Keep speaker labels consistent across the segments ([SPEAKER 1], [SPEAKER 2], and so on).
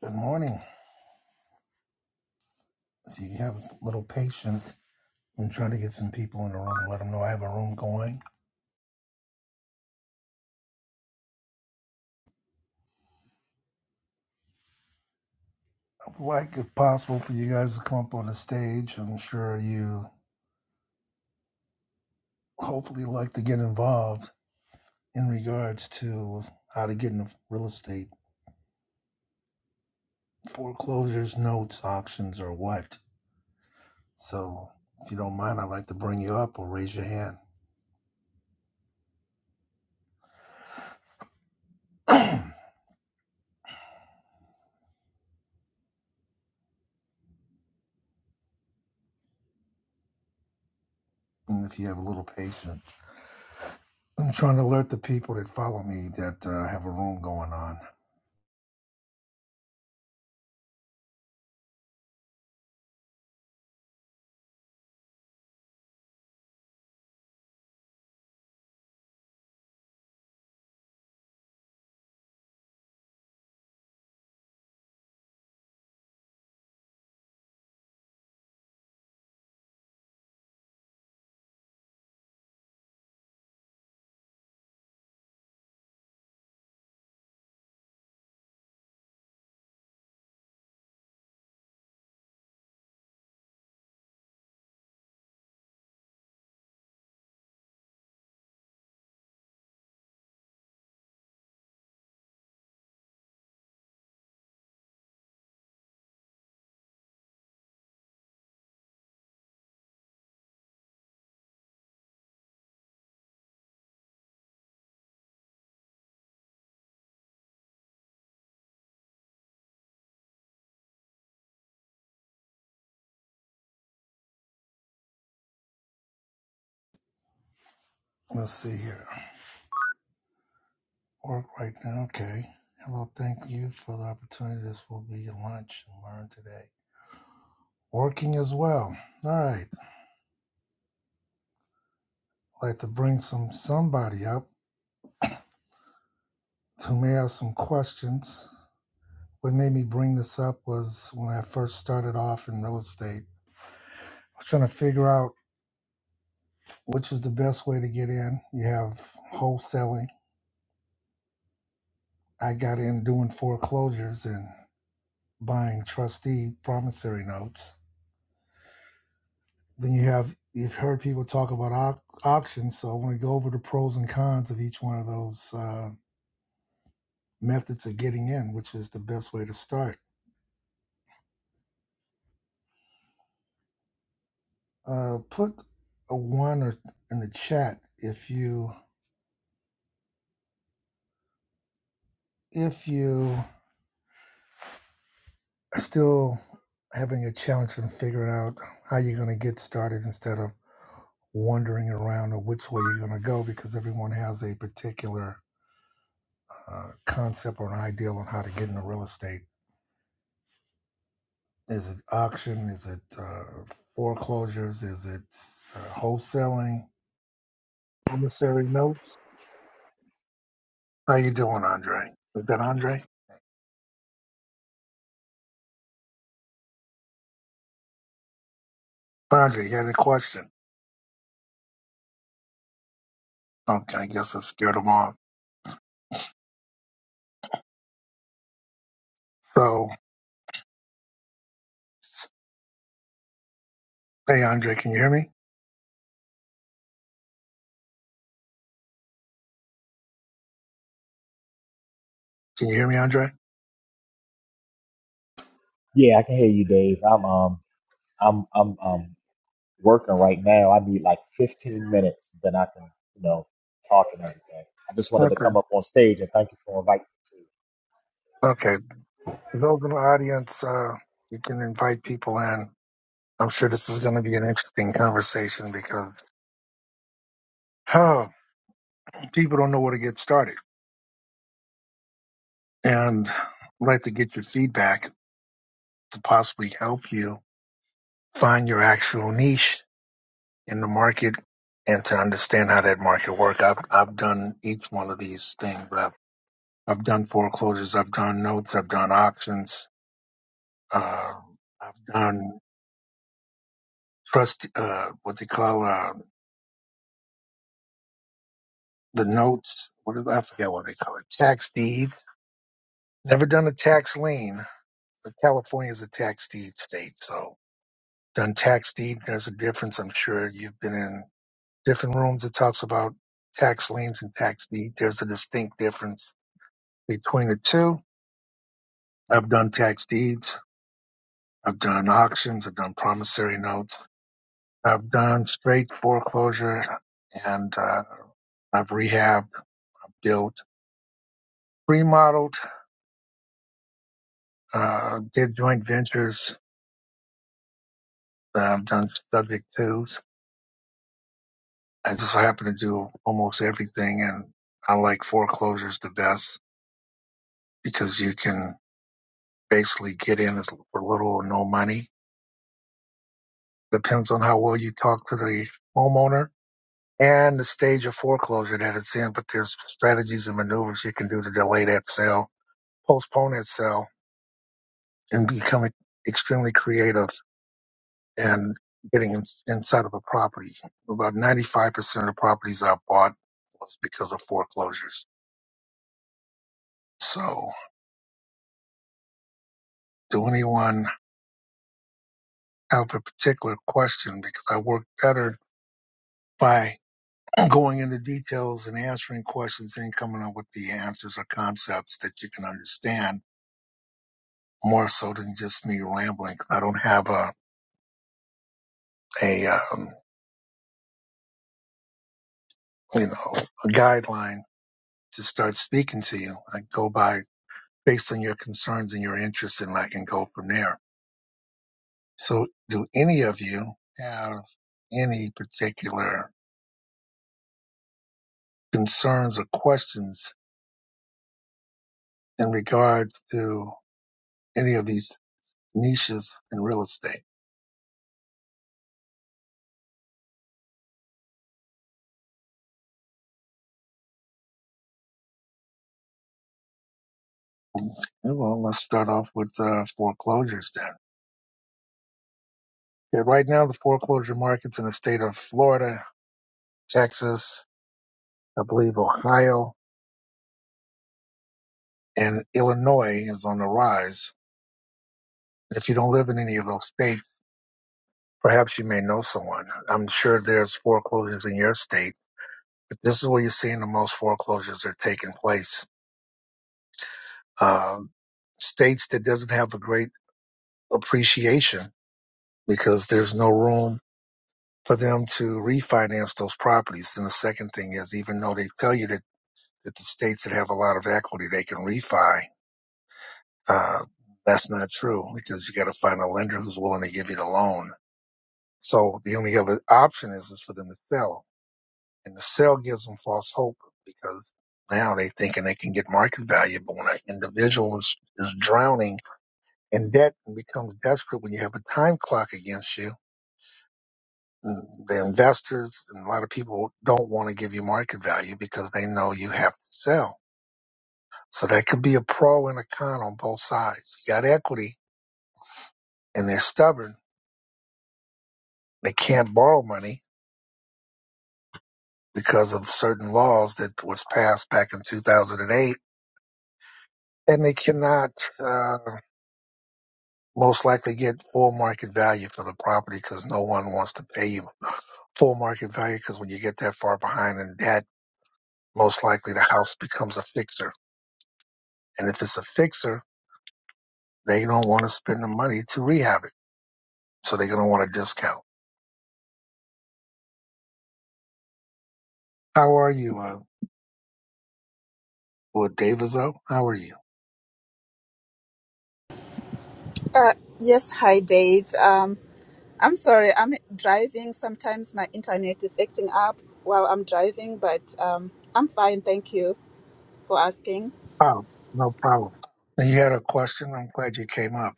[SPEAKER 1] Good morning. If you have a little patience, I'm trying to get some people in the room, let them know I have a room going. I'd like, if possible, for you guys to come up on the stage. I'm sure you hopefully like to get involved in regards to how to get into real estate foreclosures, notes, auctions, or what. So if you don't mind, I'd like to bring you up or raise your hand. and if you have a little patience, I'm trying to alert the people that follow me that uh, I have a room going on. Let's see here. work right now. Okay. Hello, thank you for the opportunity. This will be your lunch and learn today. Working as well. All right. I'd like to bring some somebody up who may have some questions. What made me bring this up was when I first started off in real estate. I was trying to figure out which is the best way to get in. You have wholesaling. I got in doing foreclosures and buying trustee promissory notes Then you have you've heard people talk about au- auctions, so I want to go over the pros and cons of each one of those uh, methods of getting in, which is the best way to start. Uh, put a one or in the chat if you if you are still having a challenge in figuring out how you're going to get started instead of wandering around or which way you're going to go because everyone has a particular uh, concept or an ideal on how to get into real estate Is it auction? Is it uh, foreclosures? Is it uh, wholesaling? Promissory notes. How you doing, Andre? Is that Andre? Andre, you had a question. Okay, I guess I scared him off. So, hey, Andre, can you hear me? Can you hear me, Andre?
[SPEAKER 2] Yeah, I can hear you, Dave. I'm um I'm I'm um working right now. I need like 15 minutes, then I can, you know, talk and everything. I just wanted to
[SPEAKER 1] Okay.
[SPEAKER 2] come up on stage and thank you for inviting me
[SPEAKER 1] Okay. For those in the audience, uh, you can invite people in. I'm sure this is going to be an interesting conversation because oh, people don't know where to get started, and I'd like to get your feedback to possibly help you find your actual niche in the market and to understand how that market work. I've I've done each one of these things. I've I've done foreclosures. I've done notes. I've done auctions. Uh, I've done trust. Uh, what they call uh, the notes. What is I forget what they call it. Tax deed. Never done a tax lien. But California is a tax deed state, so done tax deed. There's a difference. I'm sure you've been in different rooms it talks about tax liens and tax deed. There's a distinct difference between the two. I've done tax deeds. I've done auctions. I've done promissory notes. I've done straight foreclosure and uh, I've rehabbed, built, remodeled, uh, did joint ventures. Uh, I've done subject twos. I just happen to do almost everything and I like foreclosures the best because you can basically get in as- for little or no money Depends on how well you talk to the homeowner and the stage of foreclosure that it's in. But there's strategies and maneuvers you can do to delay that sale, postpone that sale, and become extremely creative and getting in, inside of a property. About 95% of the properties I bought was because of foreclosures. So, do anyone have a particular question? Because I work better by. going into details and answering questions and coming up with the answers or concepts that you can understand more so than just me rambling. I don't have a, a um, you know, a guideline to start speaking to you. I go by based on your concerns and your interests and I can go from there. So do any of you have any particular concerns or questions in regards to any of these niches in real estate? Okay, Well, let's start off with uh, foreclosures then. Yeah, right now, the foreclosure market's in the state of Florida, Texas, I believe Ohio, and Illinois is on the rise. If you don't live in any of those states, perhaps you may know someone. I'm sure there's foreclosures in your state, but this is where you're seeing the most foreclosures are taking place. Um, states that doesn't have a great appreciation because there's no room for them to refinance those properties. Then the second thing is, even though they tell you that, that the states that have a lot of equity, they can refi, uh, that's not true because you got to find a lender who's willing to give you the loan. So the only other option is, is for them to sell. And the sell gives them false hope because now they thinking they can get market value. But when an individual is, is drowning in debt and becomes desperate when you have a time clock against you, The investors and a lot of people don't want to give you market value because they know you have to sell. So that could be a pro and a con on both sides. You got equity and they're stubborn. They can't borrow money because of certain laws that was passed back in 2008 and they cannot uh, most likely get full market value for the property because no one wants to pay you full market value because when you get that far behind in debt, most likely the house becomes a fixer. And if it's a fixer, They don't want to spend the money to rehab it, so they're going to want a discount. How are you, uh, Lord Daviso? How are you?
[SPEAKER 3] Uh, yes, hi Dave. Um, I'm sorry, I'm driving. Sometimes my internet is acting up while I'm driving, but um, I'm fine. Thank you for asking.
[SPEAKER 1] Oh, no problem. And you had a question. I'm glad you came up.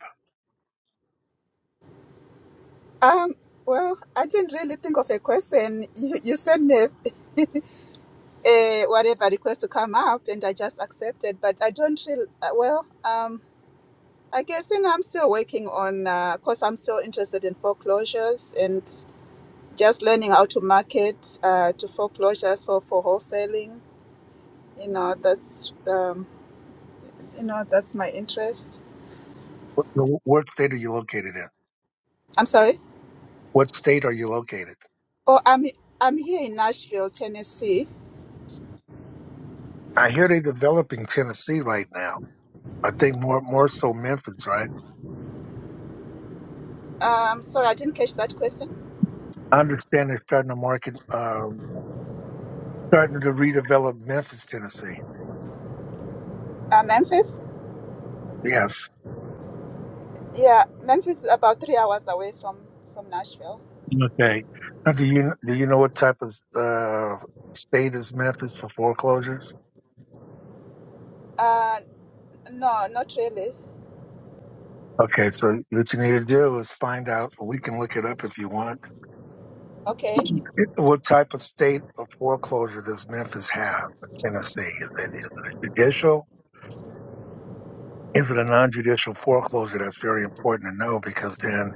[SPEAKER 3] Um, well, I didn't really think of a question. You, you sent me a, a whatever request to come up, and I just accepted. But I don't feel uh, well. Um, I guess you know I'm still working on. Uh, course, I'm still interested in foreclosures and just learning how to market uh, to foreclosures for for wholesaling you know that's um, you know that's my interest
[SPEAKER 1] What, no, what state are you located in?
[SPEAKER 3] i'm sorry
[SPEAKER 1] What state are you located?
[SPEAKER 3] oh i'm i'm here in nashville tennessee
[SPEAKER 1] I hear they're developing Tennessee right now. I think more more so Memphis, right?
[SPEAKER 3] um sorry i didn't catch that question
[SPEAKER 1] I understand they're starting to market, um, starting to redevelop Memphis, Tennessee.
[SPEAKER 3] uh, memphis
[SPEAKER 1] Yes.
[SPEAKER 3] yeah memphis is about three hours away from from nashville
[SPEAKER 1] Okay. Now, do you do you know what type of uh, state is Memphis for foreclosures?
[SPEAKER 3] uh no not really
[SPEAKER 1] Okay, so what you need to do is find out. We can look it up if you want.
[SPEAKER 3] okay
[SPEAKER 1] What type of state of foreclosure does Memphis have in Tennessee? Is it, is it judicial? Is it a non-judicial foreclosure? That's very important to know because then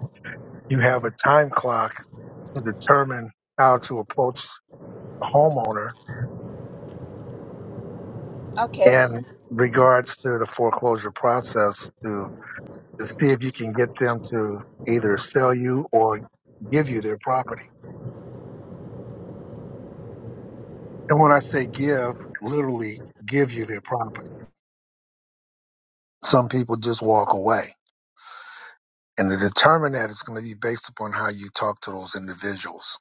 [SPEAKER 1] you have a time clock to determine how to approach a homeowner
[SPEAKER 3] okay
[SPEAKER 1] in regards to the foreclosure process to, to see if you can get them to either sell you or give you their property. And when I say give, literally give you their property. Some people just walk away. And to determine that it's going to be based upon how you talk to those individuals.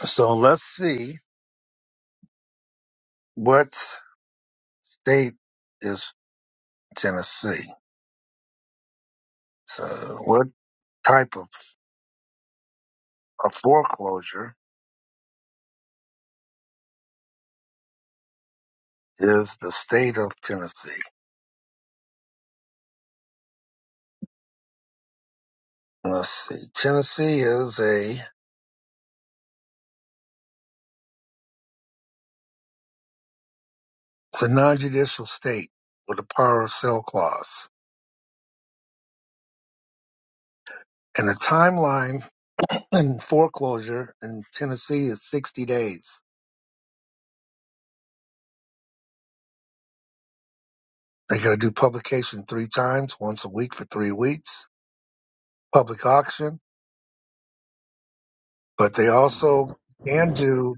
[SPEAKER 1] So let's see what state is Tennessee. So what type of a foreclosure is the state of Tennessee? Let's see. Tennessee is a it's a non-judicial state with a power of sale clause. And the timeline And foreclosure in Tennessee is 60 days. They got to do publication three times, once a week for three weeks, public auction, but they also can do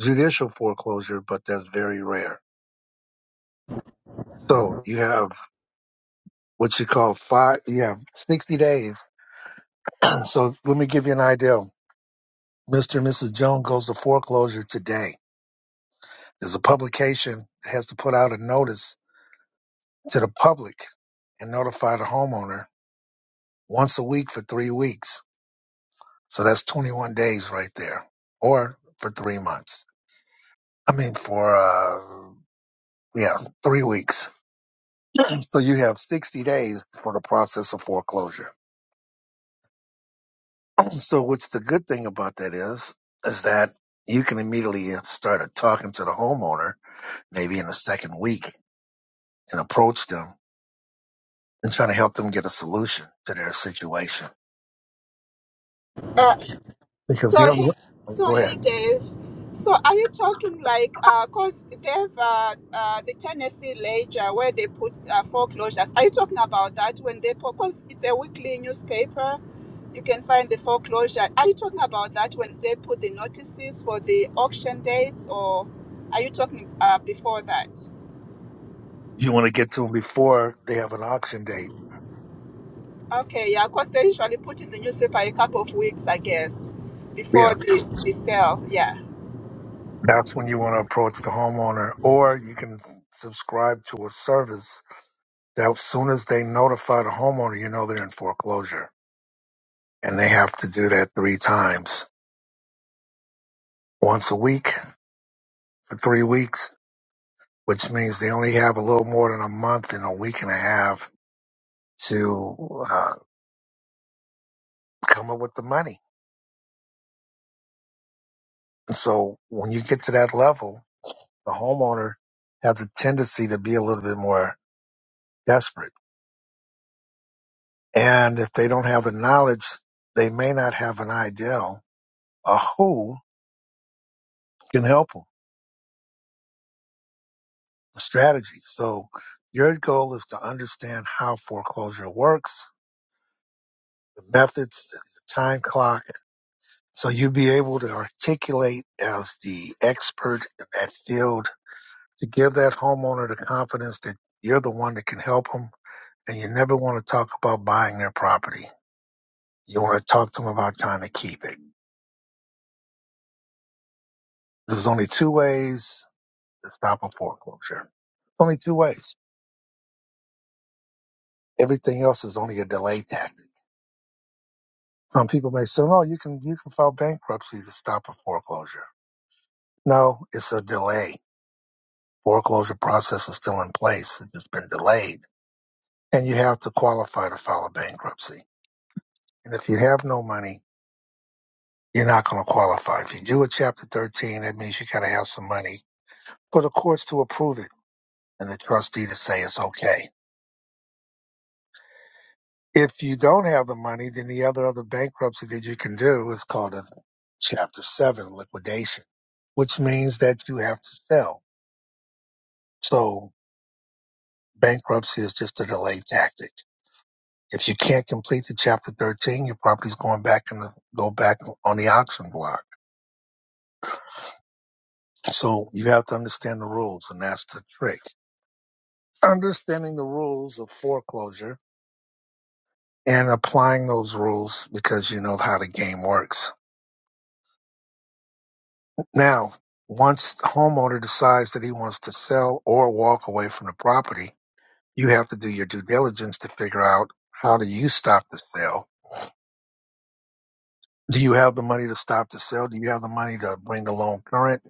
[SPEAKER 1] judicial foreclosure, but that's very rare. So you have what you call five, you have 60 days. so let me give you an idea. Mr. and Mrs. Jones goes to foreclosure today. There's a publication that has to put out a notice to the public and notify the homeowner once a week for three weeks So that's 21 days right there, or for three months. I mean, for, uh, yeah, three weeks. So you have 60 days for the process of foreclosure. So what's the good thing about that is, is that you can immediately uh, start talking to the homeowner, maybe in the second week and approach them and try to help them get a solution to their situation
[SPEAKER 3] Uh,
[SPEAKER 1] because
[SPEAKER 3] So,
[SPEAKER 1] they don't,
[SPEAKER 3] hey-
[SPEAKER 1] oh,
[SPEAKER 3] so
[SPEAKER 1] go ahead.
[SPEAKER 3] hey, Dave. So, are you talking like, uh, cause they have uh, uh, the Tennessee Ledger where they put uh, foreclosures. Are you talking about that when they put? Cause it's a weekly newspaper. You can find the foreclosure. Are you talking about that when they put the notices for the auction dates, or are you talking uh, before that?
[SPEAKER 1] You want to get to them before they have an auction date.
[SPEAKER 3] Okay, yeah, cause they usually put in the newspaper a couple of weeks, I guess,
[SPEAKER 1] Yeah.
[SPEAKER 3] before the, the sale. Yeah.
[SPEAKER 1] That's when you want to approach the homeowner, or you can s- subscribe to a service that as soon as they notify the homeowner, you know they're in foreclosure. And they have to do that three times once a week for three weeks, which means they only have a little more than a month and a week and a half to uh, come up with the money. And so when you get to that level, the homeowner has a tendency to be a little bit more desperate. And if they don't have the knowledge, they may not have an idea a who can help them, the strategy. So your goal is to understand how foreclosure works, the methods, the time clock, so you'll be able to articulate as the expert in that field to give that homeowner the confidence that you're the one that can help them. And you never want to talk about buying their property. You want to talk to them about trying to keep it. There's only two ways to stop a foreclosure. Only two ways. Everything else is only a delay tactic. Some people may say, "No, you can you can file bankruptcy to stop a foreclosure." No, it's a delay. Foreclosure process is still in place; it's just been delayed, and you have to qualify to file a bankruptcy. And if you have no money, you're not going to qualify. If you do a Chapter 13, that means you got to have some money for the courts to approve it and the trustee to say it's okay. If you don't have the money, then the other other bankruptcy that you can do is called a Chapter 7 liquidation, which means that you have to sell So bankruptcy is just a delay tactic. If you can't complete the chapter 13, your property's going back and go back on the auction block. So you have to understand the rules and that's the trick. Understanding the rules of foreclosure and applying those rules because you know how the game works. Now, once the homeowner decides that he wants to sell or walk away from the property, you have to do your due diligence to figure out how do you stop the sale Do you have the money to stop the sale? Do you have the money to bring the loan current?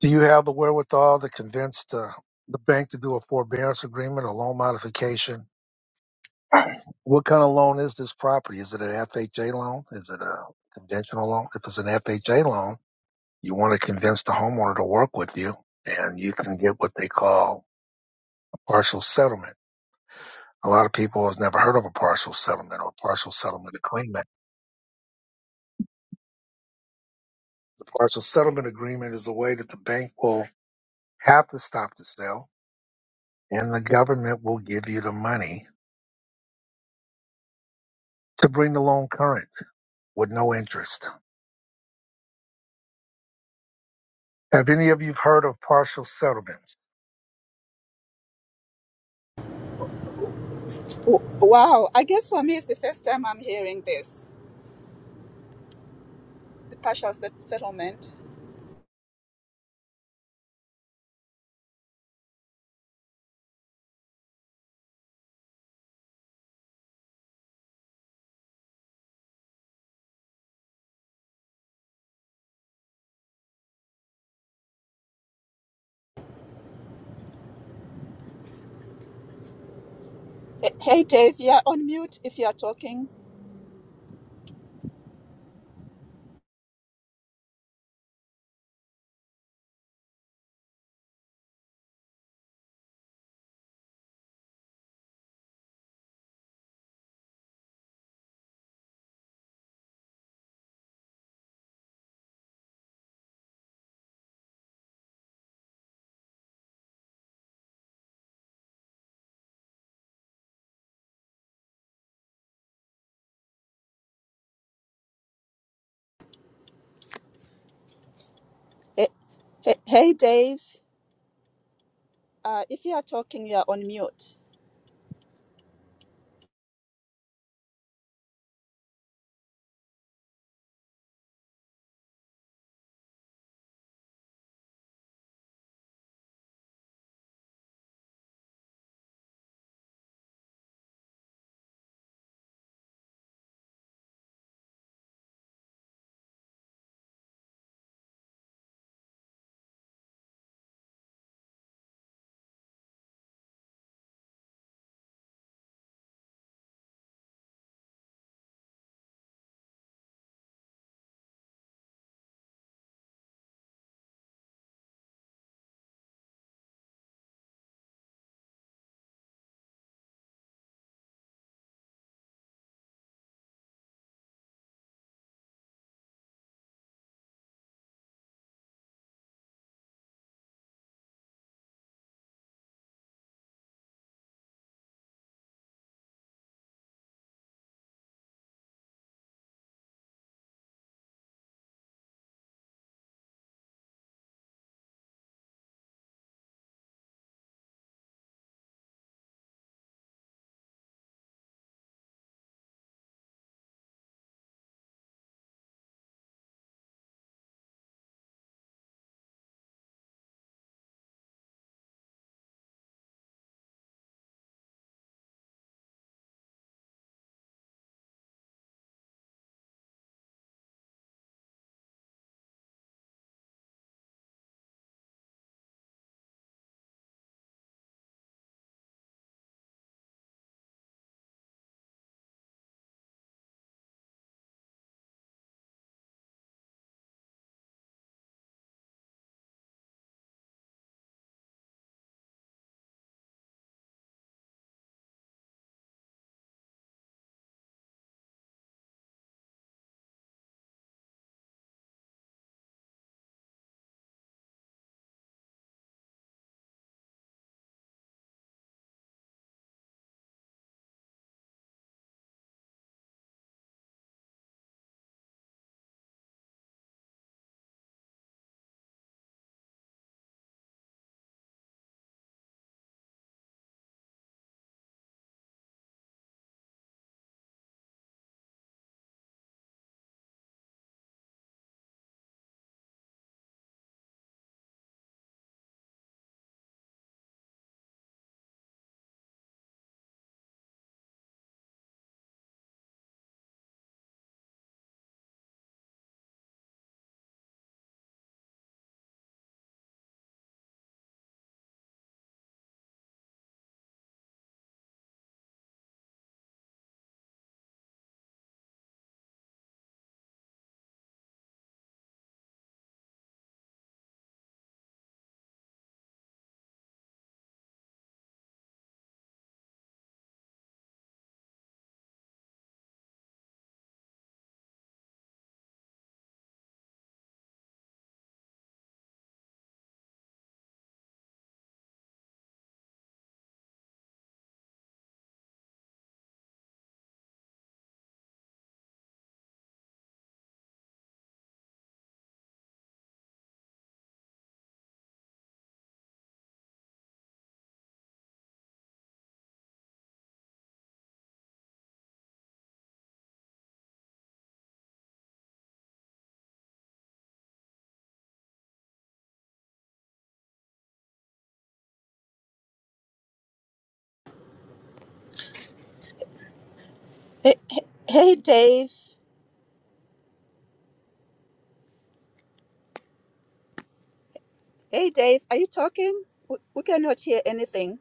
[SPEAKER 1] Do you have the wherewithal to convince the, the bank to do a forbearance agreement or loan modification? what kind of loan is this property? Is it an FHA loan? Is it a conventional loan? If it's an FHA loan, you want to convince the homeowner to work with you and you can get what they call a partial settlement. A lot of people has never heard of a partial settlement or partial settlement agreement. Partial settlement agreement is a way that the bank will have to stop the sale and the government will give you the money to bring the loan current with no interest. Have any of you heard of partial settlements?
[SPEAKER 3] W- Wow, I guess for me it's the first time I'm hearing this, the partial set- settlement. Hey, hey, Dave, you're on mute if you are talking. Hey, hey, hey, Dave, uh, if you are talking, you are on mute. Hey, hey, hey, Dave, hey, Dave, are you talking? We, we cannot hear anything.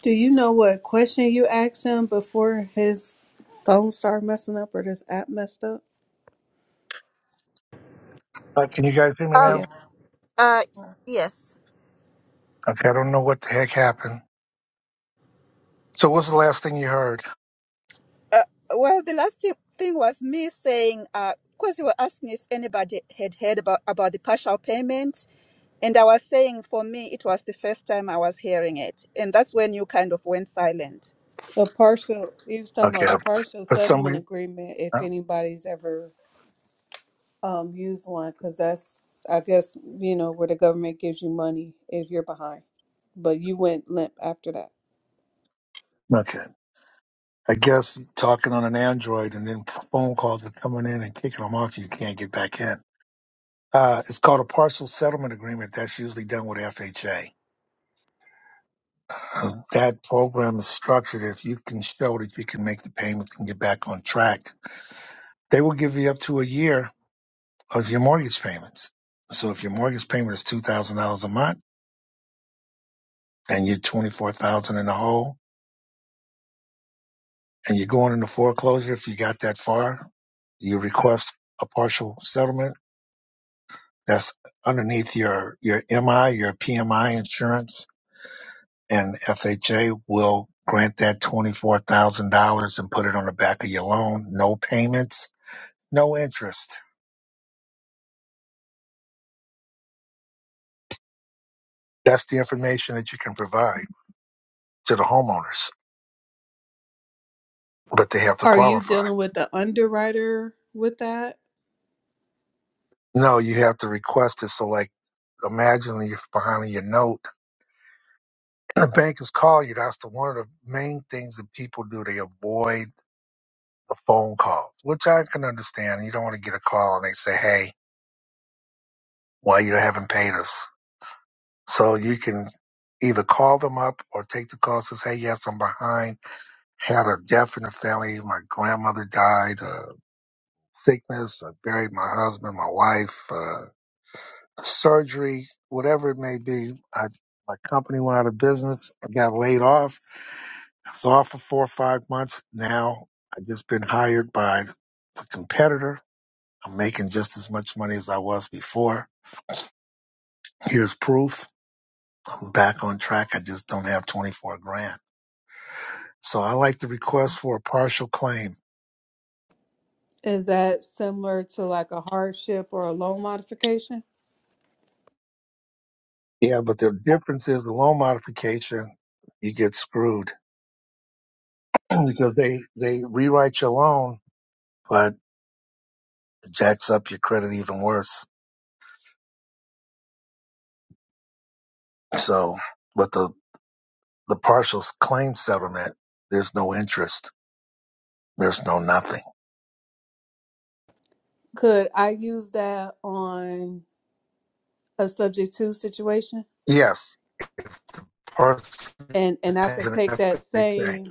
[SPEAKER 4] Do you know what question you asked him before his phone started messing up or this app messed up?
[SPEAKER 1] Uh, can you guys hear me
[SPEAKER 3] Oh,
[SPEAKER 1] now?
[SPEAKER 4] Yeah.
[SPEAKER 3] uh, yes.
[SPEAKER 1] Okay, I don't know what the heck happened. So, what's the last thing you heard?
[SPEAKER 3] Uh, well, the last thing thing was me saying, uh, because you were asking if anybody had heard about, about the partial payment. And I was saying, for me, it was the first time I was hearing it. And that's when you kind of went silent.
[SPEAKER 4] The partial, he was talking
[SPEAKER 1] Okay,
[SPEAKER 4] about a
[SPEAKER 3] Okay.
[SPEAKER 4] partial
[SPEAKER 1] but
[SPEAKER 4] settlement
[SPEAKER 1] somebody.
[SPEAKER 4] agreement if
[SPEAKER 1] no?
[SPEAKER 4] anybody's ever um, used one, because that's, I guess, you know, where the government gives you money if you're behind. But you went limp after that.
[SPEAKER 1] Okay, I guess talking on an Android and then phone calls are coming in and kicking them off. You can't get back in. Uh, it's called a partial settlement agreement. That's usually done with FHA. Uh, that program is structured if you can show that you can make the payments and get back on track They will give you up to a year of your mortgage payments. So if your mortgage payment is two thousand dollars a month and you're twenty four thousand dollars in the hole and you're going into foreclosure, if you got that far, you request a partial settlement that's underneath your, your MI, your PMI insurance and FHA will grant that $24,000 and put it on the back of your loan. No payments, no interest. That's the information that you can provide to the homeowners, but they have to
[SPEAKER 4] Are you
[SPEAKER 1] qualify.
[SPEAKER 4] dealing with the underwriter with that?
[SPEAKER 1] No, you have to request it. So, like, imagine if behind your note and the bank is calling you. That's the one of the main things that people do. They avoid the phone calls, which I can understand. You don't want to get a call and they say, "Hey, why you haven't paid us?" So you can either call them up or take the call. And Says, "Hey, yes, I'm behind. Had a death in the family. My grandmother died. Uh, sickness. I buried my husband, my wife. Uh, surgery, whatever it may be. I, my company went out of business. I got laid off. I was off for four or five months. Now I've just been hired by the competitor. I'm making just as much money as I was before. Here's proof. I'm back on track. I just don't have 24 grand. So I like to request for a partial claim.
[SPEAKER 4] Is that similar to like a hardship or a loan modification?
[SPEAKER 1] Yeah, but the difference is the loan modification, you get screwed because they, they rewrite your loan, but it jacks up your credit even worse. So, but the the partial claim settlement, there's no interest, there's no nothing.
[SPEAKER 4] Could I use that on? a subject to situation
[SPEAKER 1] Yes, person
[SPEAKER 4] and and i
[SPEAKER 1] has
[SPEAKER 4] could
[SPEAKER 1] an
[SPEAKER 4] take that
[SPEAKER 1] FHA.
[SPEAKER 4] same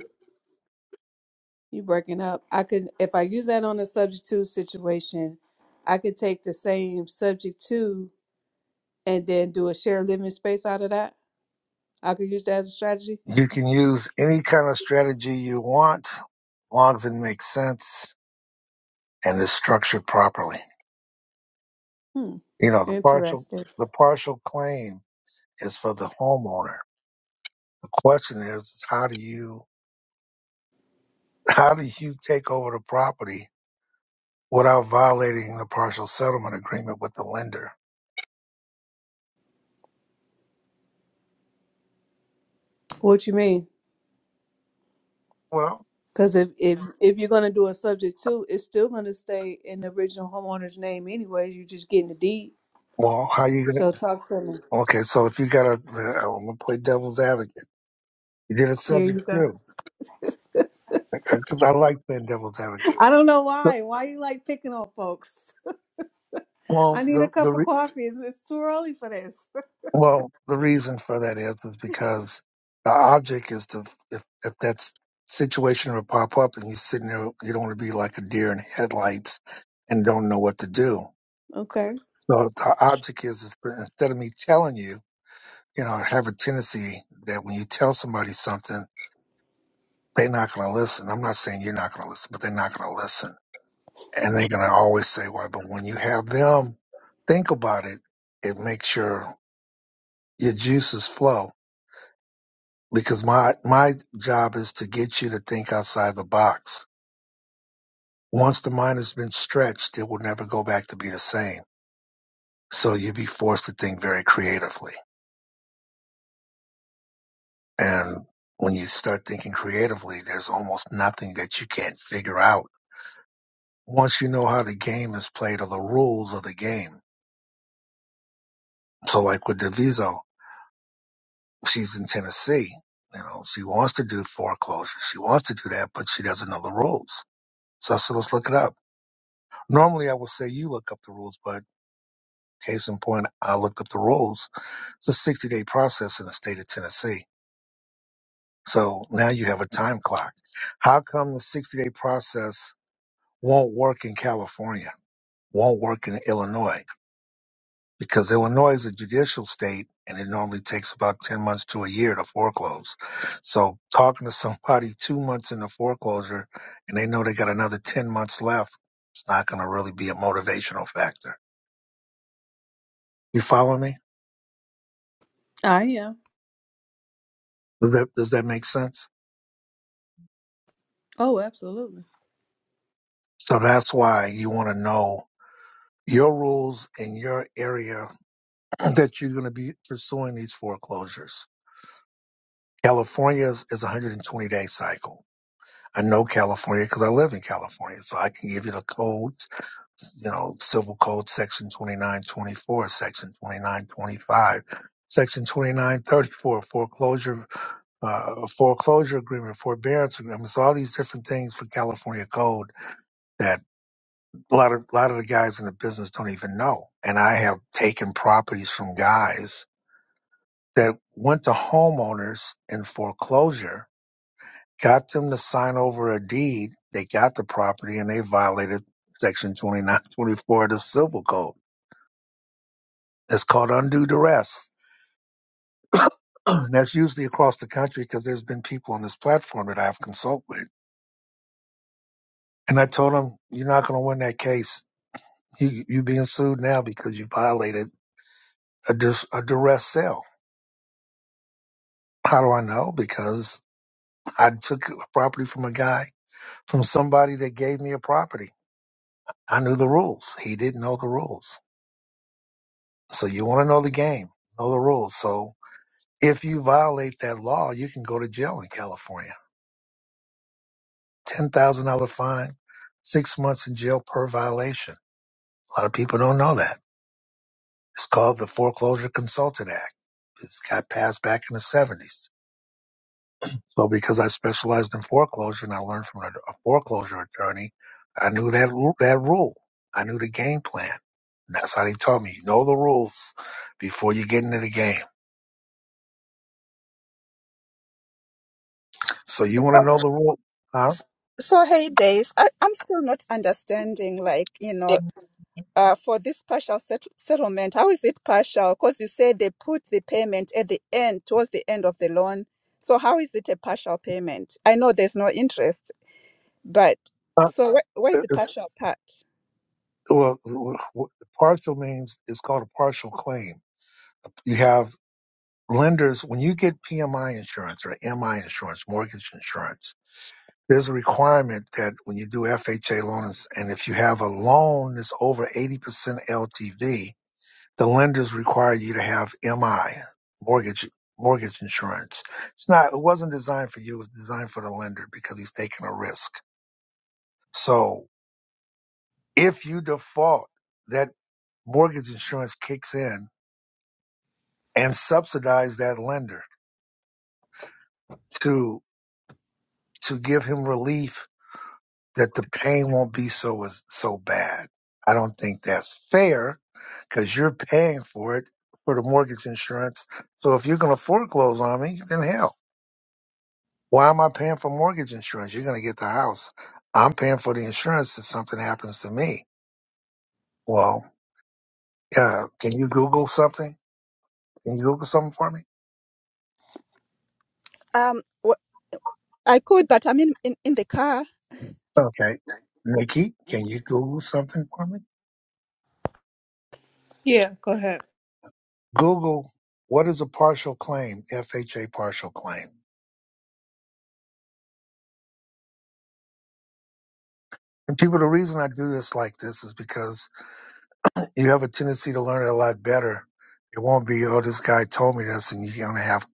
[SPEAKER 4] you breaking up i could if i use that on a subject to situation i could take the same subject to and then do a shared living space out of that i could use that as a strategy
[SPEAKER 1] You can use any kind of strategy you want, as long as it makes sense and is structured properly.
[SPEAKER 4] hmm
[SPEAKER 1] You know, the partial
[SPEAKER 4] interesting
[SPEAKER 1] the partial claim is for the homeowner. The question is, is how do you how do you take over the property without violating the partial settlement agreement with the lender?
[SPEAKER 4] what you mean
[SPEAKER 1] Well,
[SPEAKER 4] because if, if if you're going to do a subject to it's still going to stay in the original homeowner's name anyways you're just getting the deed
[SPEAKER 1] well, how you gonna
[SPEAKER 4] so talk to me
[SPEAKER 1] Okay, so if you got ai am gonna play devil's advocate. You did a
[SPEAKER 4] here you
[SPEAKER 1] subject
[SPEAKER 4] go
[SPEAKER 1] too, because I like playing devil's advocate.
[SPEAKER 4] i don't know
[SPEAKER 1] So,
[SPEAKER 4] why why you like picking on folks
[SPEAKER 1] well,
[SPEAKER 4] I need a
[SPEAKER 1] the the
[SPEAKER 4] cup of
[SPEAKER 1] re,
[SPEAKER 4] coffee. It's, it's too early for this.
[SPEAKER 1] well the reason for that is is because the object is to if if that situation would pop up and you're sitting there, you don't want to be like a deer in headlights and don't know what to do.
[SPEAKER 4] Okay.
[SPEAKER 1] So the object is, is for- instead of me telling you, you know, I have a tendency that when you tell somebody something, they're not going to listen. I'm not saying you're not going to listen, but they're not going to listen And they're going to always say, why, but when you have them think about it, it makes your, your juices flow because my, my job is to get you to think outside the box. Once the mind has been stretched, it will never go back to be the same. So you'll be forced to think very creatively. And when you start thinking creatively, there's almost nothing that you can't figure out once you know how the game is played or the rules of the game. So like with Diviso, she's in Tennessee. You know, she wants to do foreclosure. She wants to do that, but she doesn't know the rules. So I said, let's look it up. Normally I would say you look up the rules, but case in point, I looked up the rules. It's a 60 day process in the state of Tennessee. So now you have a time clock. How come the 60 day process won't work in California? Won't work in Illinois? because Illinois is a judicial state and it normally takes about 10 months to a year to foreclose. So talking to somebody two months into foreclosure and they know they got another 10 months left, it's not going to really be a motivational factor. You follow me?
[SPEAKER 4] I am.
[SPEAKER 1] Does that, does that make sense?
[SPEAKER 4] Oh, absolutely.
[SPEAKER 1] So that's why you want to know your rules in your area that you're going to be pursuing these foreclosures. California is, is a 120 day cycle I know California because I live in California, so I can give you the codes, you know, Civil Code Section 2924, Section 2925, Section 2934, foreclosure, uh, foreclosure agreement, forbearance agreements, all these different things for California code that a lot of, a lot of the guys in the business don't even know. And I have taken properties from guys that went to homeowners in foreclosure got them to sign over a deed. They got the property and they violated section 2924 of the civil code. It's called undue duress. And that's usually across the country because there's been people on this platform that I've consulted with. And I told them, you're not going to win that case. You, you being sued now because you violated a, dis, a duress sale. How do I know? Because I took a property from a guy, from somebody that gave me a property. I knew the rules. He didn't know the rules. So you want to know the game, know the rules. So if you violate that law, you can go to jail in California. Ten thousand dollar fine, six months in jail per violation. A lot of people don't know that. It's called the Foreclosure Consultant Act. It's got passed back in the seventies. So because I specialized in foreclosure and I learned from a, a foreclosure attorney, I knew that ru- that rule. I knew the game plan. And that's how they taught me. You know the rules before you get into the game. So you want to know the rule? Huh?
[SPEAKER 3] So, hey, Dave, I, I'm still not understanding, like, you
[SPEAKER 1] Yeah.
[SPEAKER 3] know, uh, for this partial set- settlement, how is it partial? Because you said they put the payment at the end, towards the end of the loan. So, how is it a partial payment? I know there's no interest. But
[SPEAKER 1] Uh,
[SPEAKER 3] so where, where's
[SPEAKER 1] if,
[SPEAKER 3] the partial part?
[SPEAKER 1] well, w- w- partial means it's called a partial claim. You have lenders, when you get PMI insurance or MI insurance, mortgage insurance, there's a requirement that when you do FHA loans, and if you have a loan that's over 80% LTV, the lenders require you to have MI mortgage mortgage insurance. It's not it wasn't designed for you, it was designed for the lender because he's taking a risk. So if you default, that mortgage insurance kicks in and subsidize that lender to to give him relief that the pain won't be so so bad. I don't think that's fair because you're paying for it for the mortgage insurance. So if you're going to foreclose on me, then hell. Why am I paying for mortgage insurance? You're going to get the house. I'm paying for the insurance if something happens to me. Well, uh, can you Google something? Can you Google something for me?
[SPEAKER 3] Um, wh- I could, but I'm in, in in the car.
[SPEAKER 1] Okay. Nikki, can you Google something for me?
[SPEAKER 4] Yeah, go ahead.
[SPEAKER 1] Google, what is a partial claim? FHA partial claim. And people, the reason I do this like this is because You have a tendency to learn it a lot better. It won't be, oh, this guy told me this, and you're going to have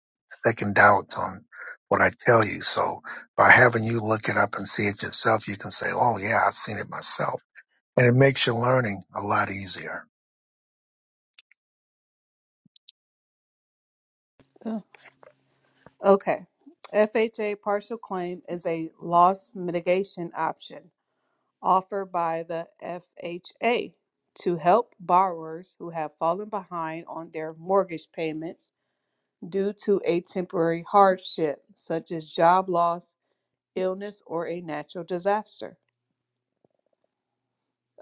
[SPEAKER 1] second doubts on what I tell you. So by having you look it up and see it yourself, you can say, oh, yeah, I've seen it myself. And it makes your learning a lot easier.
[SPEAKER 4] Oh. Okay. FHA partial claim is a loss mitigation option offered by the FHA to help borrowers who have fallen behind on their mortgage payments due to a temporary hardship, such as job loss, illness, or a natural disaster.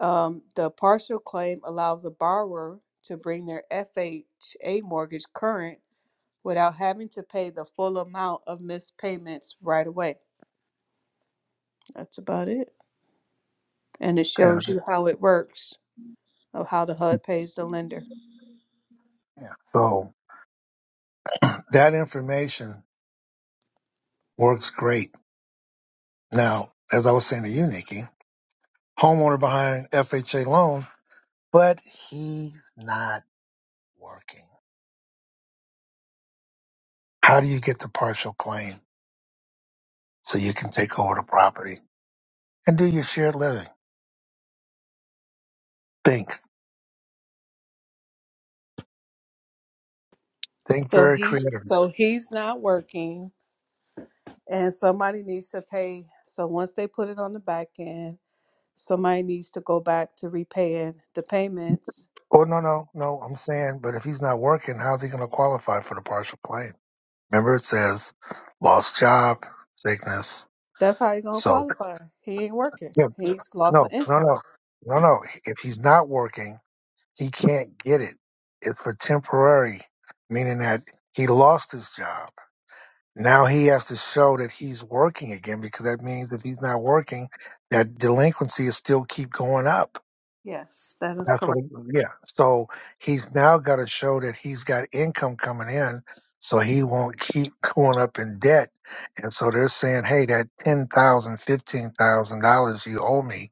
[SPEAKER 4] Um, the partial claim allows a borrower to bring their FHA mortgage current without having to pay the full amount of missed payments right away. That's about it. And it
[SPEAKER 1] And
[SPEAKER 4] shows you how it works of how the HUD pays the lender.
[SPEAKER 1] yeah. so that information works great. Now, as I was saying to you, Nikki, homeowner behind FHA loan, but he's not working. How do you get the partial claim so you can take over the property? and do your shared living. Think, think
[SPEAKER 4] So
[SPEAKER 1] very
[SPEAKER 4] he's
[SPEAKER 1] creative.
[SPEAKER 4] so he's not working and somebody needs to pay. So once they put it on the back end, somebody needs to go back to repaying the payments.
[SPEAKER 1] Oh no, no, no. I'm saying, but if he's not working, how's he going to qualify for the partial claim? Remember, it says lost job, sickness.
[SPEAKER 4] That's how you're gonna
[SPEAKER 1] So
[SPEAKER 4] qualify. He ain't working.
[SPEAKER 1] yeah,
[SPEAKER 4] He's lost an
[SPEAKER 1] no, no,
[SPEAKER 4] income.
[SPEAKER 1] no, no, no. If he's not working, he can't get it. It's for temporary, meaning that he lost his job. Now he has to show that he's working again because that means if he's not working, that delinquency is still keep going up
[SPEAKER 4] Yes, that is
[SPEAKER 1] That's what,
[SPEAKER 4] correct.
[SPEAKER 1] yeah. So he's now got to show that he's got income coming in, so he won't keep going up in debt. And so they're saying, hey, that ten thousand, fifteen thousand dollars you owe me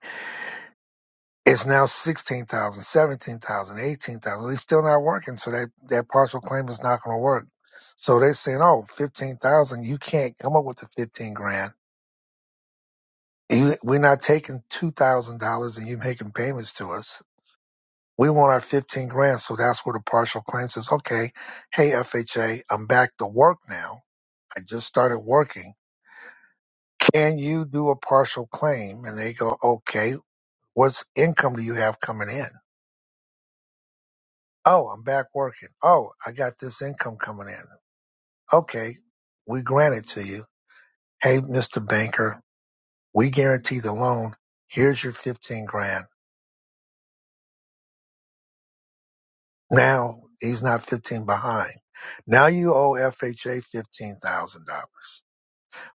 [SPEAKER 1] is now sixteen thousand, seventeen thousand, eighteen thousand. Well, He's still not working, so that that partial claim is not going to work. So they're saying, oh, fifteen thousand, you can't come up with the fifteen grand. You, we're not taking two thousand dollars, and you making payments to us. We want our 15 grand. So that's where the partial claim says, okay, hey, FHA, I'm back to work now. I just started working. Can you do a partial claim? And they go, okay, what's income do you have coming in? Oh, I'm back working. Oh, I got this income coming in. Okay, we grant it to you. Hey, Mr. Banker, we guarantee the loan. Here's your 15 grand. Now he's not 15 behind. Now you owe FHA $15,000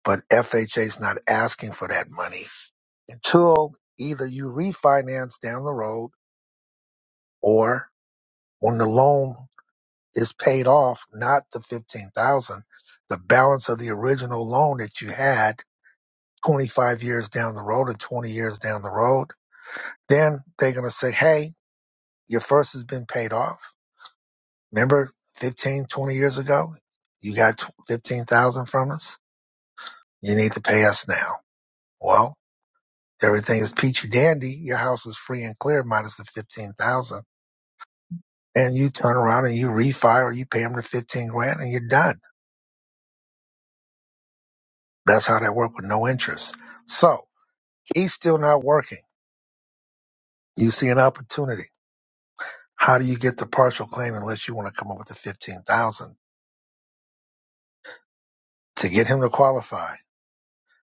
[SPEAKER 1] but FHA is not asking for that money until either you refinance down the road or when the loan is paid off, not the 15,000, the balance of the original loan that you had 25 years down the road or 20 years down the road, then they're going to say, Hey, your first has been paid off. Remember 15, 20 years ago, you got tw- 15,000 from us. You need to pay us now. Well, Everything is peachy dandy. Your house is free and clear, minus the fifteen thousand. And you turn around and you refi or you pay him the fifteen grand and you're done. That's how that worked with no interest. So he's still not working. You see an opportunity. How do you get the partial claim unless you want to come up with the fifteen thousand to get him to qualify?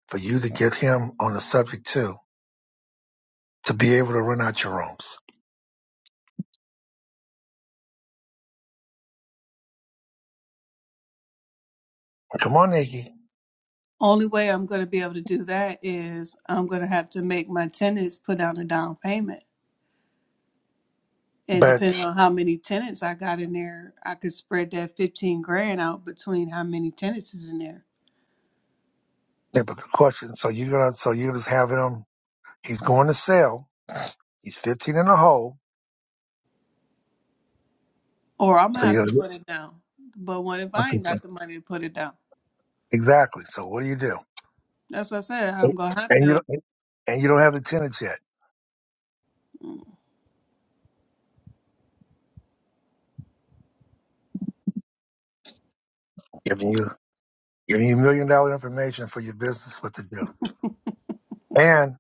[SPEAKER 1] For you to get him on the subject too, to be able to rent out your rooms. Come on, Nikki.
[SPEAKER 4] Only way I'm going to be able to do that is I'm going to have to make my tenants put down a down payment. And
[SPEAKER 1] But
[SPEAKER 4] depending on how many tenants I got in there, I could spread that 15 grand out between how many tenants is in there.
[SPEAKER 1] yeah, but the question. So you're gonna so you just have him. He's going to sell. He's fifteen in the hole
[SPEAKER 4] Or I'm going
[SPEAKER 1] So
[SPEAKER 4] to
[SPEAKER 1] you
[SPEAKER 4] have
[SPEAKER 1] gotta,
[SPEAKER 4] to put it down. But what if
[SPEAKER 1] I
[SPEAKER 4] I ain't
[SPEAKER 1] so,
[SPEAKER 4] got the money to put it down?
[SPEAKER 1] exactly. So what do you do?
[SPEAKER 4] That's what I said. I'm going to have
[SPEAKER 1] And you
[SPEAKER 4] to.
[SPEAKER 1] don't, and you don't have the tenants yet.
[SPEAKER 4] mm,
[SPEAKER 1] Giving you giving you million dollar information for your business what to do. And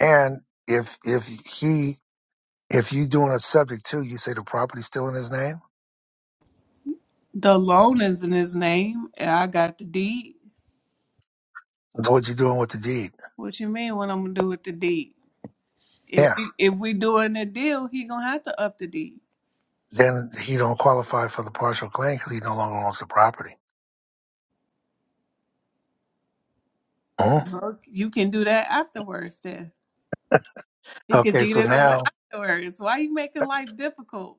[SPEAKER 1] and if if he if you doing a subject too, you say the property's still in his name.
[SPEAKER 4] The loan is in his name. and I got the deed.
[SPEAKER 1] That's what you're doing with the deed.
[SPEAKER 4] What you mean what I'm going to do with the deed? If
[SPEAKER 1] Yeah.
[SPEAKER 4] we, if we doing a deal, he going to have to up the deed.
[SPEAKER 1] Then he don't qualify for the partial claim because he no longer owns the property. Mhm.
[SPEAKER 4] Well, you can do that afterwards then. He could
[SPEAKER 1] Okay,
[SPEAKER 4] deed
[SPEAKER 1] so
[SPEAKER 4] it over
[SPEAKER 1] now
[SPEAKER 4] afterwards. Why you making life difficult?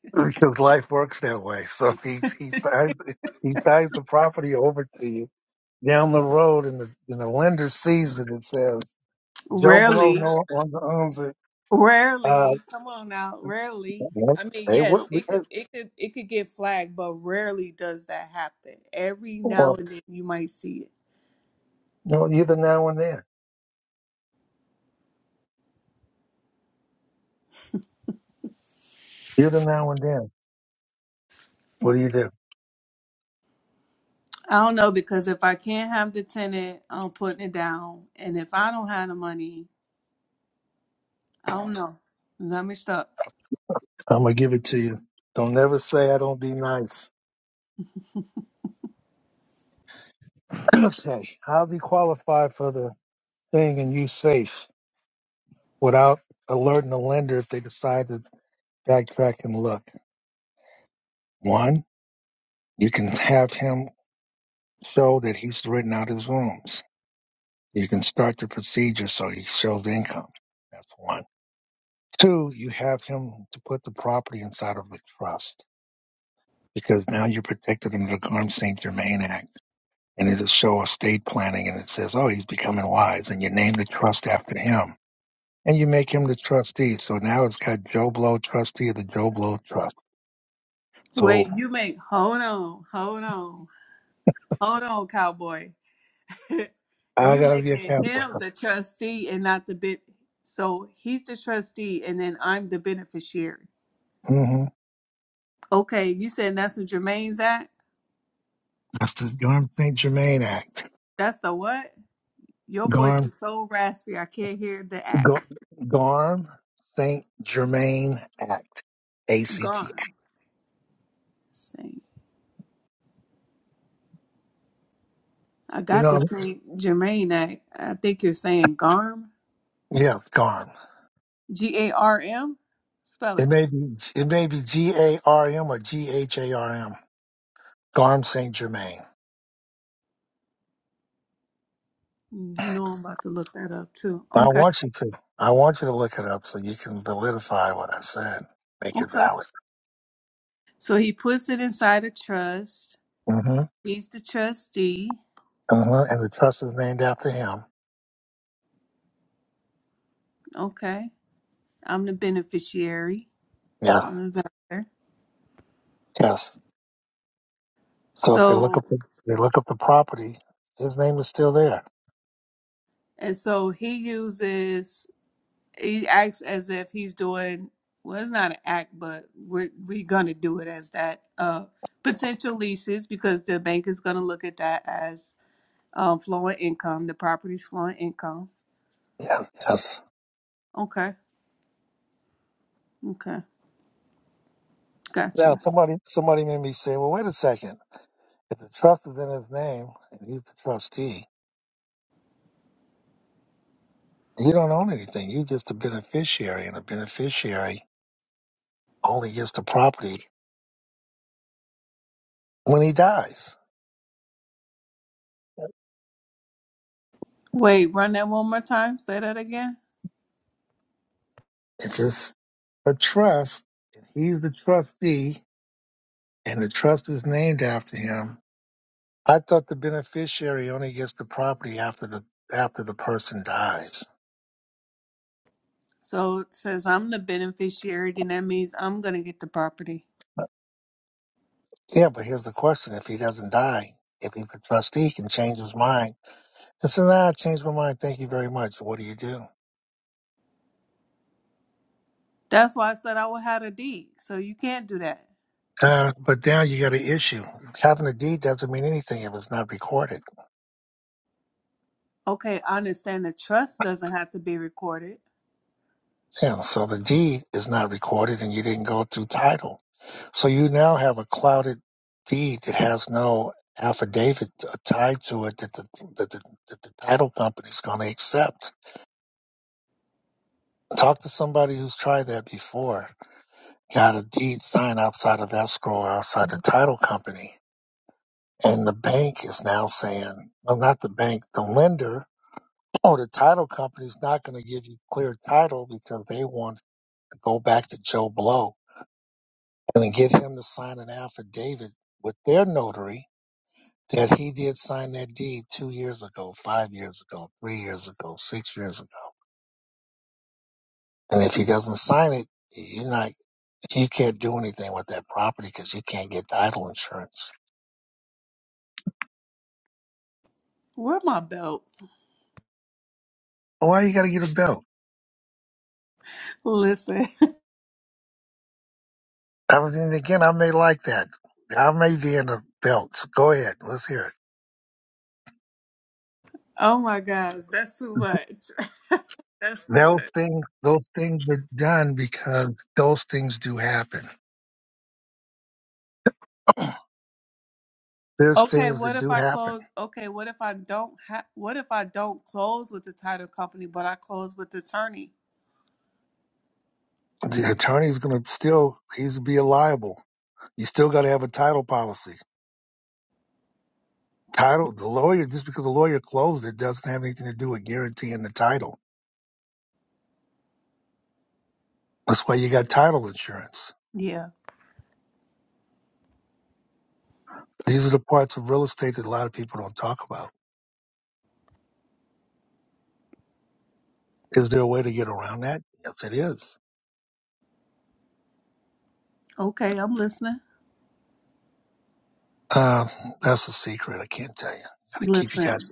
[SPEAKER 1] because life works that way. So he he signs he signs the property over to you down the road and the and the lender sees it and says, Joe Blow
[SPEAKER 4] Rarely.
[SPEAKER 1] no longer owns it. Uh
[SPEAKER 4] Rarely. Come on now. Rarely.
[SPEAKER 1] well,
[SPEAKER 4] I mean,
[SPEAKER 1] hey,
[SPEAKER 4] yes,
[SPEAKER 1] what we
[SPEAKER 4] it
[SPEAKER 1] hey,
[SPEAKER 4] could it could it could get flagged, but rarely does that happen. Every now
[SPEAKER 1] well,
[SPEAKER 4] and then you might see it.
[SPEAKER 1] no, you're the now and then. You're the now and then. What do you do?
[SPEAKER 4] I don't know because if I can't have the tenant, I'm putting it down. And if I don't have the money, I don't know. Let me stop.
[SPEAKER 1] I'm gonna give it to you. Don't never say I don't be nice. okay. How do you qualify for the thing and you safe without alerting the lender if they decide to backtrack and look? One, you can have him show that he's written out his rooms You can start the procedure so he shows income. That's one. Two, you have him to put the property inside of a trust because now you're protected under the Armed St. Germain Act. And it'll show estate planning and it says, oh, he's becoming wise. And you name the trust after him. And you make him the trustee. So now it's got Joe Blow, trustee of the Joe Blow Trust. So
[SPEAKER 4] Wait, you make hold on, hold on, hold on, cowboy.
[SPEAKER 1] I
[SPEAKER 4] you
[SPEAKER 1] got to be a
[SPEAKER 4] making
[SPEAKER 1] Catholic.
[SPEAKER 4] him the trustee and not the bit. So he's the trustee, and then I'm the beneficiary.
[SPEAKER 1] hmm
[SPEAKER 4] Okay, you saying that's what Jermaine's at?
[SPEAKER 1] That's the Armed St. Germain Act.
[SPEAKER 4] That's the what? Your voice is so raspy, I can't hear the
[SPEAKER 1] Gar-
[SPEAKER 4] act.
[SPEAKER 1] Garm Saint Germain Act, ACT.
[SPEAKER 4] Garm. Same. I
[SPEAKER 1] You
[SPEAKER 4] got
[SPEAKER 1] know,
[SPEAKER 4] to say Jermaine act. I think you're saying Garm.
[SPEAKER 1] yeah, Garm.
[SPEAKER 4] G A R M. Spell
[SPEAKER 1] It
[SPEAKER 4] it.
[SPEAKER 1] may be it may be G A R M or G H A R M. Garm Saint Germain.
[SPEAKER 4] You know I'm about to look that up too.
[SPEAKER 1] I
[SPEAKER 4] Okay.
[SPEAKER 1] want you to. I want you to look it up so you can validify what I said. Make it
[SPEAKER 4] Okay.
[SPEAKER 1] valid.
[SPEAKER 4] So he puts it inside a trust.
[SPEAKER 1] hmm
[SPEAKER 4] He's the trustee.
[SPEAKER 1] hmm And the trust is named after him.
[SPEAKER 4] Okay. I'm the beneficiary
[SPEAKER 1] Yes.
[SPEAKER 4] on the voucher.
[SPEAKER 1] Yes. So if they look
[SPEAKER 4] So
[SPEAKER 1] up the they look up the property, his name is still there.
[SPEAKER 4] and so he uses he acts as if he's doing well. It's not an act, but we're we're gonna do it as that uh, potential leases because the bank is gonna look at that as um, flowing income. The property's flowing income.
[SPEAKER 1] Yeah. Yes.
[SPEAKER 4] Okay, okay,
[SPEAKER 1] Now
[SPEAKER 4] gotcha.
[SPEAKER 1] somebody somebody made me say, well, wait a second. If the trust is in his name and he's the trustee, you don't own anything. You're just a beneficiary, and a beneficiary only gets the property when he dies.
[SPEAKER 4] Wait, run that one more time. Say that again.
[SPEAKER 1] If it's a trust and he's the trustee and the trust is named after him, I thought the beneficiary only gets the property after the after the person dies.
[SPEAKER 4] So it says I'm the beneficiary, then that means I'm gonna get the property.
[SPEAKER 1] Yeah, but here's the question: If he doesn't die, if he's the trustee, he can change his mind and say, "Nah, I changed my mind. Thank you very much." What do you do?
[SPEAKER 4] That's why I said I would have a deed. So you can't do that.
[SPEAKER 1] Uh, but now you got an issue. Having a deed doesn't mean anything if it's not recorded.
[SPEAKER 4] Okay, I understand the trust doesn't have to be recorded.
[SPEAKER 1] Yeah, so the deed is not recorded and you didn't go through title. So you now have a clouded deed that has no affidavit uh, tied to it that the, that the, that the title company is going to accept. Talk to somebody who's tried that before. Got a deed signed outside of escrow or outside the title company. And the bank is now saying, well, not the bank, the lender Oh, the title company's not going to give you clear title because they want to go back to Joe Blow and then get him to sign an affidavit with their notary that he did sign that deed two years ago, five years ago, three years ago, six years ago. And if he doesn't sign it, you're not, you can't do anything with that property because you can't get title insurance.
[SPEAKER 4] Where my belt?
[SPEAKER 1] Why you got to get a belt?
[SPEAKER 4] Listen.
[SPEAKER 1] I was, and again, I may like that. I may be in a belt. Go ahead. Let's hear it.
[SPEAKER 4] Oh my gosh, that's too much. That's too
[SPEAKER 1] Those
[SPEAKER 4] much.
[SPEAKER 1] things, those things are done because those things do happen. There's
[SPEAKER 4] Okay,
[SPEAKER 1] things
[SPEAKER 4] what
[SPEAKER 1] that
[SPEAKER 4] if
[SPEAKER 1] do
[SPEAKER 4] I
[SPEAKER 1] happen.
[SPEAKER 4] close? Okay, what if I don't have? What if I don't close with the title company, but I close with the attorney?
[SPEAKER 1] The attorney's going to still, he's be liable. You still got to have a title policy. Title, the lawyer, just because the lawyer closed it doesn't have anything to do with guaranteeing the title. That's why you got title insurance.
[SPEAKER 4] Yeah.
[SPEAKER 1] These are the parts of real estate that a lot of people don't talk about. Is there a way to get around that? Yes, it is.
[SPEAKER 4] Okay, I'm listening.
[SPEAKER 1] Uh, that's a secret. I can't tell you. Got to keep you guys.
[SPEAKER 4] Listen,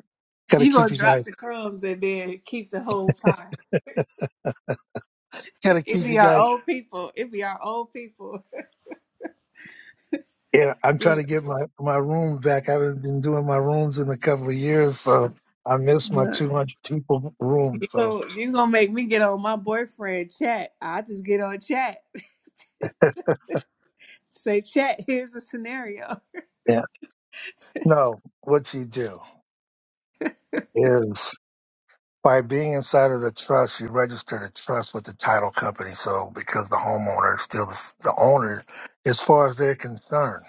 [SPEAKER 1] Got to
[SPEAKER 4] you
[SPEAKER 1] keep
[SPEAKER 4] gonna
[SPEAKER 1] you guys.
[SPEAKER 4] drop the crumbs and then keep the whole pie.
[SPEAKER 1] Got to
[SPEAKER 4] It
[SPEAKER 1] keep
[SPEAKER 4] be
[SPEAKER 1] you guys.
[SPEAKER 4] our old people. It be our old people.
[SPEAKER 1] Yeah, I'm trying to get my my rooms back. I haven't been doing my rooms in a couple of years, so I miss my
[SPEAKER 4] Look,
[SPEAKER 1] 200 people room.
[SPEAKER 4] You
[SPEAKER 1] So
[SPEAKER 4] go, you gonna make me get on my boyfriend chat. I just get on chat. Say chat, here's the scenario.
[SPEAKER 1] yeah, no, what you do is by being inside of the trust, you register the trust with the title company. So because the homeowner is still the, s- the owner, as far as they're concerned,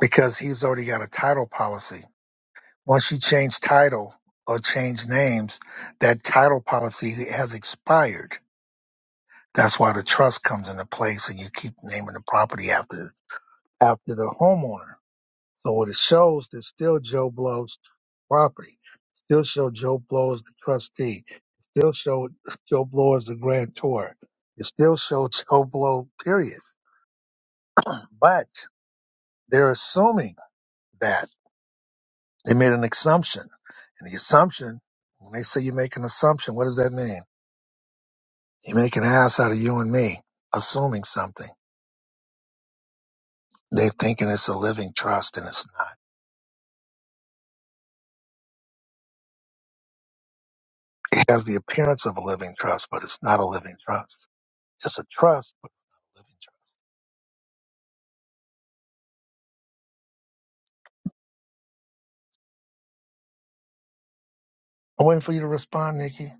[SPEAKER 1] because he's already got a title policy. Once you change title or change names, that title policy has expired That's why the trust comes into place and you keep naming the property after after the homeowner. So what it shows is still Joe Blow's property. Still show Joe Blow as the trustee. Still show Joe Blow as the grantor. It still shows Joe Blow, period. But they're assuming that they made an assumption. And the assumption, when they say you make an assumption, what does that mean? You make an ass out of you and me, assuming something. They're thinking it's a living trust and it's not. It has the appearance of a living trust, but it's not a living trust. It's a trust, but it's not a living trust. I'm waiting for you to respond, Nikki.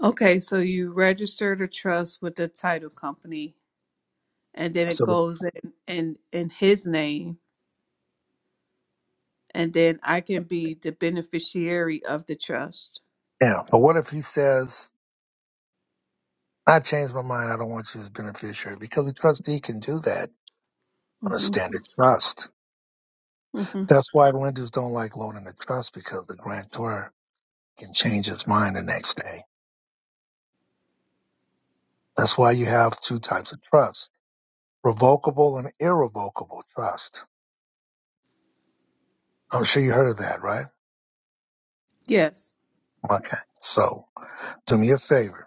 [SPEAKER 4] Okay, so you registered a trust with the title company and then it
[SPEAKER 1] So,
[SPEAKER 4] goes in in, in his name and then I can be the beneficiary of the trust.
[SPEAKER 1] yeah. But what if he says, I changed my mind. I don't want you as beneficiary? Because the trustee can do that on a
[SPEAKER 4] hmm
[SPEAKER 1] standard trust.
[SPEAKER 4] hmm
[SPEAKER 1] That's why lenders don't like loaning a trust because the grantor can change his mind the next day. That's why you have two types of trust revocable and irrevocable trust. I'm sure you heard of that, right?
[SPEAKER 4] Yes.
[SPEAKER 1] Okay. So, do me a favor.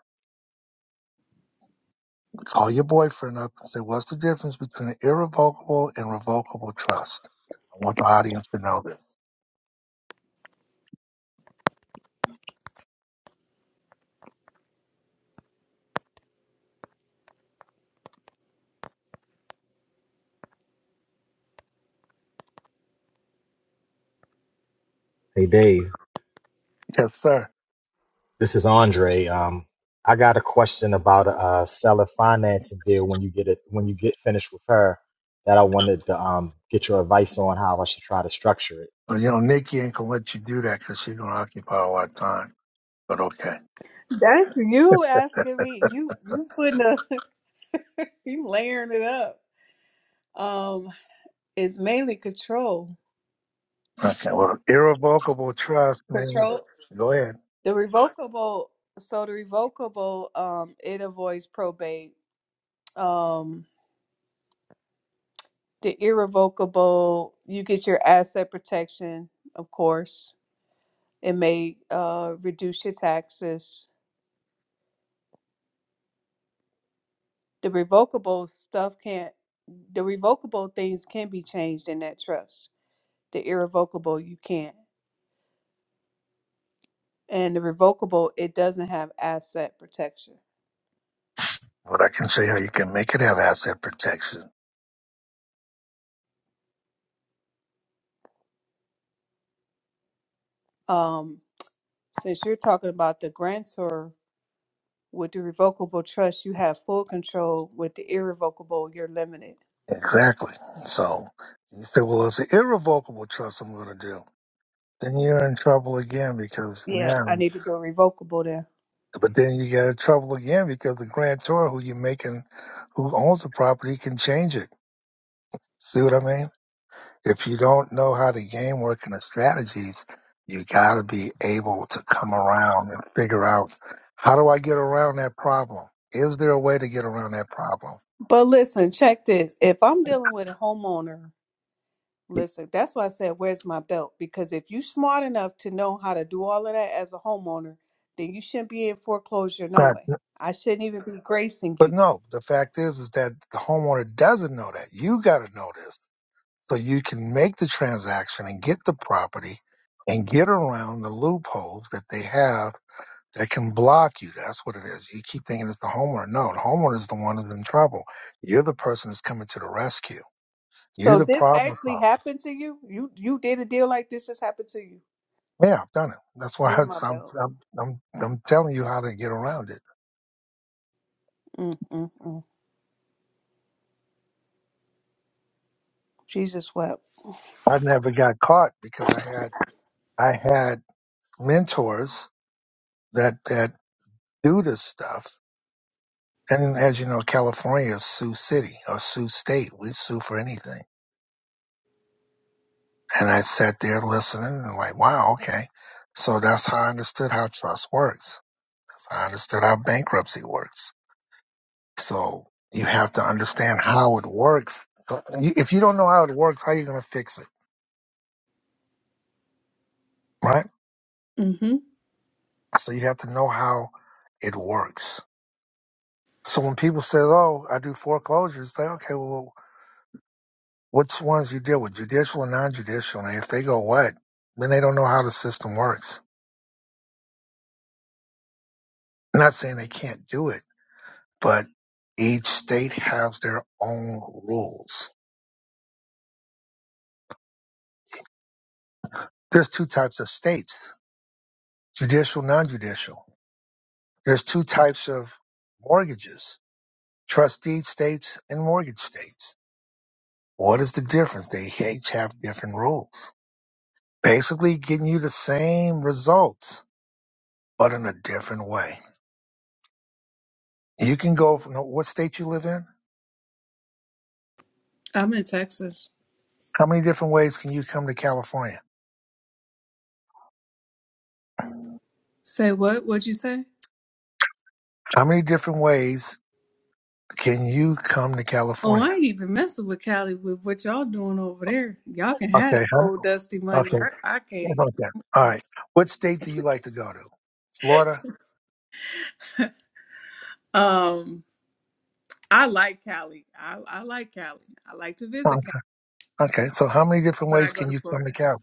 [SPEAKER 1] Call your boyfriend up and say, What's the difference between an irrevocable and revocable trust? I want the audience to know this.
[SPEAKER 2] Hey Dave,
[SPEAKER 1] Yes, sir.
[SPEAKER 2] this is Andre. Um, I got a question about a, uh seller financing deal when you get it when you get finished with her that I wanted to um get your advice on how I should try to structure it.
[SPEAKER 1] Well, you know, Nikki ain't going to let you do that because she's going to occupy a lot of time. But okay.
[SPEAKER 4] That's you asking me. You you putting a you layering it up. Um, it's mainly control.
[SPEAKER 1] Okay. Well, irrevocable trust means,
[SPEAKER 4] Control
[SPEAKER 1] go ahead.
[SPEAKER 4] The revocable, so the revocable, um, it avoids probate. Um, the irrevocable, you get your asset protection, of course. It may uh, reduce your taxes. The revocable stuff can't, the revocable things can be changed in that trust. The irrevocable, you can't. And the revocable, it doesn't have asset protection.
[SPEAKER 1] But I can show you how you can make it have asset protection.
[SPEAKER 4] Um, since you're talking about the grantor, With the revocable trust, you have full control. With the irrevocable, you're limited.
[SPEAKER 1] Exactly. So you say, well, it's an irrevocable trust I'm going to do. Then you're in trouble again because
[SPEAKER 4] Yeah,
[SPEAKER 1] now,
[SPEAKER 4] I need to go revocable then.
[SPEAKER 1] but then you get in trouble again because the grantor who you're making, who owns the property can change it. See what I mean? If you don't know how the game works and the strategies, you got to be able to come around and figure out how do I get around that problem? Is there a way to get around that problem?
[SPEAKER 4] But listen, check this. If I'm dealing with a homeowner, listen, that's why I said, where's my belt? Because if you are smart enough to know how to do all of that as a homeowner, then you shouldn't be in foreclosure no way. I shouldn't even be gracing
[SPEAKER 1] But
[SPEAKER 4] you.
[SPEAKER 1] no, the fact is, is that the homeowner doesn't know that. You got to know this so you can make the transaction and get the property and get around the loopholes that they have that can block you. That's what it is. You keep thinking it's the homeowner. No, the homeowner is the one who's in trouble. You're the person that's coming to the rescue. You're
[SPEAKER 4] So
[SPEAKER 1] the
[SPEAKER 4] this
[SPEAKER 1] problem
[SPEAKER 4] actually
[SPEAKER 1] solver.
[SPEAKER 4] happened to you? You you did a deal like this, this happened to you.
[SPEAKER 1] Yeah, I've done it. That's why
[SPEAKER 4] Where my
[SPEAKER 1] it's, I'm,
[SPEAKER 4] belt?
[SPEAKER 1] I'm, I'm, I'm telling you how to get around it.
[SPEAKER 4] Mm-mm-mm. Jesus wept.
[SPEAKER 1] I never got caught because I had, I had mentors that, that do this stuff And as you know, California is Sioux City or Sioux State. We sue for anything. And I sat there listening and like, wow, okay. So that's how I understood how trust works. That's how I understood how bankruptcy works. So you have to understand how it works. So you- If you don't know how it works, how are you going to fix it? Right?
[SPEAKER 4] Mm-hmm.
[SPEAKER 1] So you have to know how it works. So when people say, oh, I do foreclosures, say, okay, well, Which ones you deal with, judicial and non-judicial? And if they go what, then they don't know how the system works. I'm not saying they can't do it, but each state has their own rules. There's two types of states: judicial, non-judicial. There's two types of mortgages: trust deed states and mortgage states. What is the difference? They each have different rules. Basically, getting you the same results, but in a different way. You can go from what state you live in.
[SPEAKER 4] I'm in Texas.
[SPEAKER 1] How many different ways can you come to California?
[SPEAKER 4] Say what? What'd you say?
[SPEAKER 1] How many different ways can you come to
[SPEAKER 4] Oh, I
[SPEAKER 1] California?
[SPEAKER 4] ain't even messing with Cali with what y'all doing over there. Y'all can have that
[SPEAKER 1] Okay. How,
[SPEAKER 4] old dusty money.
[SPEAKER 1] okay.
[SPEAKER 4] I, I can't
[SPEAKER 1] It's
[SPEAKER 4] even.
[SPEAKER 1] okay. All right. What state do you like to go to? Florida.
[SPEAKER 4] Um, I like Cali. I, I like Cali. I like to
[SPEAKER 1] Huh.
[SPEAKER 4] visit Cali,
[SPEAKER 1] Okay. So how many different
[SPEAKER 4] but I
[SPEAKER 1] ways
[SPEAKER 4] go
[SPEAKER 1] can
[SPEAKER 4] to
[SPEAKER 1] you come to
[SPEAKER 4] Florida.
[SPEAKER 1] Cal?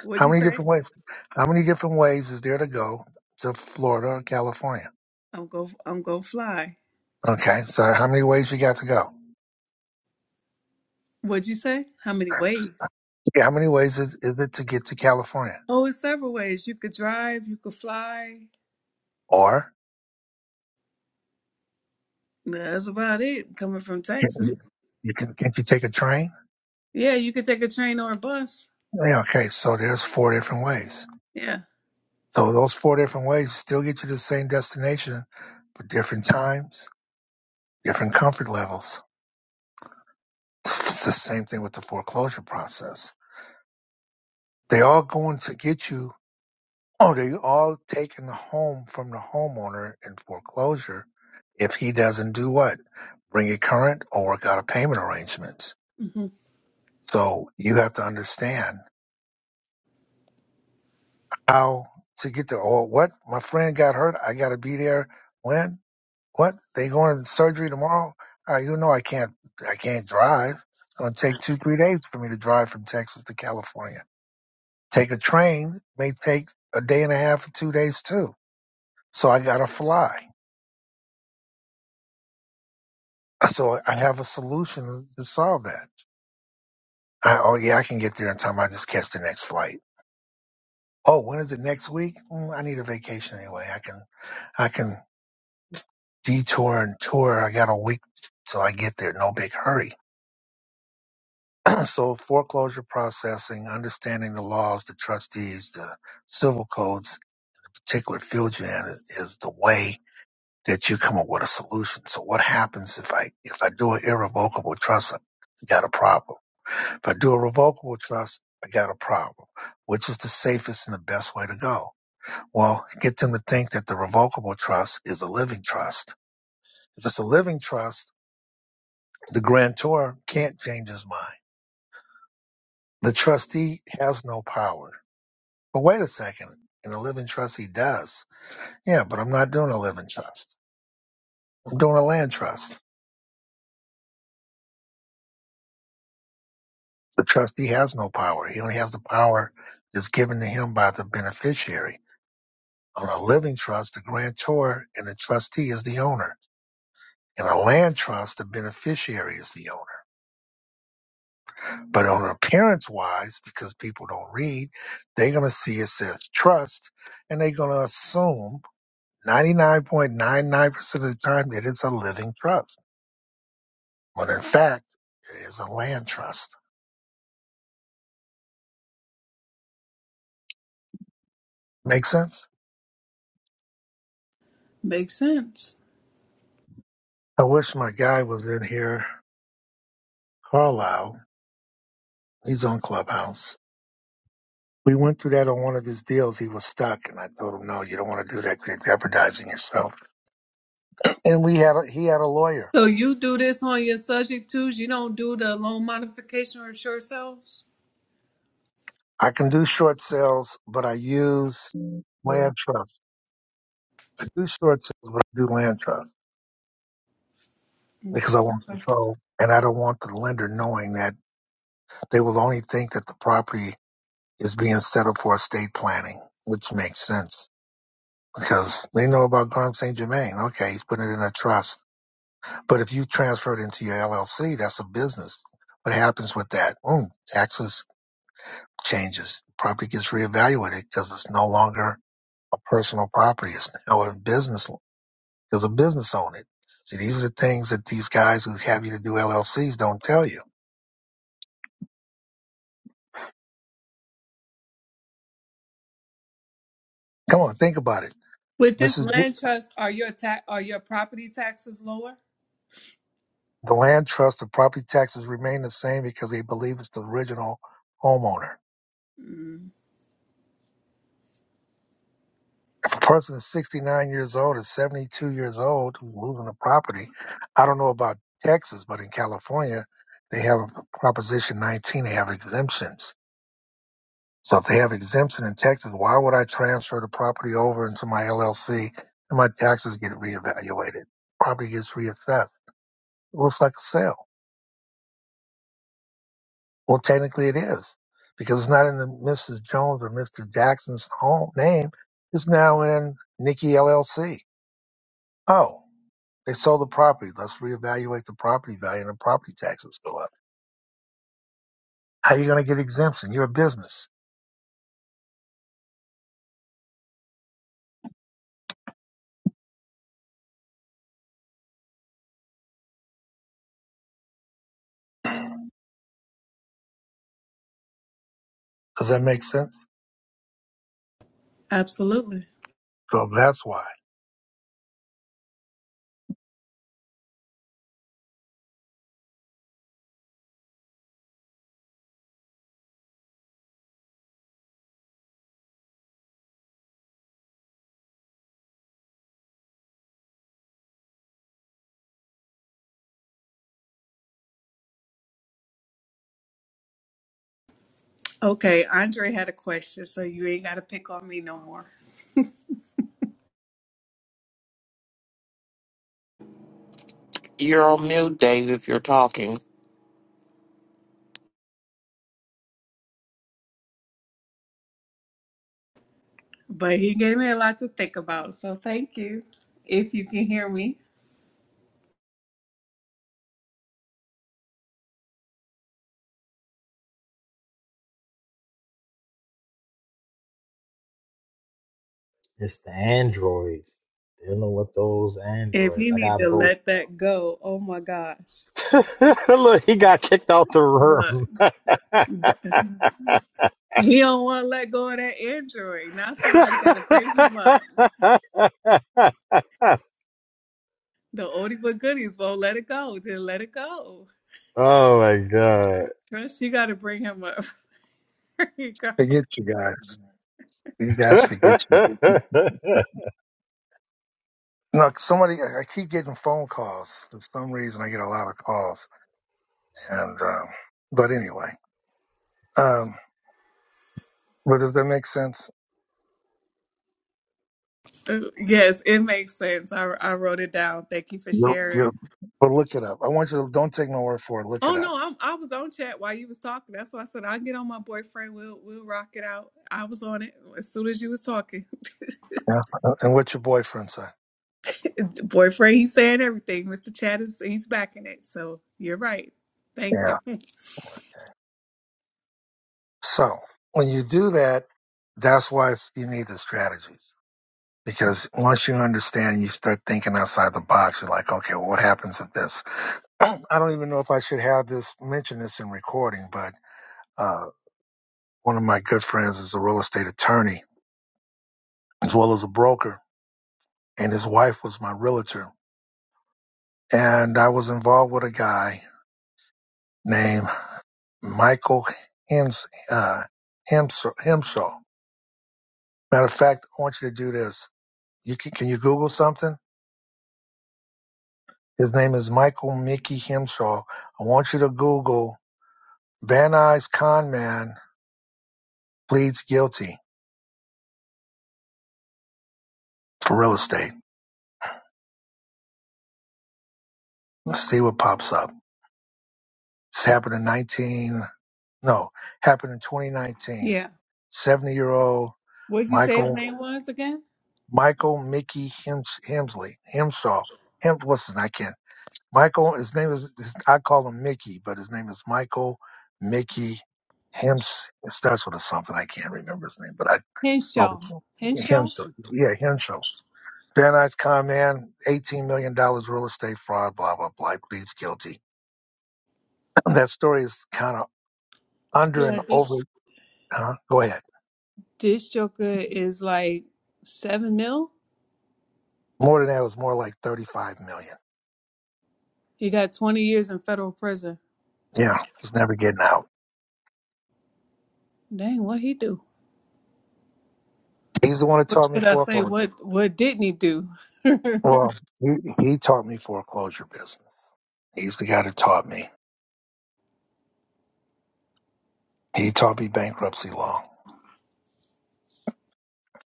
[SPEAKER 4] What'd
[SPEAKER 1] How
[SPEAKER 4] you
[SPEAKER 1] many
[SPEAKER 4] say?
[SPEAKER 1] different ways? How many different ways is there to go to Florida or California?
[SPEAKER 4] I'm go. I'm gonna fly.
[SPEAKER 1] Okay. So how many ways you got to go?
[SPEAKER 4] What'd you say? How many ways?
[SPEAKER 1] Yeah. How many ways is, is it to get to California?
[SPEAKER 4] Oh, it's several ways. You could drive. You could fly.
[SPEAKER 1] Or
[SPEAKER 4] That's about it. Coming from
[SPEAKER 1] can
[SPEAKER 4] Texas.
[SPEAKER 1] you, you can, can't you take a train?
[SPEAKER 4] Yeah, you could take a train or a bus.
[SPEAKER 1] Yeah, okay. So there's four different ways.
[SPEAKER 4] Yeah,
[SPEAKER 1] So those four different ways still get you to the same destination, but different times, different comfort levels. It's the same thing with the foreclosure process. They all going to get you, Oh, they all taking the home from the homeowner in foreclosure if he doesn't do what? Bring it current or work out a payment arrangements.
[SPEAKER 4] hmm
[SPEAKER 1] So you have to understand how to get there. Or what? My friend got hurt. I got to be there. When? What? They going to surgery tomorrow? Uh, you know I can't I can't drive. It's gonna take two, three days for me to drive from Texas to California. Take a train may take a day and a half or two days too. So I gotta fly. So I have a solution to solve that. I, oh yeah, I can get there in time. I just catch the next flight. Oh, when is it next week? Mm, I need a vacation anyway. I can I can detour and tour. I got a week till I get there. No big hurry And So foreclosure processing, understanding the laws, the trustees, the civil codes, particular field you're in is the way that you come up with a solution. So what happens if I if I do an irrevocable trust, I got a problem. If I do a revocable trust, I got a problem. Which is the safest and the best way to go? Well, get them to think that the revocable trust is a living trust. If it's a living trust, the grantor can't change his mind. The trustee has no power But wait a second. In a living trust, he does. Yeah, but I'm not doing a living trust. I'm doing a land trust. The trustee has no power. He only has the power that's given to him by the beneficiary. On a living trust, the grantor and the trustee is the owner. In a land trust, the beneficiary is the owner. But on appearance wise, because people don't read, they're going to see it says trust and they're going to assume 99.99% of the time that it's a living trust when in fact it is a land trust. Make sense?
[SPEAKER 4] makes sense.
[SPEAKER 1] I wish my guy was in here, Carlisle. He's on Clubhouse. We went through that on one of his deals. He was stuck, and I told him, "No, you don't want to do that. You're jeopardizing yourself." And we had a, he had a lawyer.
[SPEAKER 4] So you do this on your subject twos? You don't do the loan modification or short sales?
[SPEAKER 1] I can do short sales, but I use land trust. I do short sales, but I do land trust because I want
[SPEAKER 4] Okay.
[SPEAKER 1] control, and I don't want the lender knowing that they will only think that the property is being settled for estate planning, which makes sense because they know about Garm St. Germain. Okay, he's putting it in a trust. But if you transfer it into your LLC, that's a business. What happens with that? Boom, taxes changes. Property gets reevaluated because it's no longer a personal property. It's now a business because a business owned it. See, these are the things that these guys who have you to do LLCs don't tell you. Come on, think about it.
[SPEAKER 4] With
[SPEAKER 1] This
[SPEAKER 4] this
[SPEAKER 1] is
[SPEAKER 4] land trust, are your ta- are your property taxes lower?
[SPEAKER 1] the land trust. The property taxes remain the same because they believe it's the original homeowner.
[SPEAKER 4] Mm,
[SPEAKER 1] If a person is 69 years old or 72 years old who's moving a property, I don't know about Texas, but in California, they have a Proposition 19, they have exemptions. So if they have exemption in Texas, why would I transfer the property over into my LLC and my taxes get reevaluated? Property gets reassessed. It looks like a sale. Well, technically it is because it's not in the Mrs. Jones or Mr. Jackson's home name. It's now in Nikki LLC. Oh. They sold the property. Let's reevaluate the property value and the property taxes go up. How are you going to get exemption? You're a business. Does that make sense?
[SPEAKER 4] absolutely.
[SPEAKER 1] So that's why.
[SPEAKER 4] Okay, Andre had a question, so you ain't got to pick on me no more.
[SPEAKER 5] You're on mute, Dave, if you're talking.
[SPEAKER 4] But he gave me a lot to think about, so thank you. If you can hear me,
[SPEAKER 2] It's the Androids. Dealing with those
[SPEAKER 4] if
[SPEAKER 2] Androids.
[SPEAKER 4] he
[SPEAKER 2] I
[SPEAKER 4] need to
[SPEAKER 2] got both.
[SPEAKER 4] let that go, oh my gosh,
[SPEAKER 2] Look, he got kicked out the
[SPEAKER 4] look,
[SPEAKER 2] room.
[SPEAKER 4] he don't want to let go of that Android. Now somebody got to bring him up. The oldie but goodies won't let it go. Just let it go.
[SPEAKER 2] oh my god.
[SPEAKER 4] Trust you got to bring him up. There you go.
[SPEAKER 1] Forget you guys. You guys forget you. No, somebody, I I keep getting phone calls. For some reason, I get a lot of calls. And, um, but anyway, um, but does that make sense?
[SPEAKER 4] Uh, Yes, it makes sense. I, I wrote it down. Thank you for
[SPEAKER 1] Nope.
[SPEAKER 4] sharing.
[SPEAKER 1] Yep. But look it up. I want you to, don't take my word for it. Look
[SPEAKER 4] Oh
[SPEAKER 1] it up.
[SPEAKER 4] no, I'm, I was on chat while you was talking. That's why I said I'll get on my boyfriend. We'll we'll rock it out. I was on it as soon as you was talking.
[SPEAKER 1] Yeah. And what your boyfriend said.
[SPEAKER 4] boyfriend, he's saying everything. Mr. Chat is he's backing it. So you're right. Thank
[SPEAKER 1] Yeah.
[SPEAKER 4] you.
[SPEAKER 1] So when you do that, that's why it's, you need the strategies. Because once you understand and you start thinking outside the box, you're like, okay, well, what happens if this? I don't even know if I should have this mention this in recording, but uh, one of my good friends is a real estate attorney as well as a broker, and his wife was my realtor. And I was involved with a guy named Michael Hems, uh, Hems, Hemshaw. Matter of fact, I want you to do this. You can, can you Google something? His name is Michael Mickey Hemshaw. I want you to Google Van Nuys con man pleads guilty for real estate. Let's see what pops up. This happened in 19, no, happened in 2019.
[SPEAKER 4] Yeah.
[SPEAKER 1] 70 year old
[SPEAKER 4] What did you say his
[SPEAKER 1] Michael,
[SPEAKER 4] name was again?
[SPEAKER 1] Michael Mickey Hims, Hemsley, Hemshaw, Hem, what's his name? I can't. Michael, his name is, his, I call him Mickey, but his name is Michael Mickey Hems. It starts with a something. I can't remember his name, but I,
[SPEAKER 4] Henshaw.
[SPEAKER 1] oh,
[SPEAKER 4] Henshaw?
[SPEAKER 1] Hemshaw. Yeah, Hemshaw. Then I come in, $18 million dollars real estate fraud, blah, blah, blah, He pleads guilty. that story is kind of under and
[SPEAKER 4] Yeah, this
[SPEAKER 1] over. Uh, go ahead.
[SPEAKER 4] This Joker is like seven mil.
[SPEAKER 1] More than that, it was more like 35 million.
[SPEAKER 4] He got twenty years in federal prison.
[SPEAKER 1] dollars. Yeah, it's never getting out.
[SPEAKER 4] Dang, what he do?
[SPEAKER 1] He's the one that
[SPEAKER 4] Or
[SPEAKER 1] taught me
[SPEAKER 4] should I say what
[SPEAKER 1] foreclosures.
[SPEAKER 4] what didn't he do?
[SPEAKER 1] Well, he, he taught me foreclosure business. He's the guy that taught me. He taught me bankruptcy law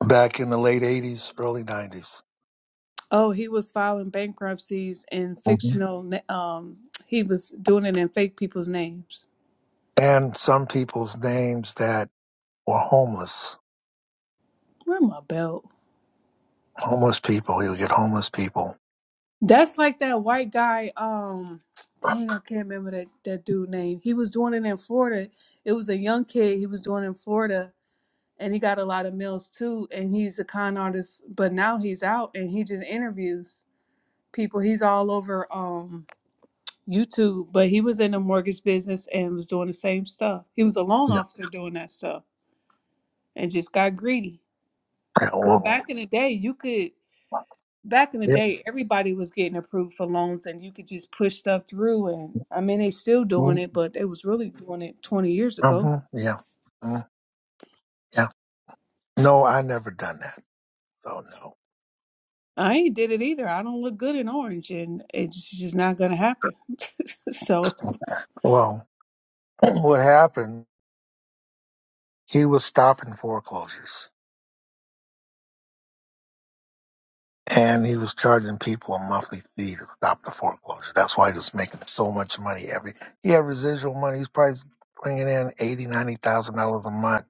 [SPEAKER 1] back in the late 80s, early 90s.
[SPEAKER 4] oh, he was filing bankruptcies in
[SPEAKER 1] hmm
[SPEAKER 4] fictional. na- Um, he was doing it in fake people's names.
[SPEAKER 1] And some people's names that were homeless,
[SPEAKER 4] Where my belt?
[SPEAKER 1] homeless people. He would get homeless people
[SPEAKER 4] That's like that white guy. Um, dang, I can't remember that that dude name. He was doing it in Florida. It was a young kid. He was doing it in Florida and he got a lot of meals too and he's a con artist but now he's out and he just interviews people he's all over um youtube but he was in the mortgage business and was doing the same stuff he was a loan
[SPEAKER 1] Yeah.
[SPEAKER 4] officer doing that stuff and just got greedy but
[SPEAKER 1] Whoa.
[SPEAKER 4] back in the day you could back in the
[SPEAKER 1] Yeah.
[SPEAKER 4] day everybody was getting approved for loans and you could just push stuff through and i mean they still
[SPEAKER 1] Mm,
[SPEAKER 4] doing it but they was really doing it 20 years ago
[SPEAKER 1] mhm, Yeah. mm, Yeah. No, I never done that. So no.
[SPEAKER 4] I ain't did it either. I don't look good in orange, and it's just not gonna happen. so
[SPEAKER 1] Well, what happened? He was stopping foreclosures. And he was charging people a monthly fee to stop the foreclosure. That's why he was making so much money every. He had residual money. He's probably bringing in eighty, ninety thousand dollars a month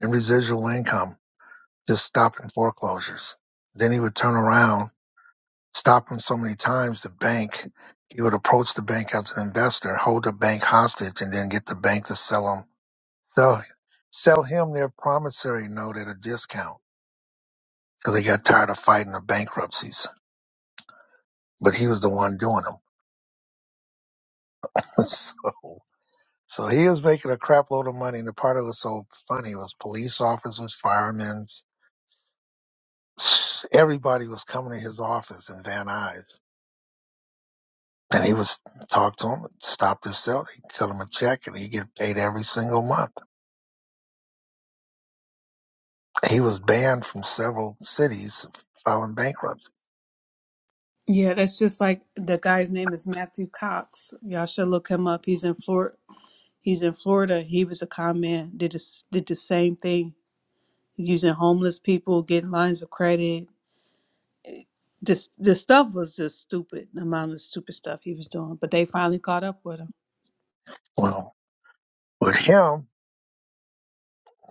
[SPEAKER 1] in residual income just stopping foreclosures. Then he would turn around, stop them so many times. The bank, he would approach the bank as an investor, hold the bank hostage, and then get the bank to sell him, sell, sell him their promissory note at a discount because they got tired of fighting the bankruptcies. But he was the one doing them. so, so he was making a crap load of money. And the part that was so funny was police officers, firemen, everybody was coming to his office in Van Nuys. And he was talk to him, stop this sale. He cut him a check, and he get paid every single month. He was banned from several cities filing bankruptcy.
[SPEAKER 4] yeah, that's just like the guy's name is Matthew Cox. Y'all should look him up. He's in Flor, He's in Florida. He was a con man. Did this, did the same thing using homeless people, getting lines of credit. This this stuff was just stupid. The amount of stupid stuff he was doing, but they finally caught up with him.
[SPEAKER 1] Well, with him,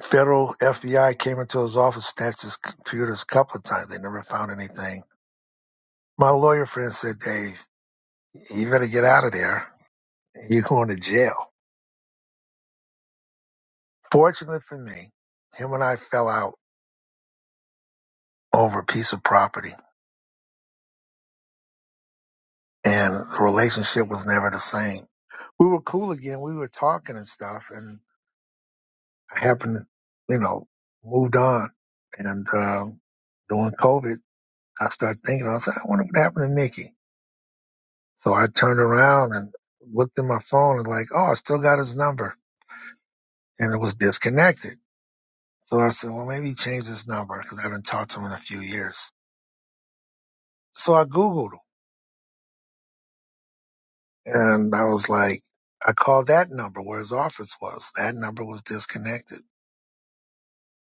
[SPEAKER 1] federal FBI came into his office, snatched his computers a couple of times. They never found anything. My lawyer friend said, "Dave, you better get out of there." you're going to jail. Fortunately for me, him and I fell out over a piece of property and the relationship was never the same. We were cool again. We were talking and stuff and I happened to, you know, moved on. And, um, during COVID, I started thinking, I was like, I wonder what happened to Nikki. So I turned around and looked at my phone and like, oh, I still got his number and it was disconnected. So I said, well, maybe he changed his number because I haven't talked to him in a few years. So I Googled him And I was like, I called that number where his office was. That number was disconnected.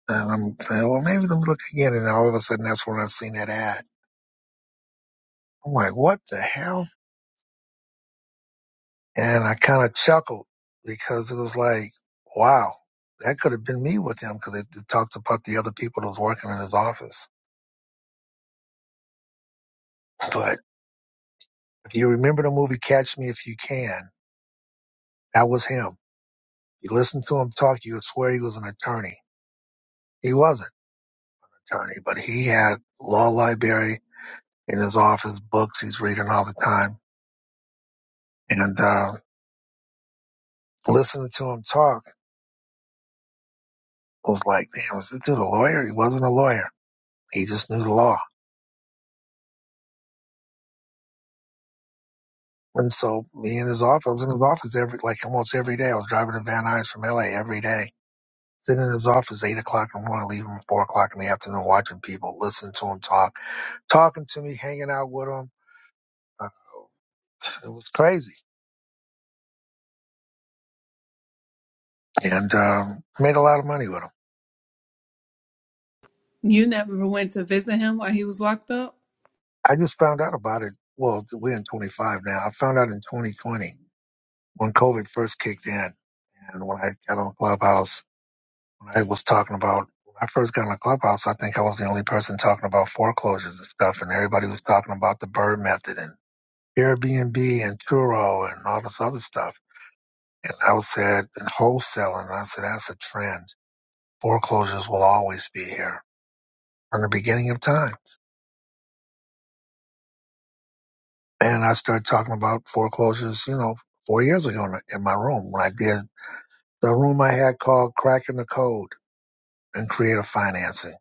[SPEAKER 1] And I'm saying, well, maybe let me look again. And all of a sudden, that's when I seen that ad. I'm like, what the hell? And I kind of chuckled because it was like, wow, that could have been me with him because it, it talks about the other people that was working in his office. But if you remember the movie Catch Me If You Can, that was him. You listen to him talk, you would swear he was an attorney. He wasn't an attorney, but he had law library in his office, books he's reading all the time. And uh, listening to him talk I was like, damn, was this dude a lawyer? He wasn't a lawyer. He just knew the law. And so me in his office, I was in his office every, like almost every day. I was driving to Van Nuys from LA every day, sitting in his office eight o'clock in the morning, leaving at four o'clock in the afternoon, watching people, listening to him talk, talking to me, hanging out with him. Uh, It was crazy and um, made a lot of money with him.
[SPEAKER 4] You never went to visit him while he was locked up.
[SPEAKER 1] I just found out about it. Well, we're in 25 now. I found out in 2020 when COVID first kicked in and when I got on Clubhouse, when I was talking about, when I first got on Clubhouse, I think I was the only person talking about foreclosures and stuff. And everybody was talking about the bird method and Airbnb and Turo and all this other stuff. And I was said, and wholesaling, and I said, that's a trend. Foreclosures will always be here from the beginning of time. And I started talking about foreclosures, you know, four years ago in in my room when I did the room I had called Cracking the Code and creative financing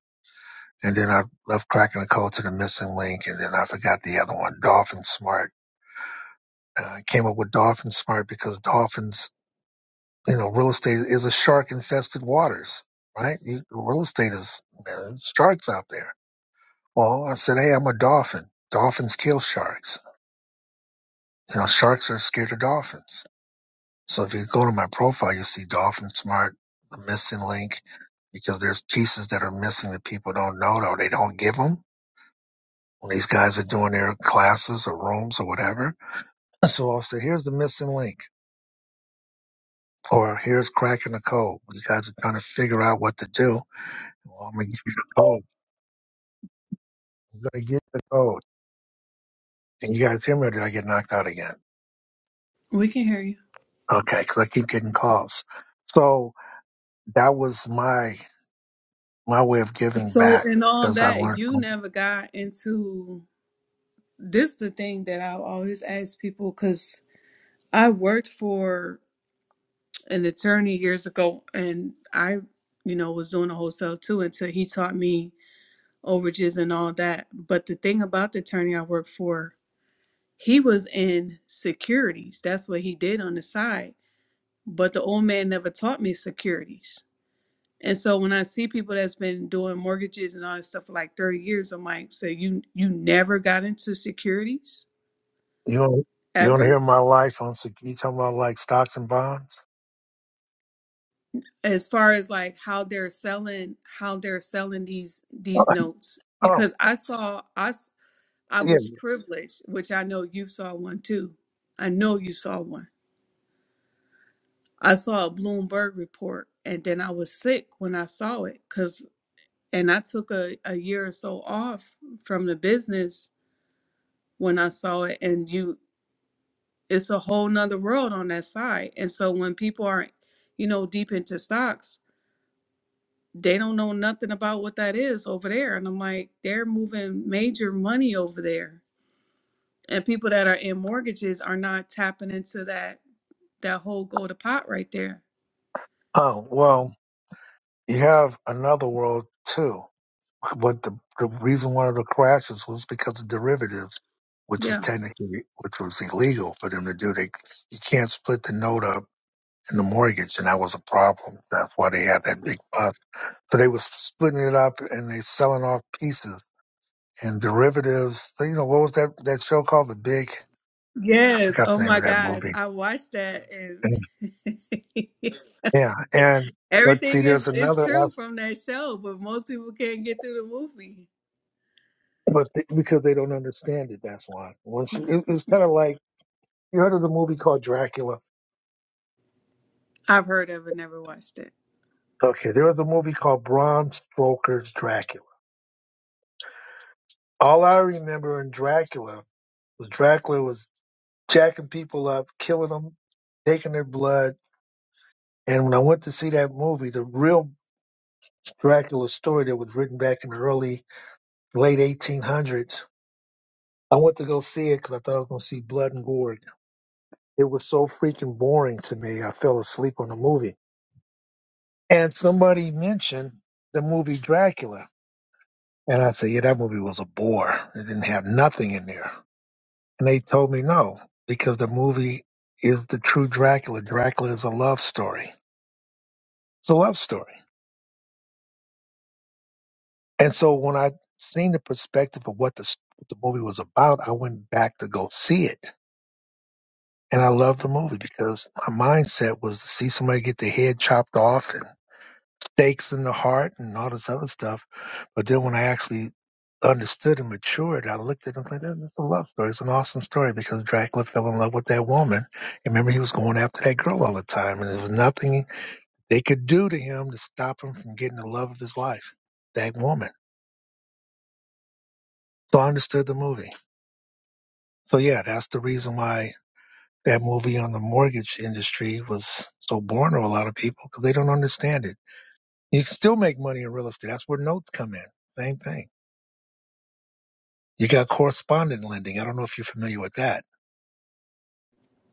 [SPEAKER 1] And then I left cracking the Code to the Missing Link. And then I forgot the other one, Dolphin Smart. Uh, I came up with Dolphin Smart because dolphins, you know, real estate is a shark infested waters, right? You, real estate is, man, there's sharks out there. Well, I said, hey, I'm a dolphin. Dolphins kill sharks. You know, sharks are scared of dolphins. So if you go to my profile, you'll see Dolphin Smart, the Missing Link, because there's pieces that are missing that people don't know, though. They don't give give them. when these guys are doing their classes or rooms or whatever. So I'll say, here's the missing link, or here's cracking the code. These guys are trying to figure out what to do. Well, I'm gonna give you the code. I'm gonna get the code. And you guys hear me, or did I get knocked out again?
[SPEAKER 4] We can hear you.
[SPEAKER 1] Okay, because I keep getting calls. So that was my my way of giving
[SPEAKER 4] So,
[SPEAKER 1] back
[SPEAKER 4] and on
[SPEAKER 1] because I
[SPEAKER 4] that,
[SPEAKER 1] learned.
[SPEAKER 4] you never got into this is the thing that I always ask people because I worked for an attorney years ago, and I, you know, was doing a wholesale too until he taught me overages and all that. But the thing about the attorney I worked for, he was in securities. That's what he did on the side. But the old man never taught me securities. And so when I see people that's been doing mortgages and all this stuff for like 30 years, I'm like, so you you never got into securities
[SPEAKER 1] You don't you don't
[SPEAKER 4] ever?
[SPEAKER 1] hear my life on. Sec- You talking about like stocks and bonds?
[SPEAKER 4] as far as like how they're selling how they're selling these these notes
[SPEAKER 1] Oh
[SPEAKER 4] because i saw I I
[SPEAKER 1] yeah.
[SPEAKER 4] was privileged which i know you saw one too i know you saw one i saw a bloomberg report and then i was sick when i saw it because and i took a, a year or so off from the business when i saw it and you it's a whole nother world on that side and so when people are you know deep into stocks they don't know nothing about what that is over there. And I'm like, they're moving major money over there. And people that are in mortgages are not tapping into that that whole go to pot right there.
[SPEAKER 1] Oh well, you have another world too what the, the reason one of the crashes was because of derivatives, which is
[SPEAKER 4] Yeah.
[SPEAKER 1] technically which was illegal for them to do. They you can't split the note up in the mortgage, and that was a problem. That's why they had that big bust. So they was splitting it up and they selling off pieces and derivatives. So, You know what was that that show called? The Big I
[SPEAKER 4] Yes.
[SPEAKER 1] forgot
[SPEAKER 4] Oh
[SPEAKER 1] the name
[SPEAKER 4] my
[SPEAKER 1] of that
[SPEAKER 4] gosh.
[SPEAKER 1] movie.
[SPEAKER 4] I watched that and
[SPEAKER 1] Yeah, and but see,
[SPEAKER 4] everything is
[SPEAKER 1] there's
[SPEAKER 4] is
[SPEAKER 1] another
[SPEAKER 4] true
[SPEAKER 1] aspect,
[SPEAKER 4] from that show, but most people can't get through the movie.
[SPEAKER 1] but th- because they don't understand it, that's why. Once it, it's kind of like you heard of the movie called Dracula
[SPEAKER 4] I've heard of it, never watched it.
[SPEAKER 1] Okay, there was a movie called Bram Stoker's Dracula. All I remember in Dracula was Dracula was jacking people up, killing them, taking their blood. And when I went to see that movie, the real Dracula story that was written back in the early, late 1800s, I went to go see it because I thought I was going to see blood and gore. It was so freaking boring to me. I fell asleep on the movie. And somebody mentioned the movie Dracula. And I said, yeah, that movie was a bore. It didn't have nothing in there. And they told me no, because the movie is the true Dracula. Dracula is a love story. It's a love story. And so when I seen the perspective of what the, s- what the movie was about, I went back to go see it. And I loved the movie because my mindset was to see somebody get their head chopped off Stakes in the heart and all this other stuff. But then when I actually understood and matured, I looked at him like, that's a love story. It's an awesome story because Dracula fell in love with that woman. And remember, he was going after that girl all the time, and there was nothing they could do to him to stop him from getting the love of his life, that woman. So I understood the movie. So yeah, that's the reason why that movie on the mortgage industry was so boring to a lot of people because they don't understand it. You can still make money in real estate. That's where notes come in. Same thing. You got correspondent lending. I don't know if you're familiar with that.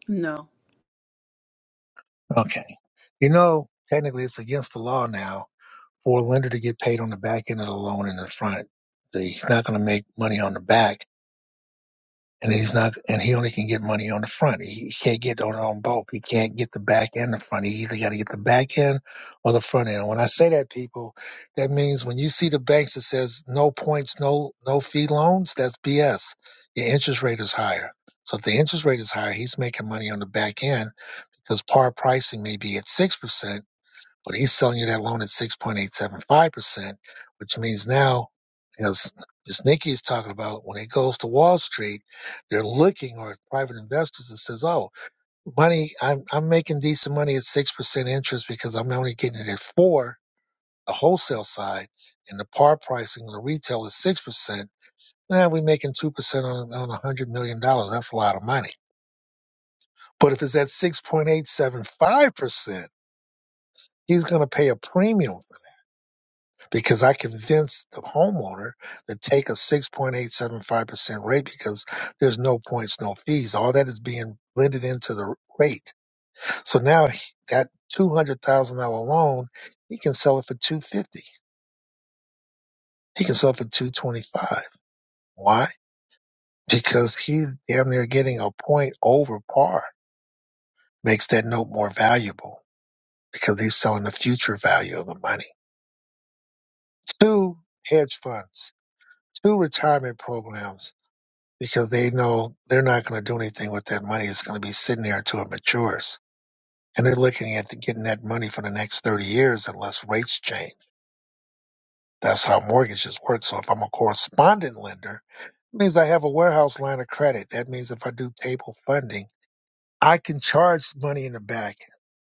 [SPEAKER 4] No.
[SPEAKER 1] Okay. You know, technically it's against the law now for a lender to get paid on the back end of the loan and the front. So he's not going to make money on the back. and he's not and he only can get money on the front. He, he can't get on on both. He can't get the back and the front. He either got to get the back end or the front end. When I say that, people, that means when you see the banks that says no points, no no fee loans, that's BS. Your interest rate is higher. So if the interest rate is higher, he's making money on the back end because par pricing may be at six percent but he's selling you that loan at 6.875%, which means now, you know, s- this Nikki is talking about when it goes to Wall Street, they're looking or private investors that says, oh, money, I'm, I'm making decent money at 6% interest because I'm only getting it at four, the wholesale side and the par pricing on the retail is 6%. Now we're making 2% on, on $100 million. dollars. That's a lot of money. But if it's at 6.875%, he's going to pay a premium because I convinced the homeowner to take a 6.875% rate because there's no points, no fees. All that is being blended into the rate. So now he- that $200,000 loan, he can sell it for 250. He can sell it for 225. Why? Because he's damn near getting a point over par makes that note more valuable because he's selling the future value of the money. Two hedge funds, two retirement programs because they know they're not going to do anything with that money. It's going to be sitting there until it matures. And they're looking at the, getting that money for the next 30 years unless rates change. That's how mortgages work. So if I'm a correspondent lender, it means I have a warehouse line of credit. That means if I do table funding, I can charge money in the back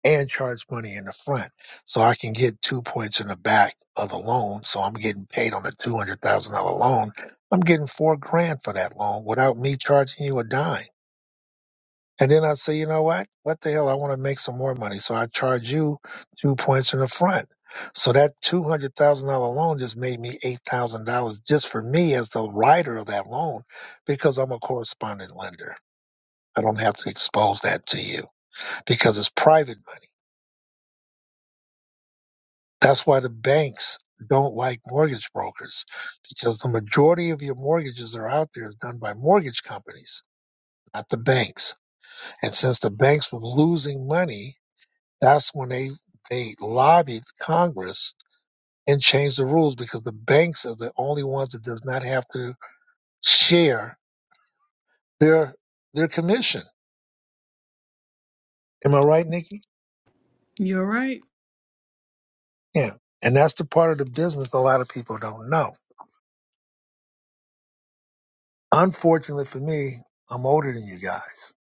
[SPEAKER 1] and charge money in the front. So I can get two points in the back of the loan. So I'm getting paid on a $200,000 loan. I'm getting four grand for that loan without me charging you a dime And then I say, you know what? What the hell? I want to make some more money. So I charge you two points in the front. So that two hundred thousand dollar loan just made me eight thousand dollars just for me as the writer of that loan, because I'm a correspondent lender. I don't have to expose that to you because it's private money. That's why the banks don't like mortgage brokers because the majority of your mortgages that are out there is done by mortgage companies, not the banks. And since the banks were losing money, That's when they they lobbied Congress and changed the rules because the banks are the only ones that does not have to share their their commission. Am I right, Nikki?
[SPEAKER 4] You're right.
[SPEAKER 1] Yeah. And that's the part of the business a lot of people don't know. Unfortunately for me, I'm older than you guys.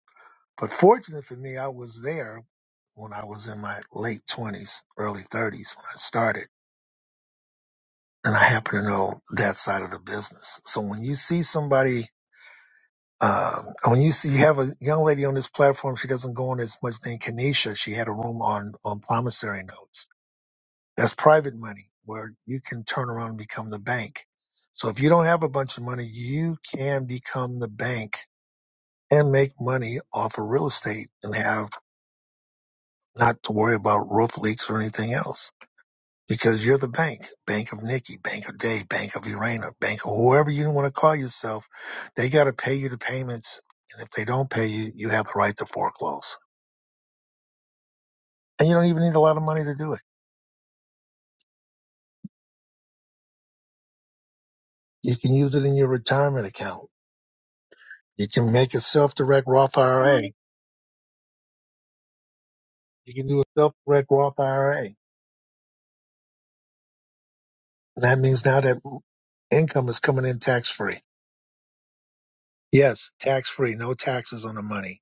[SPEAKER 1] But fortunately for me, I was there when I was in my late 20s, early 30s when I started. And I happen to know that side of the business. So when you see somebody Um, and when you see you have a young lady on this platform, she doesn't go on as much named Kanisha. She had a room on on promissory notes. That's private money where you can turn around and become the bank. So if you don't have a bunch of money, you can become the bank and make money off of real estate and have not to worry about roof leaks or anything else. because you're the bank, Bank of Nikki, Bank of Dave, Bank of Urana, Bank of whoever you want to call yourself. They got to pay you the payments, and if they don't pay you, you have the right to foreclose. And you don't even need a lot of money to do it. You can use it in your retirement account. You can make a self-direct Roth IRA. You can do a self-direct Roth IRA. That means now that income is coming in tax-free. Yes, tax-free, no taxes on the money.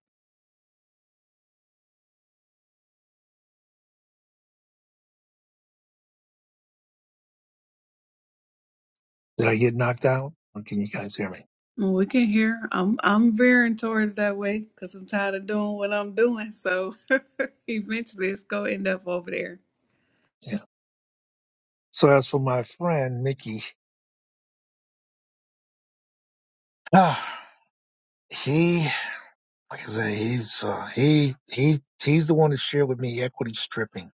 [SPEAKER 1] Did I get knocked out? Or Can you guys hear me?
[SPEAKER 4] We can hear. I'm I'm veering towards that way because I'm tired of doing what I'm doing. So eventually it's gonna end up over there.
[SPEAKER 1] Yeah. So as for my friend Mickey. ah, He, like I said, he's uh, he he he's the one that shared with me equity stripping.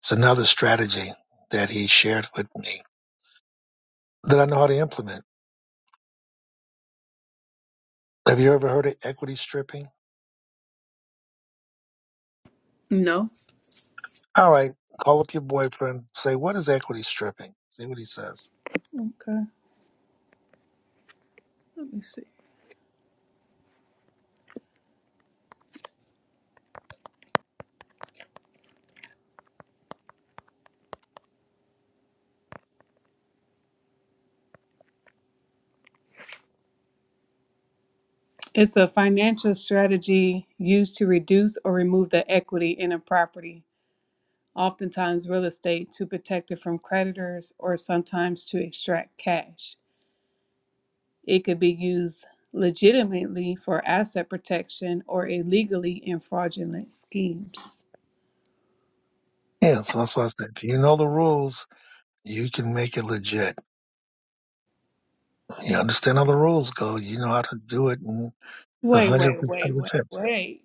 [SPEAKER 1] It's another strategy that he shared with me that I know how to implement. Have you ever heard of equity stripping?
[SPEAKER 4] No.
[SPEAKER 1] All right, call up your boyfriend. Say what is equity stripping? See what he says.
[SPEAKER 4] Okay. Let me see. It's a financial strategy used to reduce or remove the equity in a property, oftentimes real estate, to protect it from creditors or sometimes to extract cash. It could be used legitimately for asset protection or illegally in fraudulent schemes.
[SPEAKER 1] Yeah, so that's what I said. If you know the rules, you can make it legit. You understand how the rules go. You know how to do it, and it's a
[SPEAKER 4] Wait,
[SPEAKER 1] hundred
[SPEAKER 4] wait,
[SPEAKER 1] percent
[SPEAKER 4] wait, wait,
[SPEAKER 1] legit.
[SPEAKER 4] wait.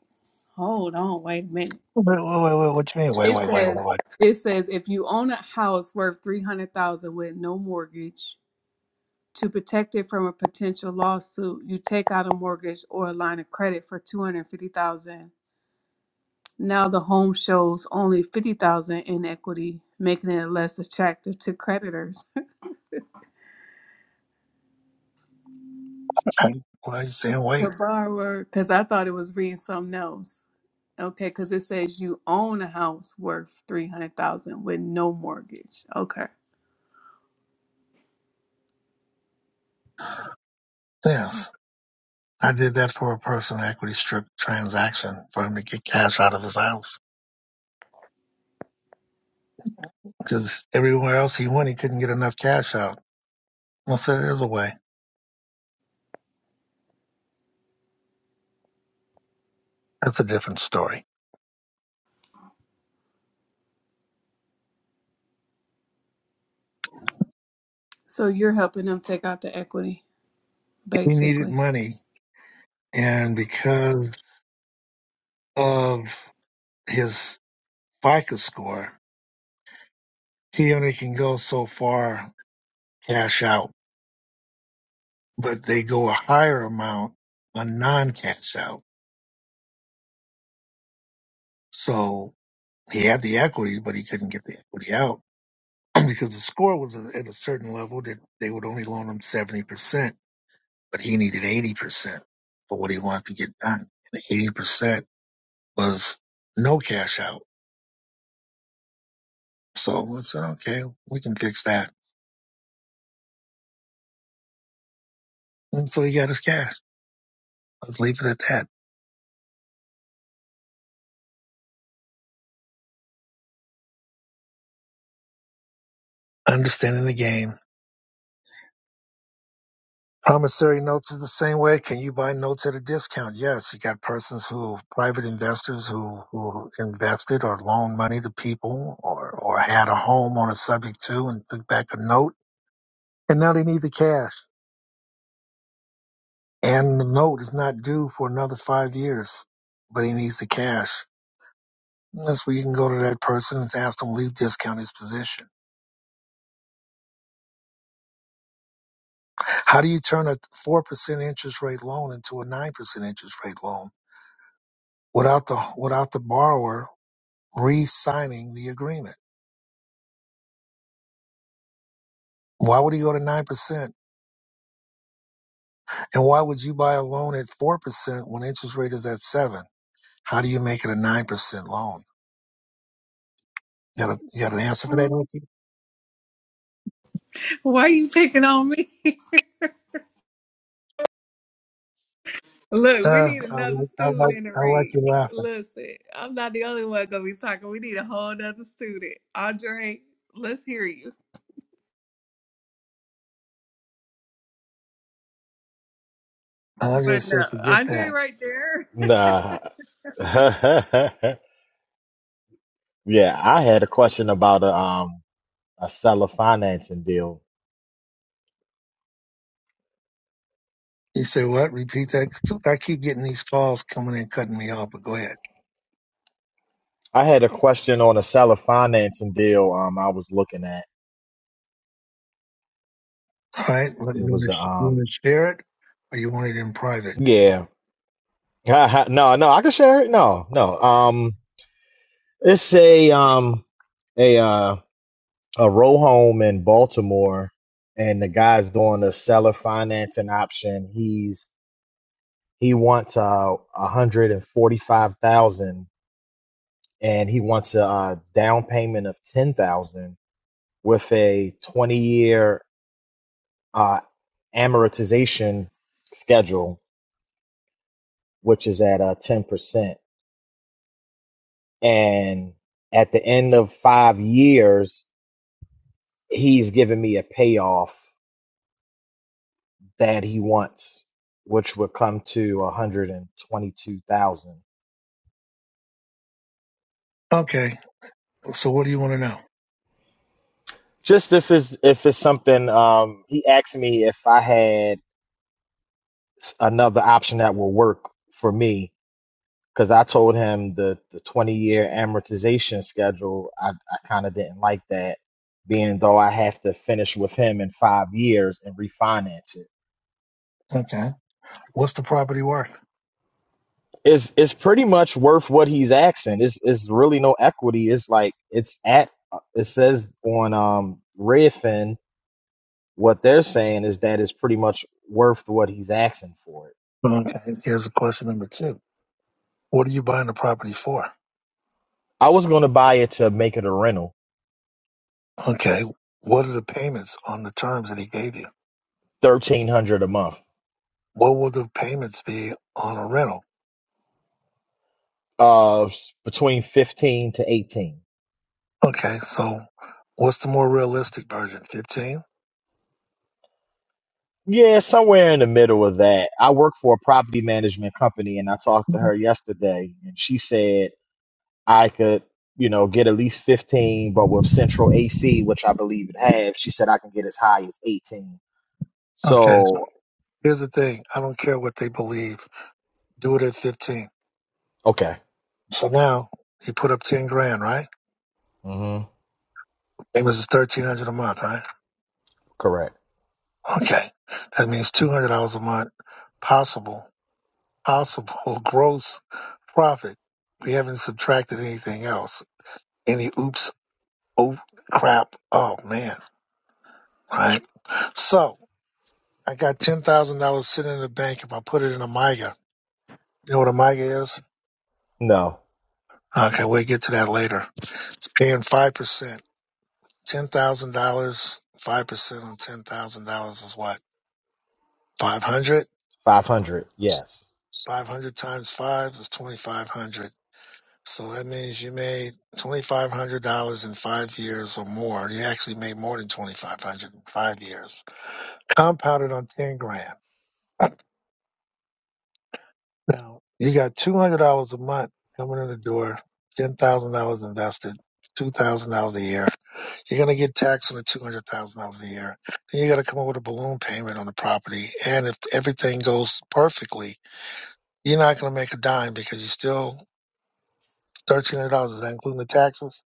[SPEAKER 4] Hold on, wait a minute.
[SPEAKER 1] Wait, wait, wait, wait. What you mean? Wait,
[SPEAKER 4] It
[SPEAKER 1] wait, wait, wait,
[SPEAKER 4] says
[SPEAKER 1] wait.
[SPEAKER 4] it says if you own a house worth three hundred thousand with no mortgage, to protect it from a potential lawsuit, you take out a mortgage or a line of credit for two hundred fifty thousand. Now the home shows only fifty thousand in equity, making it less attractive to creditors.
[SPEAKER 1] Okay. Why are you saying
[SPEAKER 4] The
[SPEAKER 1] wait?
[SPEAKER 4] borrower, because I thought it was reading something else. Okay, because it says you own a house worth three hundred thousand with no mortgage. Okay,
[SPEAKER 1] Yes. I did that for a personal equity strip transaction for him to get cash out of his house because everywhere else he went, he couldn't get enough cash out. I said, there's a way. That's a different story.
[SPEAKER 4] so you're helping them take out the equity,
[SPEAKER 1] He needed
[SPEAKER 4] basically.
[SPEAKER 1] money. And because of his FICO score, he only can go so far cash out, but they go a higher amount on non cash out. So he had the equity, but he couldn't get the equity out because the score was at at a certain level that they would only loan him 70%, but he needed 80% for what he wanted to get done. And 80% was no cash out. So I said, okay, we can fix that. And so he got his cash. Let's leave it at that. Understanding the game. Promissory notes is the same way. Can you buy notes at a discount? Yes. You got persons who, private investors who, who invested or loaned money to people or, or had a home on a subject to and took back a note And now they need the cash. And the note is not due for another five years, but he needs the cash. That's where you can go to that person and ask them to leave discount his position. How do you turn a 4% interest rate loan into a 9% interest rate loan without the, without the borrower re-signing the agreement? Why would he go to 9%? And why would you buy a loan at 4% when interest rate is at 7? How do you make it a 9% loan? You got, a, you got an answer for that,
[SPEAKER 4] Why are you picking on me? Look, we
[SPEAKER 1] Uh,
[SPEAKER 4] need
[SPEAKER 1] I
[SPEAKER 4] another
[SPEAKER 1] like, I
[SPEAKER 4] student
[SPEAKER 1] like,
[SPEAKER 4] in the
[SPEAKER 1] I like
[SPEAKER 4] ring.
[SPEAKER 1] you laughing.
[SPEAKER 4] Listen, I'm not the only one gonna be talking. We need a whole nother student. Andre, let's hear you.
[SPEAKER 1] I
[SPEAKER 4] But
[SPEAKER 1] just say,
[SPEAKER 4] no,
[SPEAKER 1] forget
[SPEAKER 4] Andre,
[SPEAKER 1] that.
[SPEAKER 4] right there.
[SPEAKER 2] nah. yeah, I had a question about a um a seller financing deal.
[SPEAKER 1] You say what? Repeat that. So I keep getting these calls coming in, cutting me off, but go ahead.
[SPEAKER 2] I had a question on a seller financing deal um I was looking at.
[SPEAKER 1] All right. What, you
[SPEAKER 2] It
[SPEAKER 1] want
[SPEAKER 2] was
[SPEAKER 1] to, you want
[SPEAKER 2] um
[SPEAKER 1] to share it or you want it in private?
[SPEAKER 2] yeah. no, no, I can share it. No, no. Um it's a um a uh a row home in Baltimore, and the guy's doing a seller financing option. He's he wants uh a hundred and forty five thousand, and he wants a, uh down payment of ten thousand with a twenty year uh, amortization schedule, which is at uh ten percent. And at the end of five years, he's giving me a payoff that he wants, which would come to one hundred and twenty-two thousand.
[SPEAKER 1] Okay. So what do you want to know?
[SPEAKER 2] Just if it's if it's something, um, he asked me if I had s- another option that will work for me because I told him the the twenty-year amortization schedule. I I kind of didn't like that, being though I have to finish with him in five years and refinance it.
[SPEAKER 1] Okay. What's the property worth?
[SPEAKER 2] it's it's pretty much worth what he's asking. It's it's really no equity. It's like it's at it says on um Redfin what they're saying is that it's pretty much worth what he's asking for it.
[SPEAKER 1] Okay. Here's question number two. What are you buying the property for?
[SPEAKER 2] I was gonna buy it to make it a rental,
[SPEAKER 1] Okay. What are the payments on the terms that he gave you?
[SPEAKER 2] thirteen hundred a month,
[SPEAKER 1] What will the payments be on a rental?
[SPEAKER 2] uh, between fifteen to eighteen.
[SPEAKER 1] Okay. So what's the more realistic version? 15?
[SPEAKER 2] Yeah, somewhere in the middle of that. I work for a property management company, and I talked to her yesterday, and she said I could, you know, get at least 15, but with central AC, which I believe it has, she said I can get as high as 18.
[SPEAKER 1] Okay.
[SPEAKER 2] So,
[SPEAKER 1] Here's the thing. I don't care what they believe. Do it at 15.
[SPEAKER 2] okay.
[SPEAKER 1] So now he put up 10 grand, right?
[SPEAKER 2] hmm
[SPEAKER 1] Amos is 1300 a month, right?
[SPEAKER 2] Correct.
[SPEAKER 1] Okay. That means $200 a month possible, possible gross profit. We haven't subtracted anything else. Any oops, oh crap. Oh man. Right. So I got $10,000 sitting in the bank. If I put it in a MIGA, you know what a MIGA is?
[SPEAKER 2] No.
[SPEAKER 1] Okay. We'll get to that later. It's paying 5%. ten thousand dollars, five percent on ten thousand dollars is what? Five hundred?
[SPEAKER 2] 500. Yes.
[SPEAKER 1] Five hundred times five is twenty five hundred. So that means you made twenty five hundred dollars in five years or more. You actually made more than twenty five hundred in five years. Compounded on ten grand. Now you got two hundred dollars a month coming in the door, ten thousand dollars invested, two thousand dollars a year You're going to get taxed on the two hundred thousand dollars a year. Then you got to come up with a balloon payment on the property. And if everything goes perfectly, you're not going to make a dime because you still thirteen hundred dollars. Is that including the taxes?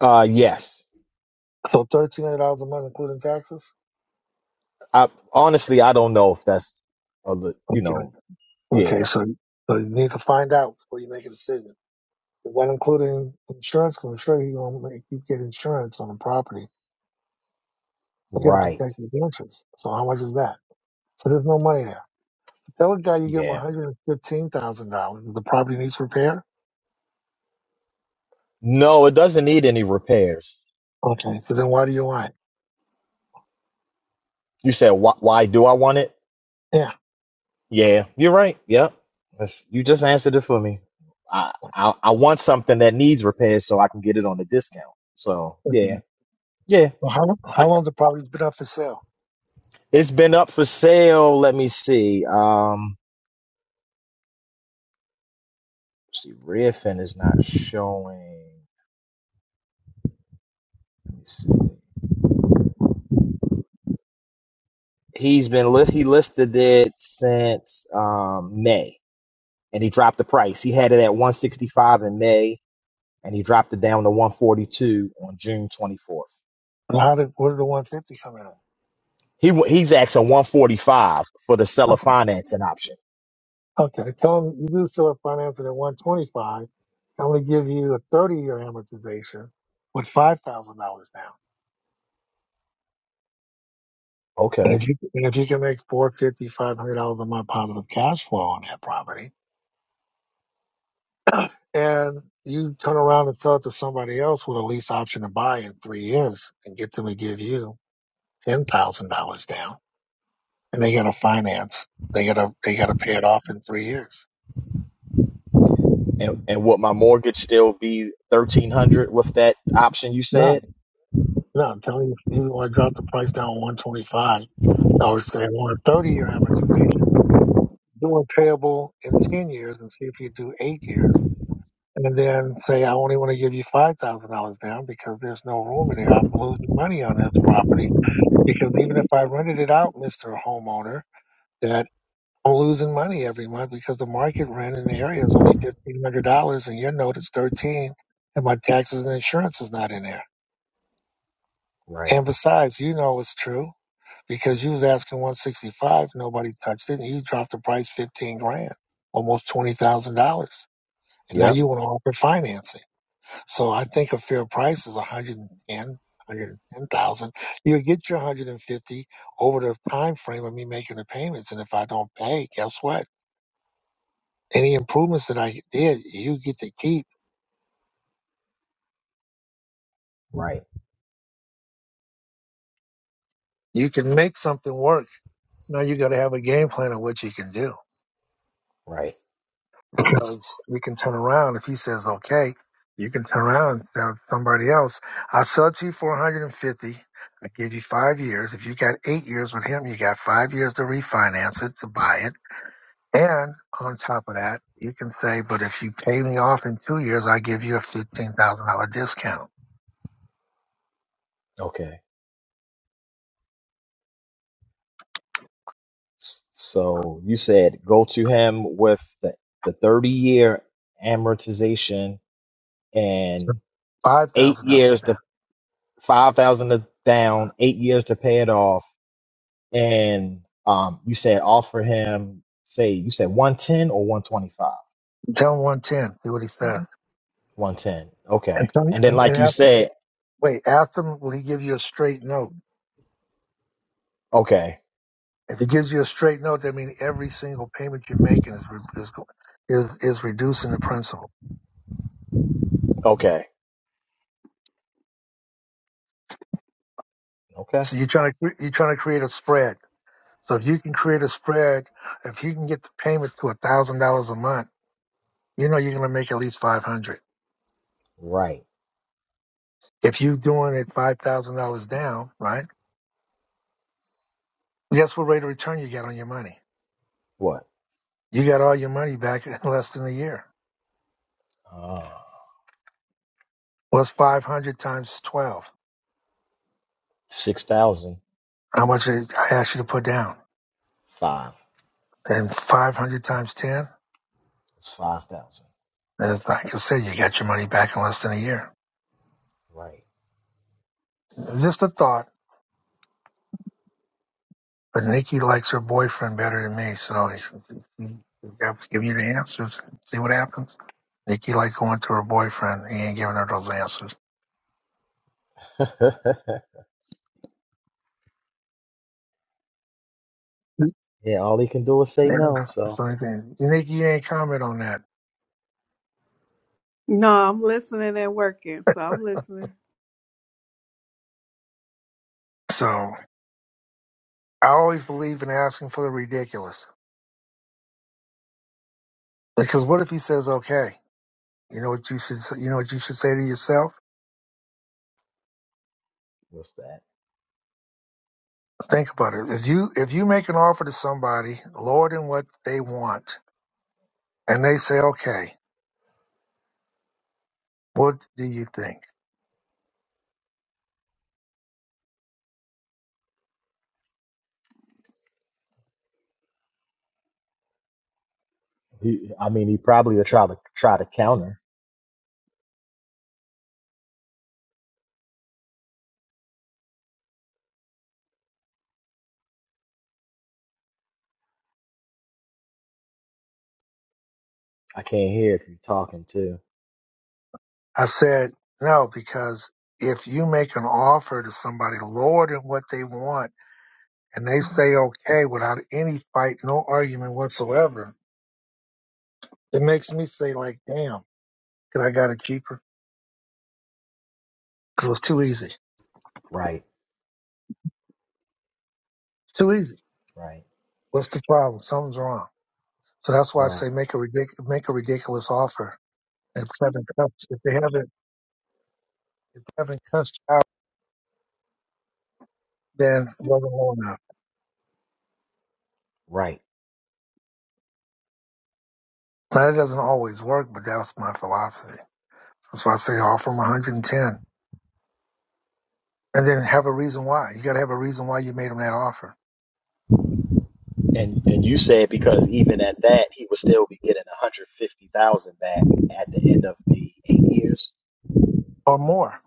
[SPEAKER 2] Uh, yes.
[SPEAKER 1] So thirteen hundred dollars a month, including taxes.
[SPEAKER 2] I honestly, I don't know if that's a, li- you
[SPEAKER 1] Okay.
[SPEAKER 2] know,
[SPEAKER 1] Okay.
[SPEAKER 2] yeah,
[SPEAKER 1] So, so you need to find out before you make a decision. When including insurance? Because 'cause I'm sure you're going to make you get insurance on the property. You're going to
[SPEAKER 2] right.
[SPEAKER 1] protect your interest. So how much is that? So there's no money there. Tell a guy you give him one
[SPEAKER 2] Yeah.
[SPEAKER 1] hundred and fifteen thousand dollars. The property needs repair
[SPEAKER 2] No, it doesn't need any repairs.
[SPEAKER 1] Okay. So then why do you want? it?
[SPEAKER 2] You said, why, why do I want it?
[SPEAKER 1] Yeah.
[SPEAKER 2] Yeah, you're right. Yep. That's, you just answered it for me. I, I I want something that needs repairs so I can get it on a discount. So
[SPEAKER 1] Okay.
[SPEAKER 2] yeah, yeah.
[SPEAKER 1] Well, how, how
[SPEAKER 2] I,
[SPEAKER 1] long the property's been up for sale?
[SPEAKER 2] it's been up for sale. Let me see. Um, let's see, Redfin is not showing. Let me see. He's been list. He listed it since um May, and he dropped the price. He had it at 165 in May, and he dropped it down to 142 on June 24th.
[SPEAKER 1] And how did, where did the 150 come in?
[SPEAKER 2] He he's asking 145 for the seller
[SPEAKER 1] at?
[SPEAKER 2] financing option.
[SPEAKER 1] Okay. Tell them you do sell it financing at 125. I'm going to give you a 30 year amortization with $5,000 down. And
[SPEAKER 2] Okay.
[SPEAKER 1] if you, and if you can make four fifty five hundred dollars a month positive cash flow on that property and you turn around and sell it to somebody else with a lease option to buy in three years and get them to give you $10,000 down and they got to finance. They got to they got to pay it off in three years.
[SPEAKER 2] And and would my mortgage still be 1300 with that option you
[SPEAKER 1] No,
[SPEAKER 2] said?
[SPEAKER 1] no, I'm telling you, if you want to drop the price down 125. I would say want a 30 year amortization. Do a payable in 10 years and see if you do eight years. And then say, I only want to give you $5,000 down because there's no room in here. I'm losing money on this property because even if I rented it out, Mr. Homeowner, that. I'm losing money every month because the market rent in the area is only fifteen hundred dollars, and your note is thirteen, and my taxes and insurance is not in there.
[SPEAKER 2] Right.
[SPEAKER 1] And besides, you know it's true because you was asking one sixty five, nobody touched it, and you dropped the price fifteen grand, almost twenty thousand dollars, and now
[SPEAKER 2] Yep.
[SPEAKER 1] you want to offer financing. So I think a fair price is a hundred and ten. 110,000. you get your 150 over the time frame of me making the payments. And if I don't pay, guess what? Any improvements that I did, you get to keep.
[SPEAKER 2] Right.
[SPEAKER 1] You can make something work. Now you got to have a game plan of what you can do.
[SPEAKER 2] Right.
[SPEAKER 1] Because you can turn around if he says okay, you can turn around and tell somebody else, "I sell it to you for 150. I give you five years. If you got eight years with him, you got five years to refinance it to buy it. And on top of that, you can say, "But if you pay me off in two years, I give you a fifteen thousand dollar discount."
[SPEAKER 2] Okay. S- So you said go to him with the the 30 year amortization
[SPEAKER 1] So
[SPEAKER 2] and
[SPEAKER 1] five
[SPEAKER 2] 8
[SPEAKER 1] thousand
[SPEAKER 2] years
[SPEAKER 1] dollars.
[SPEAKER 2] to 5000 to down, 8 years to pay it off and um you said offer him say you said 110 or 125?
[SPEAKER 1] Tell him one ten. See what he says.
[SPEAKER 2] 110.
[SPEAKER 1] And,
[SPEAKER 2] Okay.
[SPEAKER 1] some,
[SPEAKER 2] And then,
[SPEAKER 1] and,
[SPEAKER 2] like
[SPEAKER 1] and
[SPEAKER 2] you
[SPEAKER 1] after,
[SPEAKER 2] said,
[SPEAKER 1] wait, after him, will he give you a straight note?
[SPEAKER 2] okay,
[SPEAKER 1] If he gives you a straight note, that means every single payment you're making is re- is go- is, is reducing the principal.
[SPEAKER 2] okay, okay.
[SPEAKER 1] So you're trying to cre- you're trying to create a spread. So if you can create a spread, if you can get the payment to a thousand dollars a month, you know you're going to make at least five hundred.
[SPEAKER 2] Right.
[SPEAKER 1] If you're doing it five thousand dollars down, right? Guess what rate of return you got on your money?
[SPEAKER 2] What?
[SPEAKER 1] You got all your money back in less than a year.
[SPEAKER 2] Uh,
[SPEAKER 1] What's five hundred times twelve?
[SPEAKER 2] 6,005.
[SPEAKER 1] How much I I asked you to put down? And 500 times 10,
[SPEAKER 2] It's 5,000.
[SPEAKER 1] as like I said, you got your money back in less than a year.
[SPEAKER 2] Right.
[SPEAKER 1] Just a thought, but Nikki likes her boyfriend better than me, so you have to give you the answers. See what happens. Nikki like going to her boyfriend. He ain't giving her those answers. Yeah,
[SPEAKER 2] yeah, all he can do is say no.
[SPEAKER 1] That's
[SPEAKER 2] So,
[SPEAKER 1] the only thing. Nikki, you ain't comment on that.
[SPEAKER 4] No, I'm listening and working, so I'm listening.
[SPEAKER 1] So I always believe in asking for the ridiculous because what if he says okay? You know what you should you know what you should say to yourself.
[SPEAKER 2] what's that?
[SPEAKER 1] Think about it. If you if you make an offer to somebody lower than what they want, and they say, "Okay, what do you think?"
[SPEAKER 2] He, I mean, he probably will try to try to counter. I can't hear if you're talking too.
[SPEAKER 1] I said, "No," because if you make an offer to somebody lower than what they want, and they say, "Okay," without any fight, no argument whatsoever, it makes me say, "Like, damn, could I got it cheaper?" Because it's too easy.
[SPEAKER 2] Right,
[SPEAKER 1] It's too easy.
[SPEAKER 2] right,
[SPEAKER 1] What's the problem? Something's wrong. So that's why I
[SPEAKER 2] right,
[SPEAKER 1] say make a ridic- make a ridiculous offer. If they haven't cussed- if they haven't if they haven't cussed you out Then it wasn't low enough.
[SPEAKER 2] right.
[SPEAKER 1] Now, that doesn't always work, but that was my philosophy. That's why I say offer them 110 and ten, and then have a reason why. You got to have a reason why you made them that offer
[SPEAKER 2] And and you said because even at that, he would still be getting 150,000 back at the end of the eight years.
[SPEAKER 1] or more.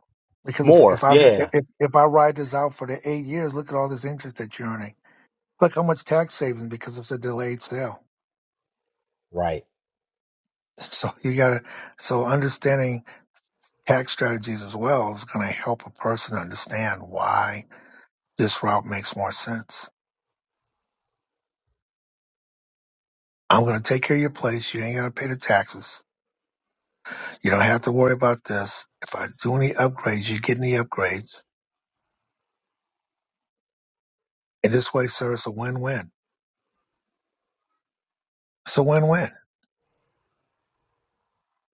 [SPEAKER 1] Because if, if
[SPEAKER 2] More,
[SPEAKER 1] I
[SPEAKER 2] yeah.
[SPEAKER 1] if, if I ride this out for the eight years, look at all this interest that you're earning. Look how much tax savings because it's a delayed sale.
[SPEAKER 2] Right.
[SPEAKER 1] So you got to so understanding tax strategies as well is going to help a person understand why this route makes more sense. I'm going to take care of your place. You ain't going to pay the taxes You don't have to worry about this. If I do any upgrades, you get any upgrades. And this way, sir, it's a win-win. It's a win-win.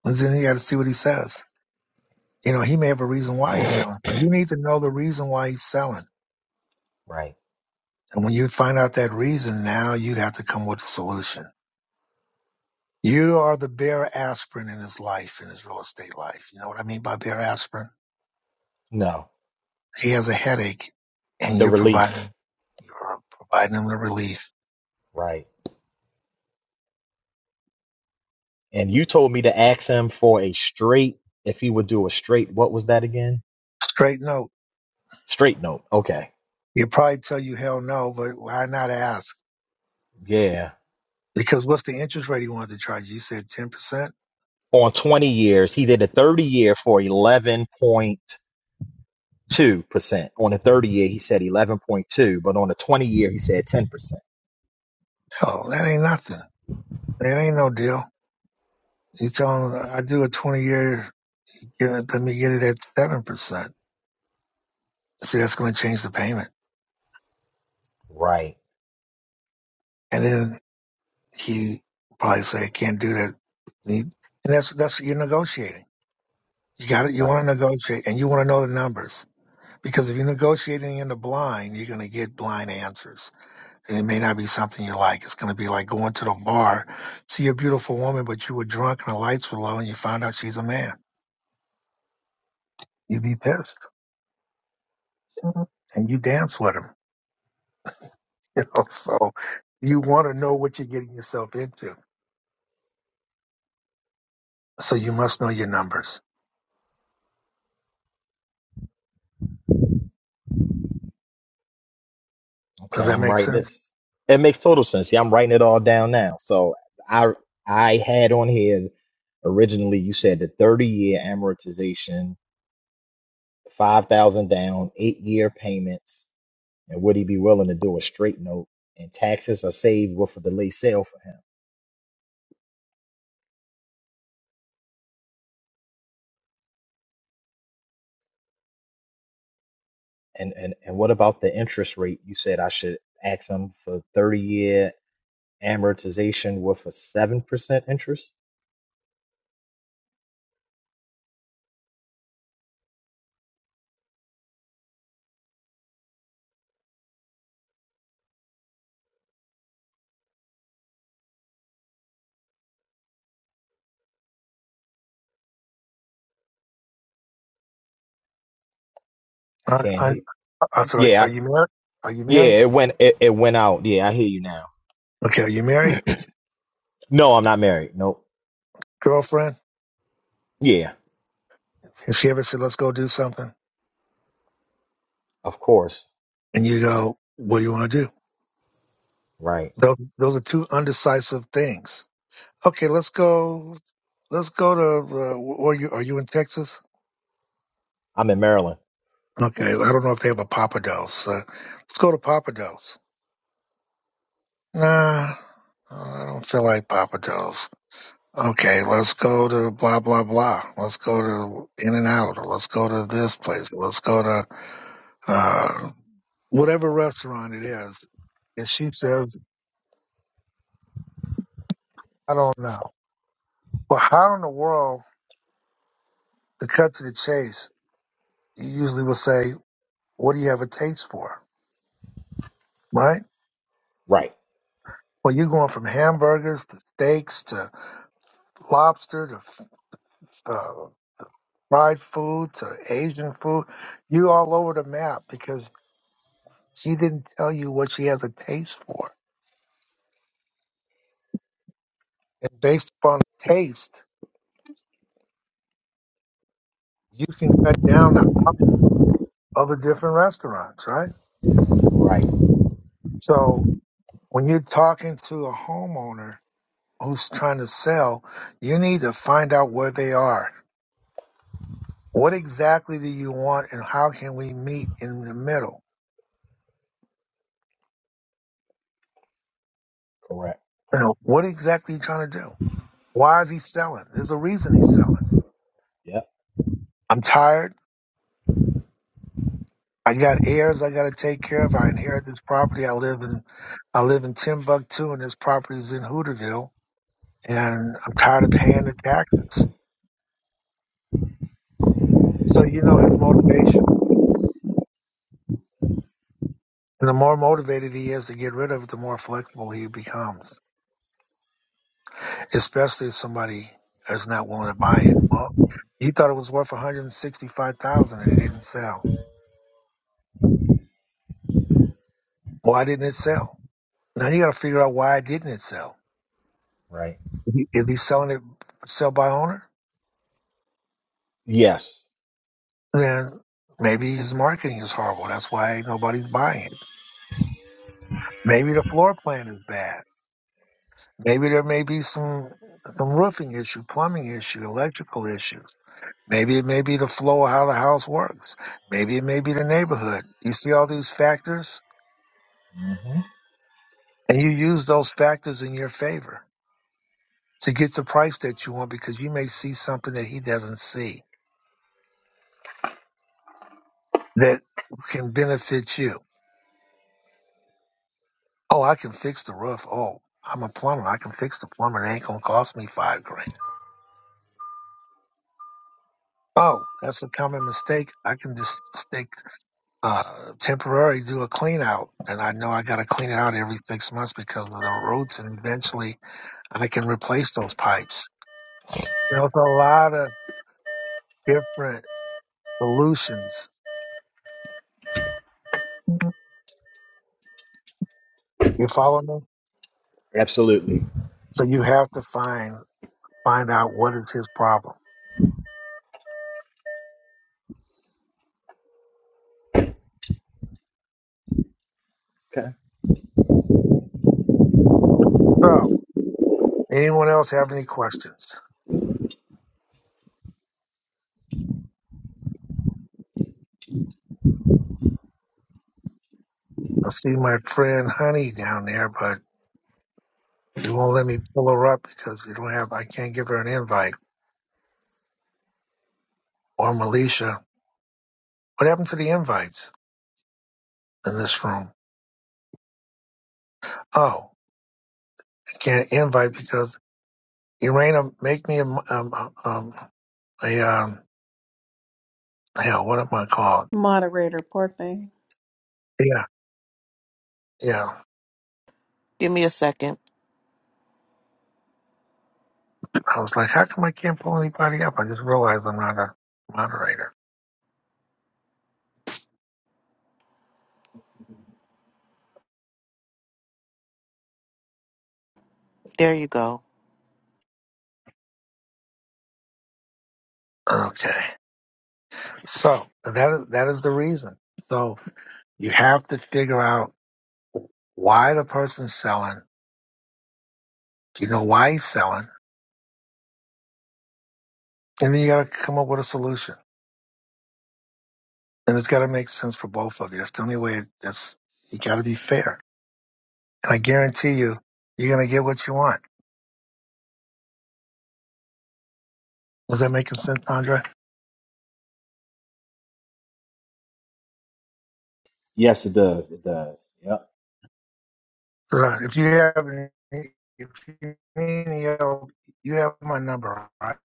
[SPEAKER 1] And then you got to see what he says. You know, he may have a reason why he's selling. So you need to know the reason why he's selling.
[SPEAKER 2] Right.
[SPEAKER 1] And when you find out that reason, now you have to come with a solution. You are the bare aspirin in his life, in his real estate life. You know what I mean by bare aspirin?
[SPEAKER 2] No.
[SPEAKER 1] He has a headache and
[SPEAKER 2] The
[SPEAKER 1] you're
[SPEAKER 2] relief.
[SPEAKER 1] providing, you're providing him the relief.
[SPEAKER 2] Right. And you told me to ask him for a straight, if he would do a straight, what was that again?
[SPEAKER 1] Straight note.
[SPEAKER 2] Straight note. Okay.
[SPEAKER 1] He'll probably tell you hell no, but why not ask?
[SPEAKER 2] Yeah.
[SPEAKER 1] Because what's the interest rate he wanted to charge you? You said 10%?
[SPEAKER 2] On 20 years, he did a 30 year for 11.2%. On the 30 year, he said 11.2, but on the 20 year, he said 10%.
[SPEAKER 1] Oh, that ain't nothing. That ain't no deal. You tell him, I do a 20 year, give it- let me get it at 7%. See, that's going to change the payment.
[SPEAKER 2] Right.
[SPEAKER 1] And then he probably say, I can't do that. And that's, that's what you're negotiating. You got it. You
[SPEAKER 2] Right.
[SPEAKER 1] want to negotiate and you want to know the numbers because if you're negotiating in the blind, you're going to get blind answers. And it may not be something you like. It's going to be like going to the bar, see a beautiful woman, but you were drunk and the lights were low and you found out she's a man. You'd be pissed. Mhm. And you dance with him. You know, so you want to know what you're getting yourself into. So you must know your numbers. Does
[SPEAKER 2] Okay,
[SPEAKER 1] that
[SPEAKER 2] I'm
[SPEAKER 1] make
[SPEAKER 2] writing
[SPEAKER 1] sense?
[SPEAKER 2] this. It makes total sense. See, I'm writing it all down now. So I I had on here originally you said the 30 year amortization, 5,000 down, 8 year payments, and would he be willing to do a straight note and taxes are saved with a delay sale for him. And and and what about the interest rate? You said I should ask him for 30 year amortization with a 7% interest? I
[SPEAKER 1] I,
[SPEAKER 2] can't
[SPEAKER 1] I,
[SPEAKER 2] hear.
[SPEAKER 1] I said, are
[SPEAKER 2] Yeah,
[SPEAKER 1] are
[SPEAKER 2] I-
[SPEAKER 1] you married? Are you
[SPEAKER 2] yeah,
[SPEAKER 1] married?
[SPEAKER 2] it went it, it went out. Yeah, I hear you now.
[SPEAKER 1] Okay, are you married?
[SPEAKER 2] No, I'm not married. Nope.
[SPEAKER 1] Girlfriend?
[SPEAKER 2] Yeah,
[SPEAKER 1] If she ever said, let's go do something,
[SPEAKER 2] of course.
[SPEAKER 1] and you go, what do you want to do?
[SPEAKER 2] Right.
[SPEAKER 1] Those, those are two undecisive things Okay, let's go. Let's go to. Uh, where you are you in Texas?
[SPEAKER 2] I'm in Maryland.
[SPEAKER 1] Okay, I don't know if they have a Papados. Uh, let's go to Papados. Nah, I don't feel like Papados. Okay, let's go to blah blah blah. Let's go to In and Out. Or let's go to this place. Let's go to uh, whatever restaurant it is. And she says, I don't know. Well, how in the world, to cut to the chase, you usually will say, What do you have a taste for? Right?
[SPEAKER 2] Right.
[SPEAKER 1] Well, you're going from hamburgers to steaks to lobster to uh, fried food to Asian food. you all over the map because she didn't tell you what she has a taste for. And based upon taste, you can cut down the options of the different restaurants, right?
[SPEAKER 2] Right.
[SPEAKER 1] So when you're talking to a homeowner who's trying to sell, you need to find out where they are. What exactly do you want and how can we meet in the middle?
[SPEAKER 2] Correct.
[SPEAKER 1] You know, what exactly you trying to do? Why is he selling? There's a reason he's selling.
[SPEAKER 2] Yep.
[SPEAKER 1] I'm tired. I got heirs I got to take care of. I inherit this property. I live in, I live in Timbuktu and this property is in Hooterville and I'm tired of paying the taxes. So you know his motivation. And the more motivated he is to get rid of it, the more flexible he becomes, especially if somebody is not willing to buy it. Well, he thought it was worth 165,000 and it didn't sell. Why didn't it sell? Now you got to figure out why didn't it sell.
[SPEAKER 2] Right.
[SPEAKER 1] If he- if he's selling it sell by owner,
[SPEAKER 2] Yes.
[SPEAKER 1] then maybe his marketing is horrible. That's why ain't nobody's buying it. Maybe the floor plan is bad. Maybe there may be some some roofing issue, plumbing issue, electrical issues. Maybe it may be the flow of how the house works. Maybe it may be the neighborhood. You see all these factors,
[SPEAKER 2] hmm
[SPEAKER 1] and you use those factors in your favor to get the price that you want because you may see something that he doesn't see that can benefit you Oh, I can fix the roof. Oh, I'm a plumber. I can fix the plumber. It ain't gonna cost me five grand. Oh, that's a common mistake. I can just stick uh temporary do a clean out and I know I gotta clean it out every six months because of the roots and eventually I can replace those pipes. You know, it's a lot of different solutions. Mhm. You follow me?
[SPEAKER 2] Absolutely.
[SPEAKER 1] So you have to find find out what is his problem.
[SPEAKER 2] Okay.
[SPEAKER 1] So anyone else have any questions? I see my friend Honey down there, but She won't let me pull her up because we don't have. I can't give her an invite or Militia. What happened to the invites in this room? Oh, I can't invite because Irena make me a m- um uh, um a um hell. What am I called?
[SPEAKER 4] Moderator, poor thing.
[SPEAKER 1] Yeah, yeah.
[SPEAKER 5] Give me a second.
[SPEAKER 1] I was like, how come I can't pull anybody up? I just realized I'm not a moderator.
[SPEAKER 5] There you go.
[SPEAKER 1] Okay, so that is that is the reason. So you have to figure out why the person's selling. Do you know why he's selling? And then you got to come up with a solution. And it's got to make sense for both of you. That's the only way. That's you got to be fair. And I guarantee you, you're going to get what you want. Is that making sense, Andre?
[SPEAKER 2] Yes, it does. It does. Yep.
[SPEAKER 1] Right. If you have, any- if you need any help, you have my number, right?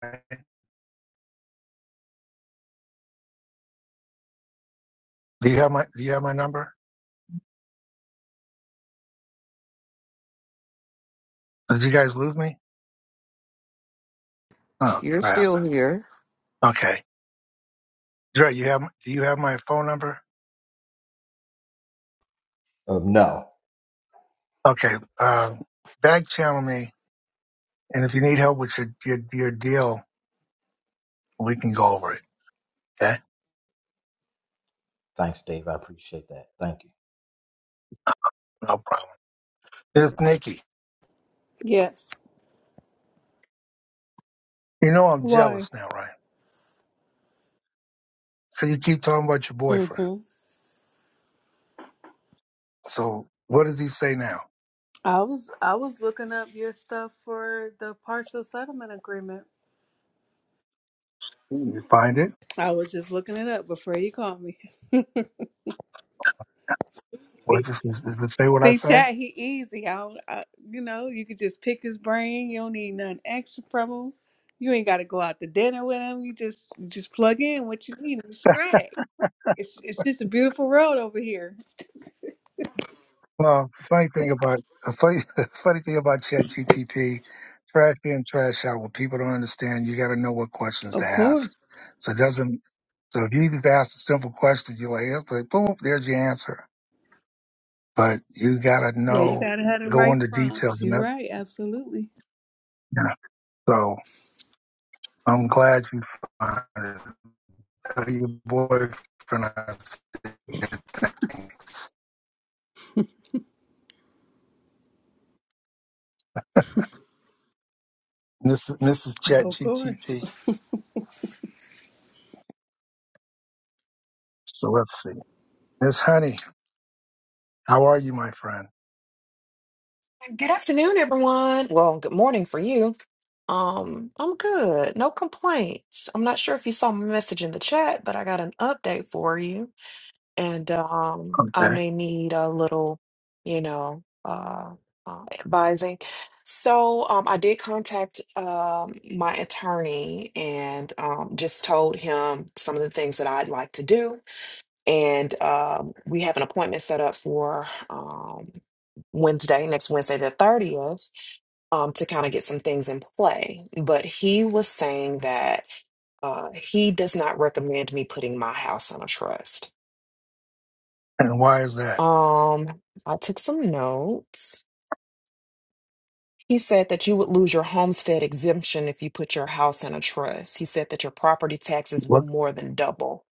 [SPEAKER 1] Do you have my Do you have my number? Did you guys lose me? Oh
[SPEAKER 5] You're
[SPEAKER 1] crap.
[SPEAKER 5] still here.
[SPEAKER 1] Okay. Dre, you have Do you have my phone number?
[SPEAKER 2] Of no.
[SPEAKER 1] Okay. Um, back channel me, and if you need help with your your, your deal, we can go over it. Okay.
[SPEAKER 2] Thanks, Dave. I appreciate that. Thank
[SPEAKER 1] No problem. It's Nikki.
[SPEAKER 4] Yes.
[SPEAKER 1] You know I'm
[SPEAKER 4] Why?
[SPEAKER 1] jealous now, right? So you keep talking about your boyfriend.
[SPEAKER 4] hmm
[SPEAKER 1] So what does he say now?
[SPEAKER 4] I was I was looking up your stuff for the partial settlement agreement.
[SPEAKER 1] You find it?
[SPEAKER 4] I was just looking it up before you called me.
[SPEAKER 1] What does, does it say what I
[SPEAKER 4] See,
[SPEAKER 1] say?
[SPEAKER 4] chat, he easy. I, don't- I you know, you could just pick his brain. You don't need nothing extra from him. You ain't got to go out to dinner with him. You just you just plug in what you need and straight. It's it's just a beautiful road over here.
[SPEAKER 1] Well, funny thing about the funny funny thing about Chat GTP, trash in, trash out. When people don't understand, you got to know what questions to
[SPEAKER 4] Of
[SPEAKER 1] ask.
[SPEAKER 4] course.
[SPEAKER 1] So it doesn't. So if you just ask a simple question, you're like, it's like, boom, there's your answer. But you got to
[SPEAKER 4] Yeah, you
[SPEAKER 1] know,
[SPEAKER 4] gotta have the
[SPEAKER 1] go
[SPEAKER 4] right
[SPEAKER 1] into details,
[SPEAKER 4] prompts.
[SPEAKER 1] and
[SPEAKER 4] You're
[SPEAKER 1] that's
[SPEAKER 4] right, absolutely.
[SPEAKER 1] yeah. So I'm glad you found it. tell your boyfriend I said thanks. This this is Chat
[SPEAKER 4] Of course.
[SPEAKER 1] GTP. So let's see. Miss Honey, how are you, my friend?
[SPEAKER 6] Good afternoon, everyone. Well, good morning for you. Um, I'm good. No complaints. I'm not sure if you saw my message in the chat, but I got an update for you. And um, I
[SPEAKER 1] Okay.
[SPEAKER 6] may need a little, you know, uh, uh, advising. So um, I did contact um, my attorney and um, just told him some of the things that I'd like to do. And um, we have an appointment set up for um, Wednesday, next Wednesday, the 30th um, to kind of get some things in play. But he was saying that uh, he does not recommend me putting my house on a trust.
[SPEAKER 1] And why is that?
[SPEAKER 6] Um, I took some notes. He said that you would lose your homestead exemption if you put your house in a trust. He said that your property taxes will
[SPEAKER 1] What?
[SPEAKER 6] more than double.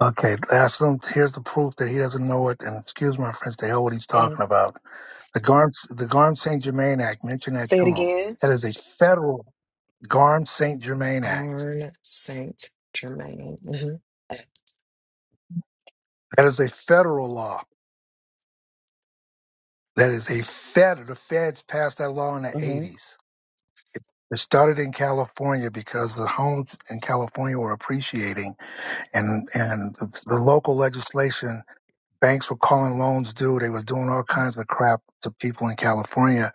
[SPEAKER 1] Okay, that's him. Here's the proof that he doesn't know it. And excuse my French, the hell what he's
[SPEAKER 6] Mhm.
[SPEAKER 1] talking about. The Garm the Garm Saint Germain Act. Mention that
[SPEAKER 6] Say
[SPEAKER 1] to
[SPEAKER 6] it
[SPEAKER 1] him.
[SPEAKER 6] again.
[SPEAKER 1] That is a federal Garm Saint Germain Act.
[SPEAKER 6] Garn Saint Germain.
[SPEAKER 1] That is a federal law. That is a fed. The feds passed that law in the
[SPEAKER 6] hmm hmm
[SPEAKER 1] 80s It it started in California because the homes in California were appreciating, and and the, local legislation, banks were calling loans due. They was doing all kinds of crap to people in California,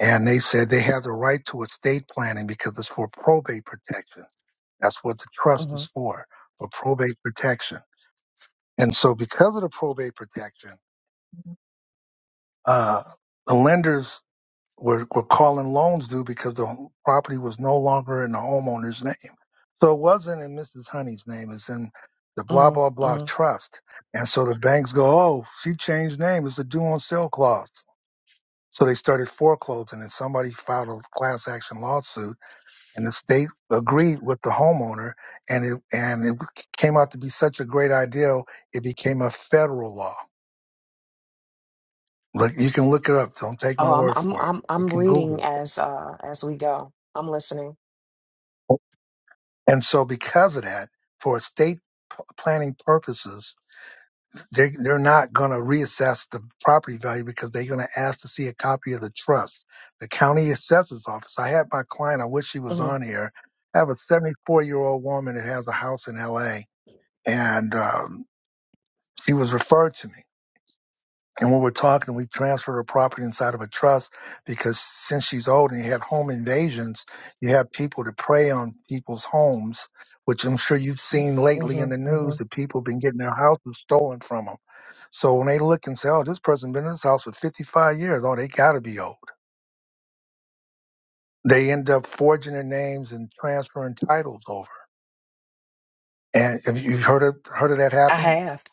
[SPEAKER 1] and they said they have the right to estate planning because it's for probate protection. That's what the trust
[SPEAKER 6] hmm
[SPEAKER 1] is for, for probate protection. And so, because of the probate protection, uh, the lenders We're we're calling loans due because the property was no longer in the homeowner's name. So it wasn't in Mrs. Honey's name, it's in the blah,
[SPEAKER 6] hmm
[SPEAKER 1] blah, blah
[SPEAKER 6] hmm
[SPEAKER 1] trust. And so the banks go, oh, she changed name. It's a due on sale clause. So they started foreclosing and somebody filed a class action lawsuit and the state agreed with the homeowner and it, and it came out to be such a great idea. It became a federal law. Look, you can look it up. Don't take my
[SPEAKER 6] Oh, I'm
[SPEAKER 1] word
[SPEAKER 6] I'm
[SPEAKER 1] for it.
[SPEAKER 6] I'm
[SPEAKER 1] You
[SPEAKER 6] I'm
[SPEAKER 1] can Google.
[SPEAKER 6] reading as uh as we go. I'm listening.
[SPEAKER 1] And so, because of that, for estate p- planning purposes, they, they're not going to reassess the property value because they're going to ask to see a copy of the trust. The county assessor's office. I had my client, I wish she was on here. I have a 74 year old woman that has a house in LA, and um, she was referred to me. And when we're talking, we transfer her property inside of a trust because since she's old and you have home invasions, you have people to prey on people's homes, which I'm sure you've seen
[SPEAKER 6] hmm
[SPEAKER 1] lately in the
[SPEAKER 6] hmm
[SPEAKER 1] news that people have been getting their houses stolen from them. So when they look and say, oh, this person been in this house for 55 years, oh, they got to be old. They end up forging their names and transferring titles over. And have you heard of, heard of that
[SPEAKER 6] I
[SPEAKER 1] happening?
[SPEAKER 6] have.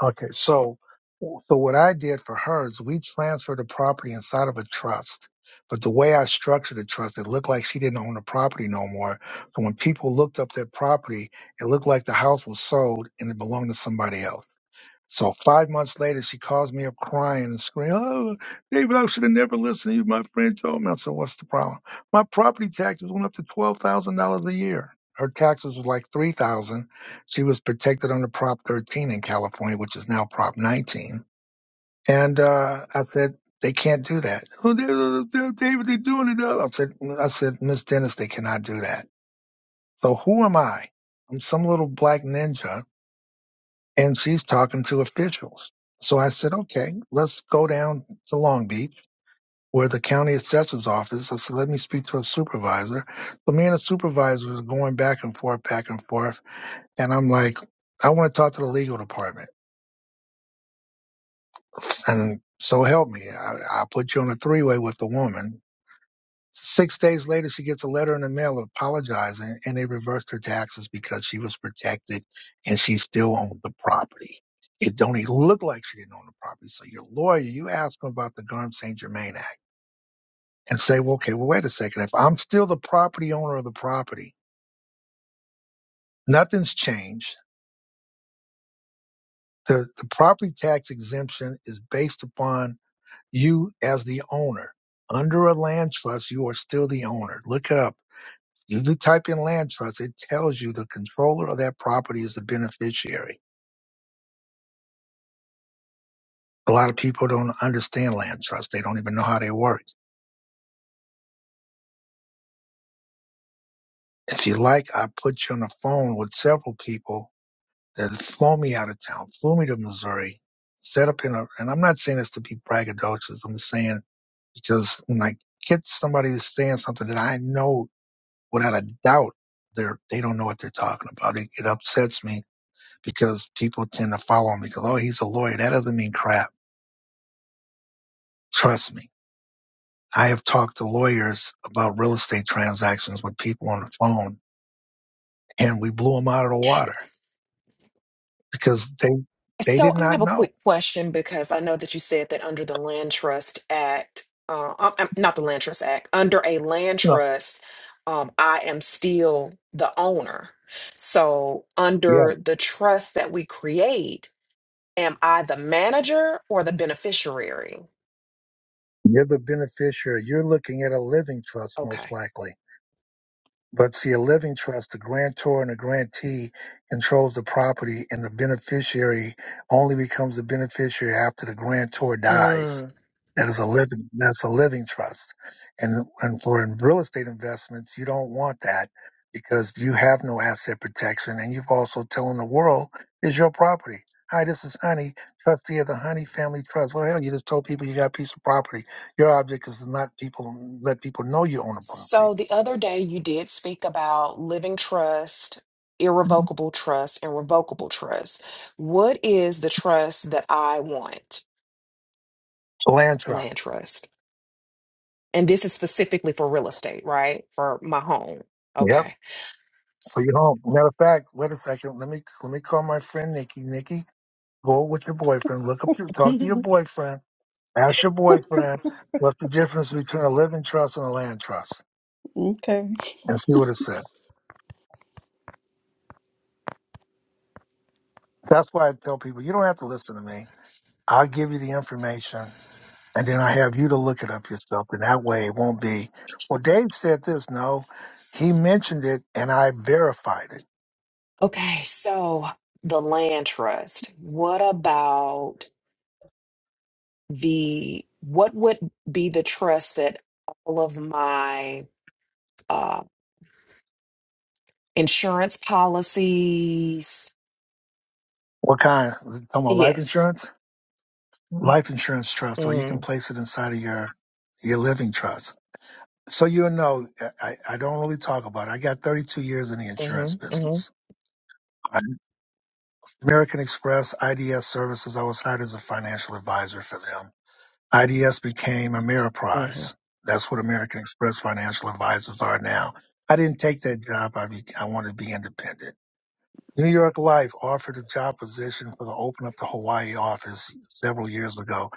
[SPEAKER 1] Okay, so so what I did for her is we transferred the property inside of a trust. But the way I structured the trust, it looked like she didn't own the property no more. So when people looked up that property, it looked like the house was sold and it belonged to somebody else. So five months later, she calls me up crying and screaming, "Oh, David, I should have never listened to you. My friend told me." I said, "What's the problem?" My property taxes went up to twelve thousand dollars a year. Her taxes was like three thousand. She was protected under Prop 13 in California, which is now Prop 19. And uh, I said, "They can't do that." "Oh, they- they- they- David, they're doing it. now." I said, "I said, Miss Dennis, they cannot do that." So who am I? I'm some little black ninja and she's talking to officials. So I said, okay, let's go down to Long Beach where the county assessor's office. I said, let me speak to a supervisor. So me and the supervisor was going back and forth, back and forth. And I'm like, I want to talk to the legal department. And so help me. I, I put you on a three way with the woman Six days later, she gets a letter in the mail apologizing, and they reversed her taxes because she was protected and she still owned the property. It don't even look like she didn't own the property. So your lawyer, you ask them about the Garm St. Germain Act and say, well, okay, well, wait a second. If I'm still the property owner of the property, nothing's changed. The, the property tax exemption is based upon you as the owner. Under a land trust, you are still the owner. Look it up You do type in land trust, it tells you the controller of that property is the beneficiary. A lot of people don't understand land trust. They don't even know how they work. If you like, I put you on the phone with several people that flew me out of town, flew me to Missouri, set up in a, and I'm not saying this to be braggadocious. I'm saying because when I get somebody who's saying something that I know without a doubt, they're, they don't know what they're talking about. It, it upsets me because people tend to follow me because, oh, he's a lawyer. That doesn't mean crap Trust me, I have talked to lawyers about real estate transactions with people on the phone, and we blew them out of the water because they they
[SPEAKER 6] So
[SPEAKER 1] did
[SPEAKER 6] I
[SPEAKER 1] not
[SPEAKER 6] have a
[SPEAKER 1] know.
[SPEAKER 6] quick question because I know that you said that under the Land Trust Act, uh, um, um, not the Land Trust Act, under a land
[SPEAKER 1] No.
[SPEAKER 6] trust, um, I am still the owner. So
[SPEAKER 1] Yeah,
[SPEAKER 6] under the trust that we create, am I the manager or the beneficiary?
[SPEAKER 1] you're the beneficiary. You're looking at a living trust most
[SPEAKER 6] Okay.
[SPEAKER 1] likely. But see, a living trust, the grantor and the grantee controls the property, and the beneficiary only becomes a beneficiary after the grantor dies. That is a living. That's a living trust, and and for in real estate investments, you don't want that because you have no asset protection, and you've also telling the world is your property. Hi, this is Honey, trustee of the Honey Family Trust. Well, hell, you just told people you got a piece of property. Your object is to not people let people know you own a property.
[SPEAKER 6] So the other day you did speak about living trust, irrevocable trust, and revocable trust. What is the trust that I want?
[SPEAKER 1] Land trust.
[SPEAKER 6] Land trust. And this is specifically for real estate, right? For my home.
[SPEAKER 1] Yep,
[SPEAKER 6] Okay.
[SPEAKER 1] for your home. Matter of fact, wait a second. Let me let me call my friend Nikki. Nikki, go with your boyfriend. Look up your talk to your boyfriend Ask your boyfriend what's the difference between a living trust and a land trust
[SPEAKER 4] Okay.
[SPEAKER 1] and see what it said. That's why I tell people you don't have to listen to me. I'll give you the information and then I have you to look it up yourself. And that way it won't be, well, Dave said this. No, he mentioned it and I verified it.
[SPEAKER 6] Okay, so the land trust. What about the what would be the trust that all of my uh insurance policies?
[SPEAKER 1] What kind? Talking about life
[SPEAKER 6] Yes.
[SPEAKER 1] insurance? Life insurance trust, or you can
[SPEAKER 6] Mm,
[SPEAKER 1] place it inside of your, your living trust. So you know, I, I don't really talk about it. I got 32 years in the insurance
[SPEAKER 6] mhm, mhm,
[SPEAKER 1] business. American Express IDS Services, I was hired as a financial advisor for them. IDS became
[SPEAKER 6] mhm,
[SPEAKER 1] Ameriprise. That's what American Express financial advisors are now. I didn't take that job. I, be, I wanted to be independent. New York Life offered a job position for the open up the Hawaii office several years ago.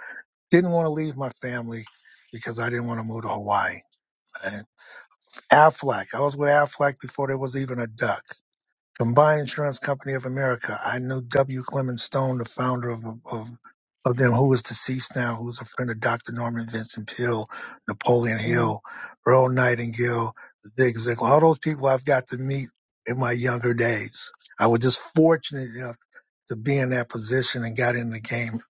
[SPEAKER 1] Didn't want to leave my family because I didn't want to move to Hawaii. And Aflac, I was with Aflac before there was even a duck. Combined Insurance Company of America. I knew W. Clement Stone, the founder of, of, of them, who is deceased now, who's a friend of Dr. Norman Vincent Peale, Napoleon
[SPEAKER 6] mhm.
[SPEAKER 1] Hill, Earl Nightingale, Zig Ziglar. All those people I've got to meet in my younger days. I was just fortunate enough to be in that position and got in the game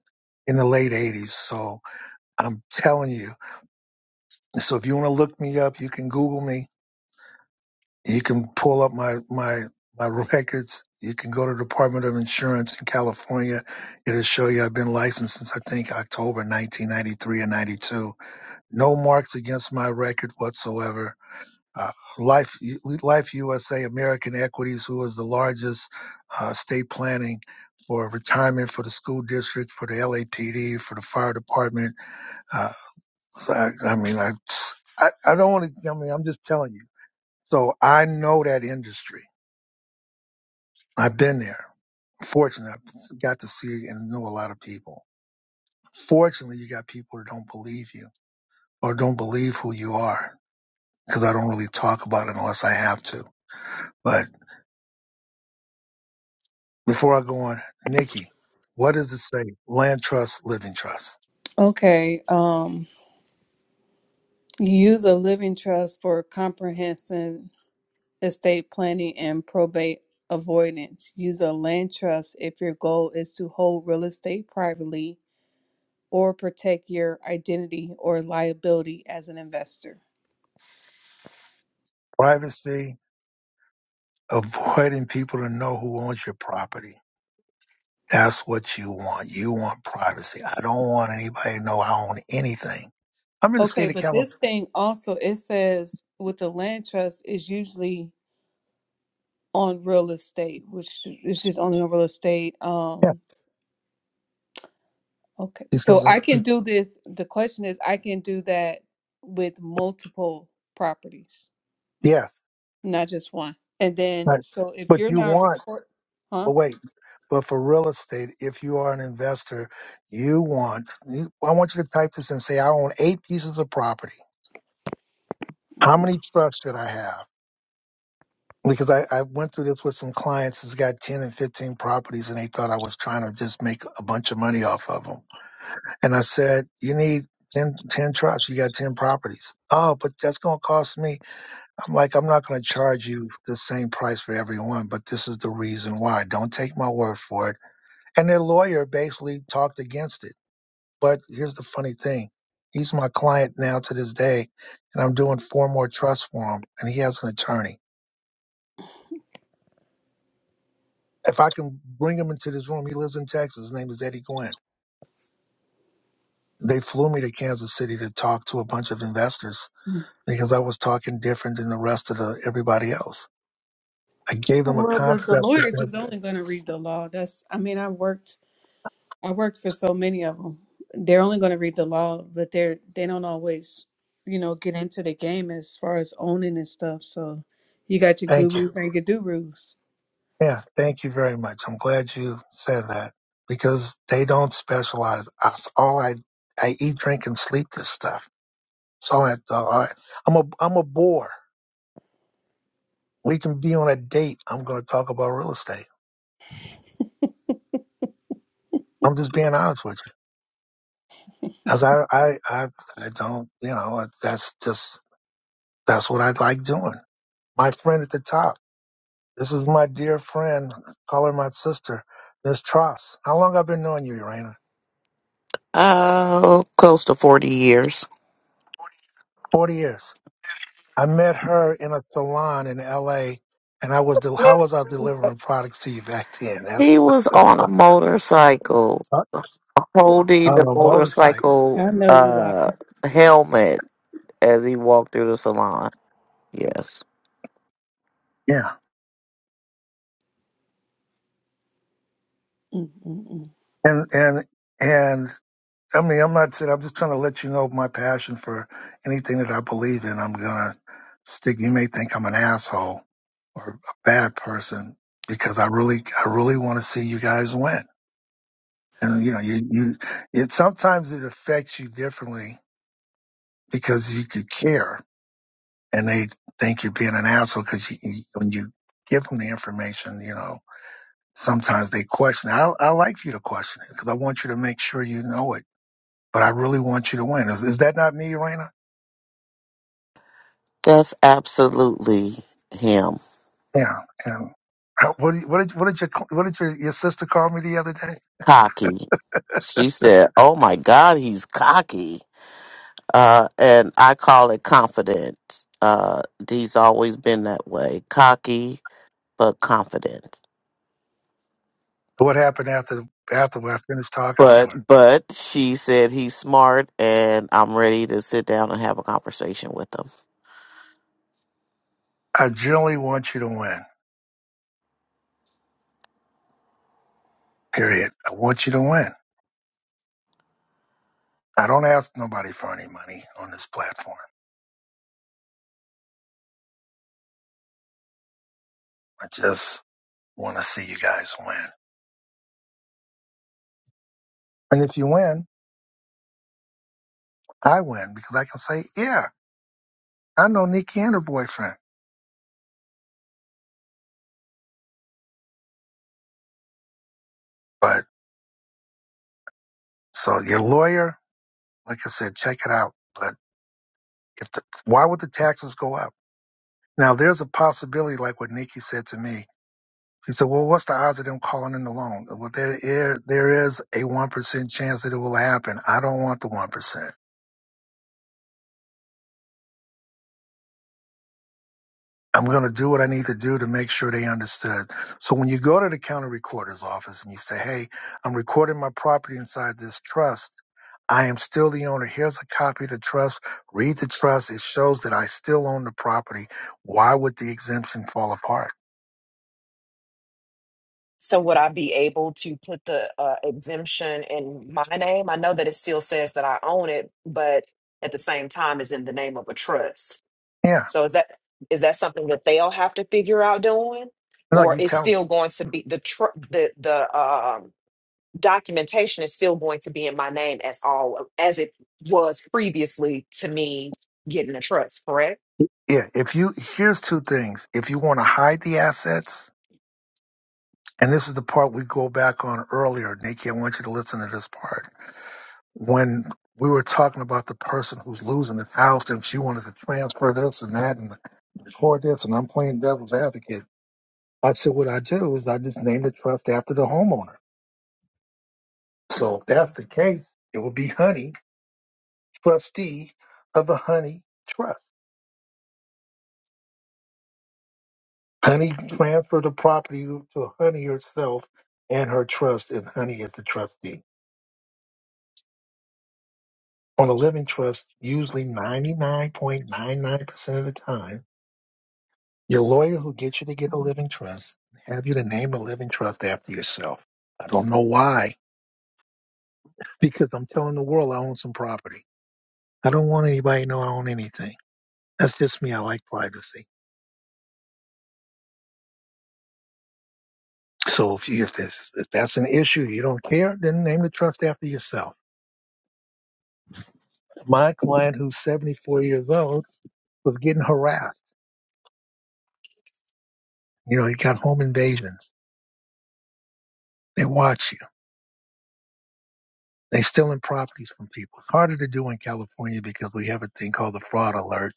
[SPEAKER 1] in the late 80s. So I'm telling you. So if you want to look me up, you can Google me. You can pull up my my my records. You can go to the Department of Insurance in California. It'll show you I've been licensed since I think October 1993 or 92. No marks against my record whatsoever. Uh, Life Life USA American Equities, who is the largest uh, state planning for retirement for the school district, for the LAPD, for the fire department. Uh, so I, I mean, I I, I don't want to. I mean, I'm just telling you. So I know that industry. I've been there. Fortunately, I've got to see and know a lot of people. Fortunately, you got people who don't believe you or don't believe who you are because I don't really talk about it unless I have to. But before I go on, Nikki, what does it say? Land trust, living trust,
[SPEAKER 4] Okay. Um, you use a living trust for comprehensive estate planning and probate avoidance. Use a land trust if your goal is to hold real estate privately or protect your identity or liability as an investor.
[SPEAKER 1] privacy, avoiding people to know who owns your property. That's what you want. You want privacy. I don't want anybody to know I own anything. I'm in the
[SPEAKER 4] Okay,
[SPEAKER 1] state of
[SPEAKER 4] but
[SPEAKER 1] California.
[SPEAKER 4] this thing also it says with the land trust is usually on real estate, which is just only on real estate.
[SPEAKER 1] Yeah.
[SPEAKER 4] Um, Okay.
[SPEAKER 1] He said,
[SPEAKER 4] So
[SPEAKER 1] uh,
[SPEAKER 4] I can do this. The question is, I can do that with multiple properties,
[SPEAKER 1] yes,
[SPEAKER 4] not just one. And then,
[SPEAKER 1] I-
[SPEAKER 4] so if
[SPEAKER 1] but
[SPEAKER 4] you're
[SPEAKER 1] you
[SPEAKER 4] not
[SPEAKER 1] want
[SPEAKER 4] record, huh?
[SPEAKER 1] But wait, but for real estate, if you are an investor, you want, you, I want you to type this and say, I own eight pieces of property. How
[SPEAKER 4] Mhm.
[SPEAKER 1] many trusts should I have? Because I, I went through this with some clients who's got 10 and 15 properties and they thought I was trying to just make a bunch of money off of them. And I said, you need ten ten 10 trusts. You got 10 properties. Oh, but that's going to cost me. I'm like, I'm not going to charge you the same price for every one, but this is the reason why. Don't take my word for it And their lawyer basically talked against it. But here's the funny thing. He's my client now to this day, and I'm doing four more trusts for him, and he has an attorney. If I can bring him into this room, he lives in Texas. His name is Eddie Gwynn. They flew me to Kansas City to talk to a bunch of investors
[SPEAKER 4] Mm.
[SPEAKER 1] because I was talking different than the rest of the everybody else. I gave them a
[SPEAKER 4] Well, the, the
[SPEAKER 1] concept.
[SPEAKER 4] lawyers
[SPEAKER 1] Of,
[SPEAKER 4] is only going to read the law. That's, I mean, I worked, I worked for so many of them. They're only going to read the law, but they're, they don't always, you know, get into the game as far as owning and stuff. So you got your
[SPEAKER 1] thank you
[SPEAKER 4] gurus and your do-roos.
[SPEAKER 1] Yeah, thank you very much. I'm glad you said that because they don't specialize. Us all I I eat, drink, and sleep this stuff. So I, I I'm a I'm a bore. We can be on a date. I'm going to talk about real estate. I'm just being honest with you, because I, I I I don't you know that's just that's what I like doing. My friend at the top. This is my dear friend, call her my sister, Miss Tross. How long I've been knowing you, Urana?
[SPEAKER 5] Oh, close to 40 years.
[SPEAKER 1] Forty years. I met her in a salon in L.A. and I was del- how was I delivering products to you back then That's-
[SPEAKER 5] He was on a motorcycle,
[SPEAKER 1] uh,
[SPEAKER 5] holding the
[SPEAKER 1] on a motorcycle?
[SPEAKER 5] motorcycle
[SPEAKER 4] I know you like.
[SPEAKER 5] uh, helmet as he walked through the salon. Yes.
[SPEAKER 1] Yeah, and and and I mean I'm not saying I'm just trying to let you know my passion for anything that I believe in. I'm gonna stick. You may think I'm an asshole or a bad person because I really I really want to see you guys win. And you know you you it sometimes it affects you differently because you could care and they think you're being an asshole because you, you, when you give them the information, you know, sometimes they question. it. I, I like for you to question it because I want you to make sure you know it, but I really want you to win. Is, is that not me, Raina?
[SPEAKER 5] That's absolutely him.
[SPEAKER 1] Yeah. And how, what, do you- what did what did your what did your, your sister call me the other day?
[SPEAKER 5] Cocky. She said, Oh my God, he's cocky. Uh, and I call it confident. Uh, he's always been that way. Cocky, but confidence.
[SPEAKER 1] What happened after after I finished talking to her?
[SPEAKER 5] But but she said he's smart, and I'm ready to sit down and have a conversation with him.
[SPEAKER 1] I generally want you to win. Period. I want you to win. I don't ask nobody for any money on this platform. I just want to see you guys win. And if you win, I win because I can say, yeah, I know Nikki and her boyfriend. But so your lawyer, like I said, check it out. But if the, why would the taxes go up? Now there's a possibility, like what Nikki said to me. She said, well, what's the odds of them calling in the loan? Well, there, there, there is a 1% chance that it will happen. I don't want the 1%. I'm going to do what I need to do to make sure they understood. So when you go to the county recorder's office and you say, Hey, I'm recording my property inside this trust. I am still the owner. Here's a copy of the trust. Read the trust. It shows that I still own the property. Why would the exemption fall apart?
[SPEAKER 6] So would I be able to put the uh, exemption in my name? I know that it still says that I own it, but at the same time is in the name of a trust.
[SPEAKER 1] Yeah.
[SPEAKER 6] So is that is that something that they'll have to figure out doing,
[SPEAKER 1] No,
[SPEAKER 6] or
[SPEAKER 1] you
[SPEAKER 6] is
[SPEAKER 1] tell me.
[SPEAKER 6] still going to be the tr- the the um, documentation is still going to be in my name as all as it was previously to me getting a trust, correct?
[SPEAKER 1] Yeah. If you, here's two things. If you want to hide the assets, and this is the part we go back on earlier, Nikki, I want you to listen to this part when we were talking about the person who's losing his house and she wanted to transfer this and that and record this, and I'm playing devil's advocate. I said, what I do is I just name the trust after the homeowner. So if that's the case, it would be Honey, trustee of a Honey Trust. Honey transferred the property to Honey herself and her trust, and Honey is the trustee. On a living trust, usually 99.99% of the time, Your lawyer who gets you to get a living trust have you to name a living trust after yourself. I don't know why, because I'm telling the world I own some property. I don't want anybody to know I own anything. That's just me. I like privacy. So if you, if, this, if that's an issue you don't care, then name the trust after yourself. My client, who's 74 years old, was getting harassed. You know, he got home invasions. They watch you. They stealing properties from people. It's harder to do in California because we have a thing called the fraud alert.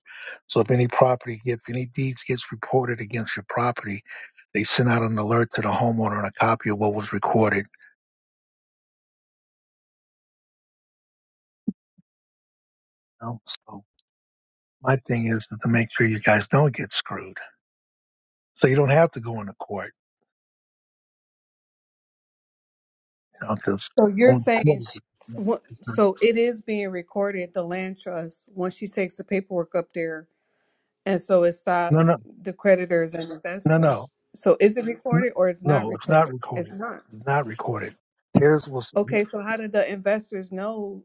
[SPEAKER 1] So if any property gets any deeds gets reported against your property, they send out an alert to the homeowner and a copy of what was recorded. you know? So my thing is to make sure you guys don't get screwed. So you don't have to go into court, you know, because
[SPEAKER 4] So you're
[SPEAKER 1] going to court
[SPEAKER 4] saying, sh-
[SPEAKER 1] is
[SPEAKER 4] wha- so it is being recorded, the land trust, once she takes the paperwork up there. And so it
[SPEAKER 1] no,
[SPEAKER 4] stops
[SPEAKER 1] no,
[SPEAKER 4] the creditors and
[SPEAKER 1] no,
[SPEAKER 4] investors. So is it
[SPEAKER 1] no,
[SPEAKER 4] recorded or it's not
[SPEAKER 1] no. It's not
[SPEAKER 4] recorded? It's
[SPEAKER 1] recorded.
[SPEAKER 4] not.
[SPEAKER 1] It's not recorded. Here's what's
[SPEAKER 4] Okay, so how did the investors know,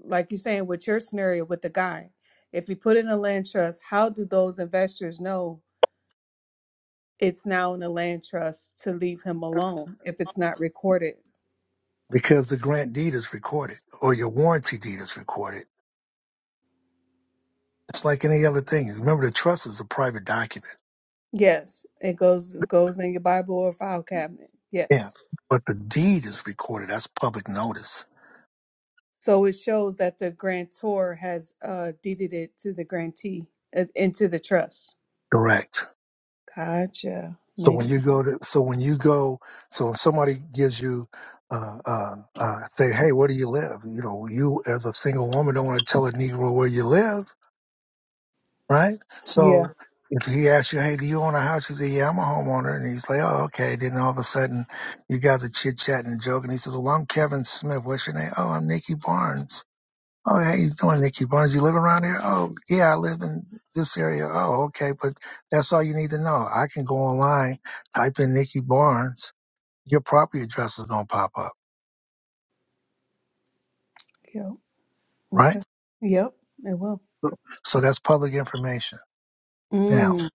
[SPEAKER 4] like you're saying with your scenario with the guy, if you put in a land trust, how do those investors know it's now in a land trust to leave him alone if it's not recorded?
[SPEAKER 1] because the grant deed is recorded or your warranty deed is recorded. It's like any other thing. Remember, the trust is a private document.
[SPEAKER 4] Yes, it goes goes in your Bible or file cabinet.
[SPEAKER 1] Yeah.
[SPEAKER 4] Yes.
[SPEAKER 1] But the deed is recorded. That's public notice.
[SPEAKER 4] So it shows that the grantor has uh, deeded it to the grantee uh, into the trust.
[SPEAKER 1] Correct.
[SPEAKER 4] Gotcha.
[SPEAKER 1] So
[SPEAKER 4] Makes
[SPEAKER 1] when you go
[SPEAKER 4] sense.
[SPEAKER 1] to, so when you go, so if somebody gives you, uh, uh, uh, say, hey, where do you live? You know, you as a single woman don't want to tell a Negro where you live right?
[SPEAKER 4] Yeah.
[SPEAKER 1] So if he asks you, hey, do you own a house? You say, yeah, I'm a homeowner. And he's like, oh, okay. Then all of a sudden, you guys are chit chatting and joking. He says, well, I'm Kevin Smith. What's your name? Oh, I'm Nikki Barnes. Oh, how you doing, Nikki Barnes? You live around here? Oh, yeah, I live in this area. Oh, okay. But that's all you need to know. I can go online, type in Nikki Barnes. Your property address is going to pop up,
[SPEAKER 4] Yep.
[SPEAKER 1] right?
[SPEAKER 4] Okay. Yep. It will.
[SPEAKER 1] So that's public information now.
[SPEAKER 4] Mm.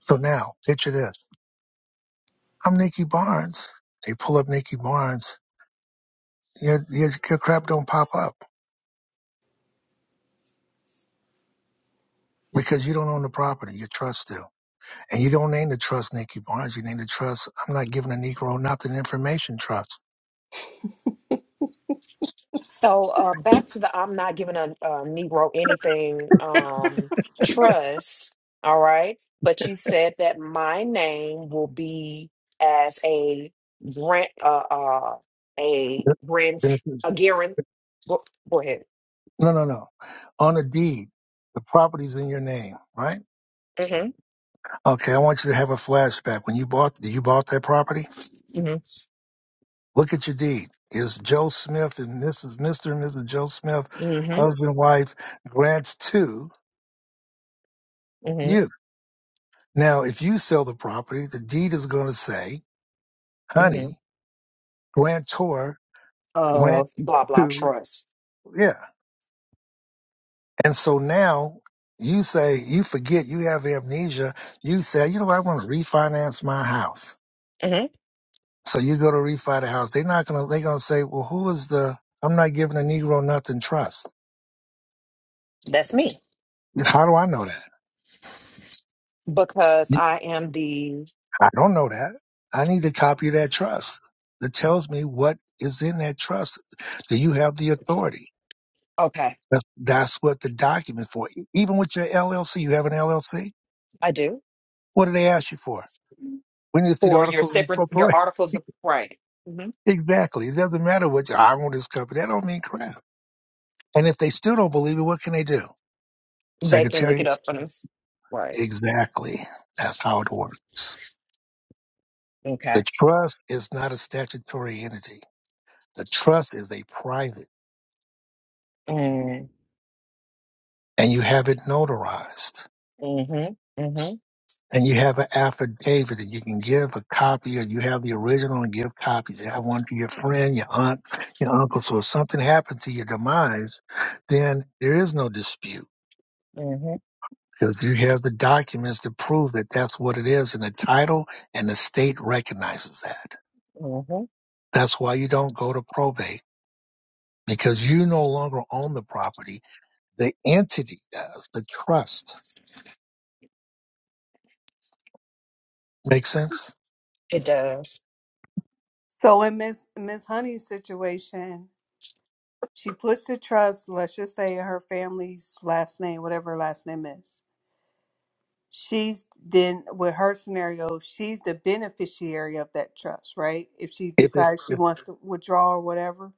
[SPEAKER 1] So now picture this. I'm Nikki Barnes. They pull up Nikki Barnes your, your your crap don't pop up because you don't own the property. Your trust still, and you don't name the trust Nikki Barnes. You name the trust. I'm not giving a Negro nothing. Information trust.
[SPEAKER 6] So uh, back to the I'm not giving a, a Negro anything um, trust. All right. But you said that my name will be as a grant, uh, uh, a
[SPEAKER 1] Yep.
[SPEAKER 6] grant,
[SPEAKER 1] This is-
[SPEAKER 6] a guarant. Go, go ahead.
[SPEAKER 1] No, no, no. On a deed, the property's in your name, right?
[SPEAKER 6] Mm-hmm.
[SPEAKER 1] Okay, I want you to have a flashback. When you bought, you bought that property.
[SPEAKER 6] Mm-hmm.
[SPEAKER 1] Look at your deed. Is Joe Smith and Mrs. Mr. and Mrs. Joe Smith,
[SPEAKER 6] Mm-hmm.
[SPEAKER 1] husband, wife, grants to
[SPEAKER 6] Mm-hmm.
[SPEAKER 1] you. Now, if you sell the property, the deed is going to say,
[SPEAKER 6] Mm-hmm.
[SPEAKER 1] honey. grantor, grant
[SPEAKER 6] Of blah, blah
[SPEAKER 1] to,
[SPEAKER 6] trust.
[SPEAKER 1] yeah. And so now you say you forget, you have amnesia. You say, you know, what, I want to refinance my house.
[SPEAKER 6] hmm
[SPEAKER 1] So you go to refi the house. They're not gonna. They're gonna say, well, who is the? I'm not giving a Negro nothing trust.
[SPEAKER 6] That's me
[SPEAKER 1] How do I know that?
[SPEAKER 6] because
[SPEAKER 1] You-
[SPEAKER 6] I am the,
[SPEAKER 1] I don't know that. I need a copy of that trust that tells me what is in that trust. Do you have the authority?
[SPEAKER 6] okay,
[SPEAKER 1] That's that's what the document for. Even with your LLC, you have an LLC.
[SPEAKER 6] I do.
[SPEAKER 1] What do they ask you for? We need to see the
[SPEAKER 6] For your
[SPEAKER 1] articles of
[SPEAKER 6] separate, your
[SPEAKER 1] incorporation.
[SPEAKER 6] articles of, right.
[SPEAKER 1] Exactly. It doesn't matter what I want this company. That don't mean crap. And if they still don't believe it, what can they do?
[SPEAKER 6] They can look it
[SPEAKER 1] Secretaries?
[SPEAKER 6] up for them. Right.
[SPEAKER 1] Exactly. That's how it works. The
[SPEAKER 6] Okay.
[SPEAKER 1] trust is not a statutory entity. The trust is a private
[SPEAKER 6] Mm,
[SPEAKER 1] and you have it notarized
[SPEAKER 6] mm-hmm. Mm-hmm.
[SPEAKER 1] and you have an affidavit that you can give a copy or you have the original and give copies. You have one to your friend, your aunt, your uncle. So if something happens to your demise, then there is no dispute
[SPEAKER 6] Mm-hmm.
[SPEAKER 1] because you have the documents to prove that that's what it is and the title and the state recognizes that.
[SPEAKER 6] Mm-hmm.
[SPEAKER 1] That's why you don't go to probate because you no longer own the property. The entity does, the trust. Make sense?
[SPEAKER 6] It does.
[SPEAKER 4] So in Miss Miss Honey's situation, she puts the trust. Let's just say her family's last name, whatever her last name is. She's then with her scenario, she's the beneficiary of that trust, right? If she
[SPEAKER 1] If it's
[SPEAKER 4] decides she
[SPEAKER 1] if,
[SPEAKER 4] wants to withdraw or whatever,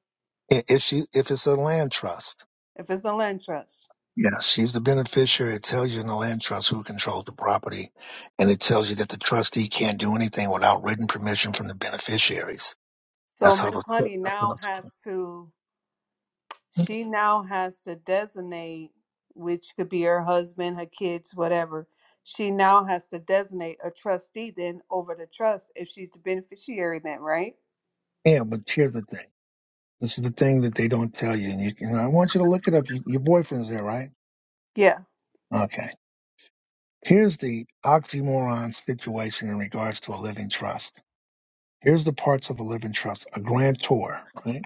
[SPEAKER 1] if she if it's a land trust,
[SPEAKER 4] if it's a land trust.
[SPEAKER 1] yes, she's the beneficiary. It tells you in the land trust who controls the property, and it tells you that the trustee can't do anything without written permission from the beneficiaries.
[SPEAKER 4] So
[SPEAKER 1] That's how
[SPEAKER 4] Miss Honey
[SPEAKER 1] the
[SPEAKER 4] now has to she now has to designate which could be her husband, her kids, whatever. She now has to designate a trustee then over the trust if she's the beneficiary then, right?
[SPEAKER 1] Yeah, but here's the thing. This is the thing that they don't tell you, and you can. I want you to look it up. Your your boyfriend's there, right?
[SPEAKER 4] Yeah.
[SPEAKER 1] Okay. Here's the oxymoron situation in regards to a living trust. Here's the parts of a living trust. A grantor, right?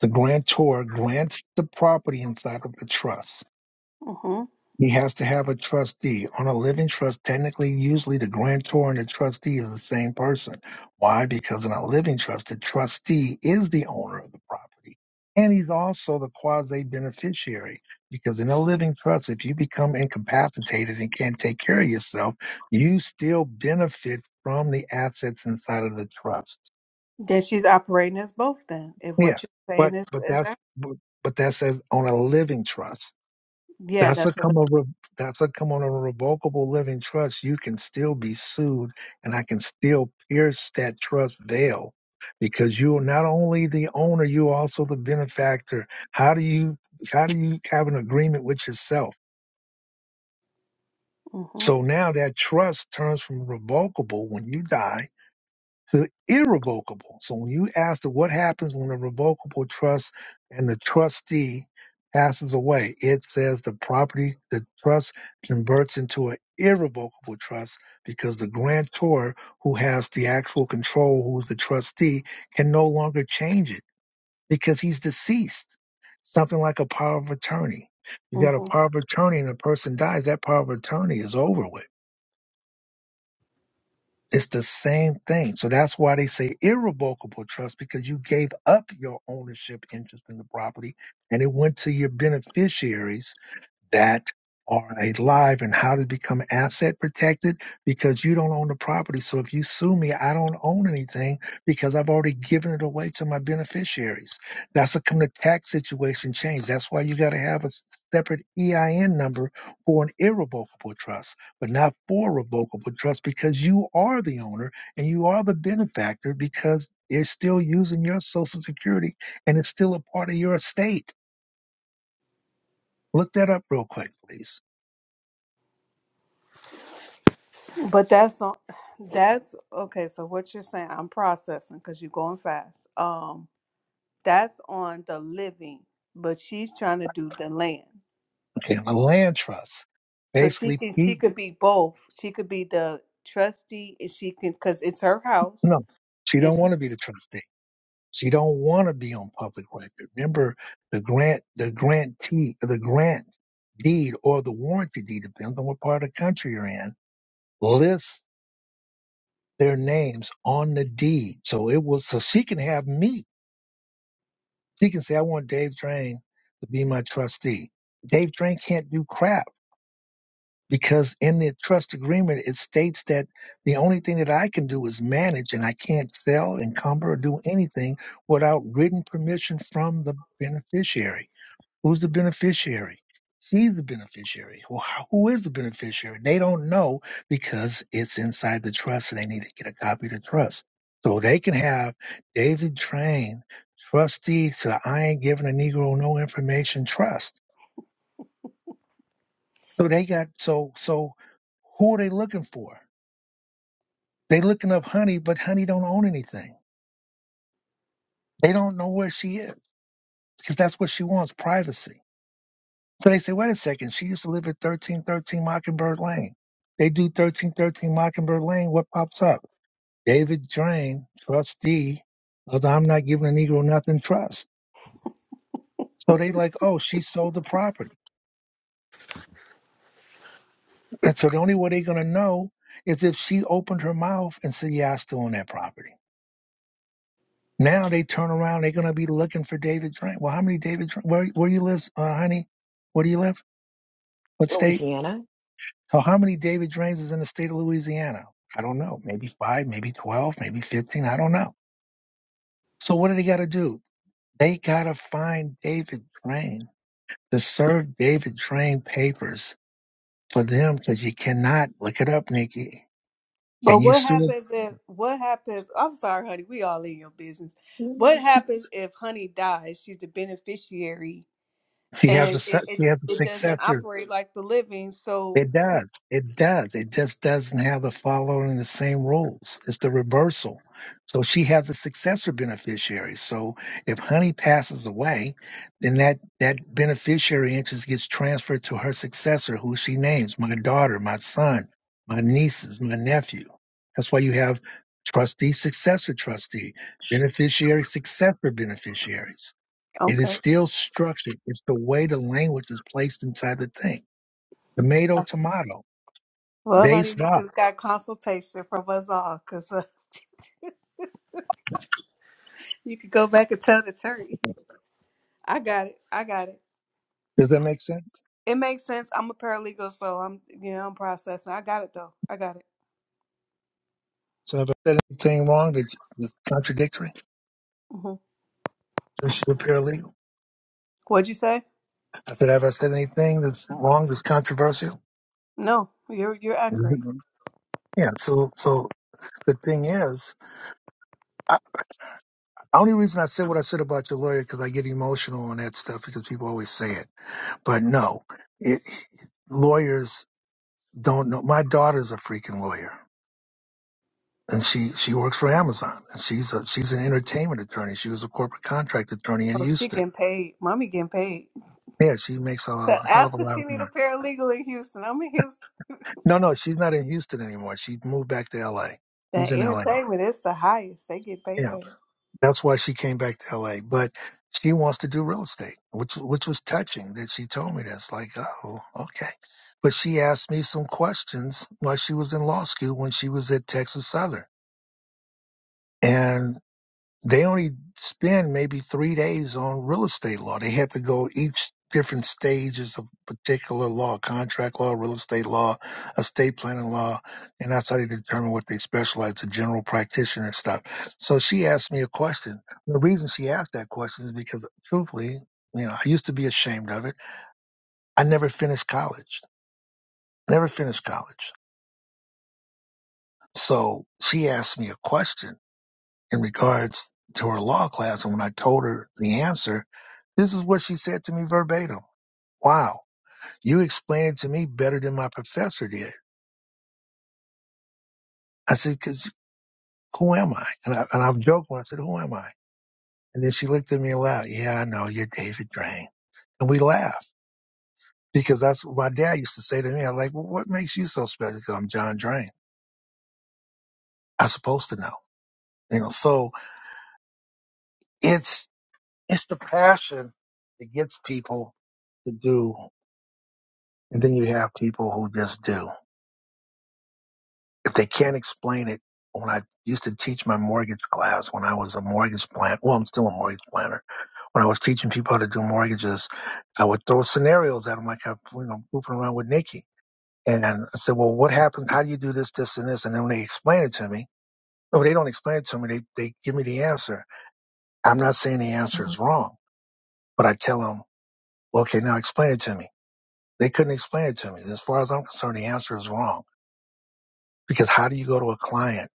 [SPEAKER 1] The grantor grants the property inside of the trust.
[SPEAKER 4] Mhm.
[SPEAKER 1] He has to have a trustee. On a living trust, technically, usually the grantor and the trustee is the same person. Why? Because in a living trust, the trustee is the owner of the property. And he's also the quasi beneficiary. Because in a living trust, if you become incapacitated and can't take care of yourself, you still benefit from the assets inside of the trust.
[SPEAKER 4] Then she's operating as both then. If
[SPEAKER 1] Yeah.
[SPEAKER 4] what you're
[SPEAKER 1] But
[SPEAKER 4] saying is
[SPEAKER 1] but
[SPEAKER 4] is
[SPEAKER 1] that's
[SPEAKER 4] that,
[SPEAKER 1] but that's as on a living trust
[SPEAKER 4] yeah,
[SPEAKER 1] that's a
[SPEAKER 4] that's a
[SPEAKER 1] come a re- that's a come on a revocable living trust. You can still be sued, and I can still pierce that trust veil because you are not only the owner, you are also the benefactor. How do you how do you have an agreement with yourself?
[SPEAKER 4] mhm.
[SPEAKER 1] So now that trust turns from revocable when you die to irrevocable. So when you ask the, what happens when a revocable trust and the trustee passes away, it says the property, the trust converts into an irrevocable trust because the grantor who has the actual control, who's the trustee, can no longer change it because he's deceased. Something like a power of attorney. You got a
[SPEAKER 4] Mhm.
[SPEAKER 1] power of attorney and a person dies, that power of attorney is over with it's the same thing. So that's why they say irrevocable trust because you gave up your ownership interest in the property and it went to your beneficiaries that are alive and how to become asset protected because you don't own the property. So if you sue me, I don't own anything because I've already given it away to my beneficiaries. That's a come the tax situation change. That's why you got to have a separate EIN number for an irrevocable trust, but not for a revocable trust because you are the owner and you are the benefactor because they're still using your social security and it's still a part of your estate. Look that up real quick, please.
[SPEAKER 4] But that's on that's okay, so what you're saying, I'm processing cuz you're going fast. Um. That's on the living, but she's trying to do the land.
[SPEAKER 1] and a land trust.
[SPEAKER 4] So she
[SPEAKER 1] Basically,
[SPEAKER 4] can
[SPEAKER 1] he,
[SPEAKER 4] she could be both. She could be the trustee and she can cuz it's her house
[SPEAKER 1] no, she
[SPEAKER 4] and
[SPEAKER 1] don't
[SPEAKER 4] she,
[SPEAKER 1] want to be the trustee. She don't want to be on public record. Remember, the grant, the grantee, the grant deed or the warranty deed, depends on what part of the country you're in, lists their names on the deed. So it was, so she can have me. She can say, I want Dave Drain to be my trustee. Dave Drain can't do crap because in the trust agreement it states that the only thing that I can do is manage and I can't sell, encumber, or do anything without written permission from the beneficiary. Who's the beneficiary? She's the beneficiary. Well, how- who is the beneficiary? They don't know because it's inside the trust and they need to get a copy of the trust. So they can have David Train, trustee to I ain't giving a Negro no information trust. So they got so so who are they looking for? They looking up Honey, but Honey don't own anything. They don't know where she is because that's what she wants, privacy. So they say, wait a second, she used to live at 1313 Mockingbird Lane. They do 1313 Mockingbird Lane. What pops up? David Drain, trustee of the I'm Not Giving a Negro Nothing Trust. So they like, oh, she sold the property. And so the only way they're going to know is if she opened her mouth and said, yeah, I still own that property. Now they turn around, they're gonna be looking for David Drake. Well, how many David Dra- where where you live, uh, honey? Where do you live? What state?
[SPEAKER 6] Louisiana.
[SPEAKER 1] So how many David Drains is in the state of Louisiana? I don't know. Maybe five, maybe twelve, maybe fifteen. I don't know. So what do they gotta do? They gotta find David Drain. to serve David Drain papers for them because you cannot look it up, Nikki.
[SPEAKER 4] but
[SPEAKER 1] Can you
[SPEAKER 4] what
[SPEAKER 1] sue?
[SPEAKER 4] happens if what happens I'm sorry honey, we all in your business. What happens if honey dies? She's the beneficiary
[SPEAKER 1] She has a
[SPEAKER 4] and
[SPEAKER 1] se-
[SPEAKER 4] it it,
[SPEAKER 1] she has a
[SPEAKER 4] it doesn't
[SPEAKER 1] successor.
[SPEAKER 4] operate like the living. So
[SPEAKER 1] It does. It does. It just doesn't have the following the same rules. It's the reversal. So she has a successor beneficiary. So if Honey passes away, then that, that beneficiary interest gets transferred to her successor, who she names my daughter, my son, my nieces, my nephew. That's why you have trustee, successor trustee, beneficiary, successor beneficiaries. It is
[SPEAKER 4] okay.
[SPEAKER 1] still structured. It's the way the language is placed inside the thing. Tomato, tomato
[SPEAKER 4] Well,
[SPEAKER 1] they
[SPEAKER 4] honey, you
[SPEAKER 1] stop.
[SPEAKER 4] just got consultation from us all, cause uh, you could go back and tell the attorney. I got it. I got it.
[SPEAKER 1] Does that make sense?
[SPEAKER 4] It makes sense. I'm a paralegal, so I'm you know I'm processing. I got it though. I got it.
[SPEAKER 1] So if I said anything wrong that that's contradictory,
[SPEAKER 4] hmm
[SPEAKER 1] since you're paralegal,
[SPEAKER 4] What'd you say?
[SPEAKER 1] I said, have I said anything that's wrong that's controversial?
[SPEAKER 4] No, you're you're accurate.
[SPEAKER 1] Mhm. Yeah. So, so the thing is, I, the only reason I said what I said about your lawyer because I get emotional on that stuff because people always say it. But no, it, lawyers don't know. My daughter's a freaking lawyer. And she, she works for Amazon and she's a, she's an entertainment attorney. She was a corporate contract attorney in
[SPEAKER 4] Oh, she
[SPEAKER 1] Houston
[SPEAKER 4] getting paid. Mommy getting paid.
[SPEAKER 1] Yeah, she makes a
[SPEAKER 4] So
[SPEAKER 1] hell of
[SPEAKER 4] ask
[SPEAKER 1] a
[SPEAKER 4] if
[SPEAKER 1] lot
[SPEAKER 4] she
[SPEAKER 1] of
[SPEAKER 4] need a
[SPEAKER 1] money.
[SPEAKER 4] paralegal in Houston. I'm in Houston.
[SPEAKER 1] No, no, she's not in Houston anymore. She moved back to LA.
[SPEAKER 4] That
[SPEAKER 1] She's in LA.
[SPEAKER 4] entertainment is the highest. They get paid
[SPEAKER 1] Yeah.
[SPEAKER 4] paid.
[SPEAKER 1] That's why she came back to LA. But she wants to do real estate, which which was touching that she told me this. Like, oh, okay. But she asked me some questions while she was in law school when she was at Texas Southern. and. They only spend maybe three days on real estate law. They had to go each different stages of particular law, contract law, real estate law, estate planning law, and that's how they determine what they specialize, the general practitioner and stuff. So she asked me a question. The reason she asked that question is because truthfully, you know, I used to be ashamed of it. I never finished college. Never finished college. So she asked me a question in regards to her law class. And when I told her the answer, this is what she said to me verbatim. Wow, you explained it to me better than my professor did. I said, cause who am I? And, I, and I'm joking. when I said, who am I? And then she looked at me and laughed. Yeah, I know you're David Drain. And we laughed because that's what my dad used to say to me. I'm like, well, what makes you so special? Because I'm John Drain. I'm supposed to know, you know, so it's, it's the passion that gets people to do. And then you have people who just do. If they can't explain it, when I used to teach my mortgage class, when I was a mortgage planner, well, I'm still a mortgage planner. When I was teaching people how to do mortgages, I would throw scenarios at them like I'm, you know, pooping around with Nikki. And I said, well, what happens? How do you do this, this, and this? And then when they explain it to me, no, they don't explain it to me. They, they give me the answer. I'm not saying the answer is wrong, but I tell them, okay, now explain it to me. They couldn't explain it to me. As far as I'm concerned, the answer is wrong because how do you go to a client?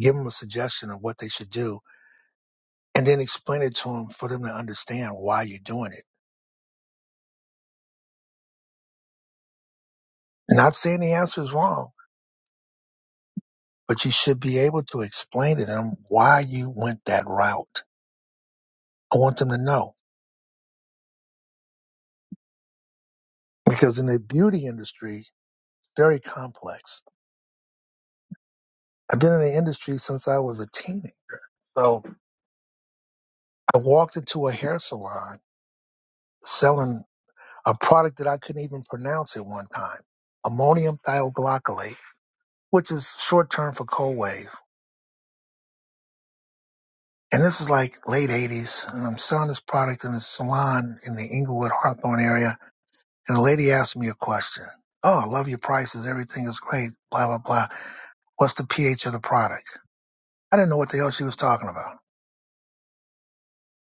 [SPEAKER 1] give them a suggestion of what they should do, and then explain it to them for them to understand why you're doing it. And not saying the answer is wrong, but you should be able to explain to them why you went that route. I want them to know because in the beauty industry, it's very complex. I've been in the industry since I was a teenager. So I walked into a hair salon selling a product that I couldn't even pronounce at one time, ammonium thioglycolate, which is short term for cold wave. And this is like late 80s, and I'm selling this product in a salon in the Inglewood Hawthorne area. And the lady asked me a question. Oh, I love your prices. Everything is great. Blah, blah, blah. What's the pH of the product? I didn't know what the hell she was talking about.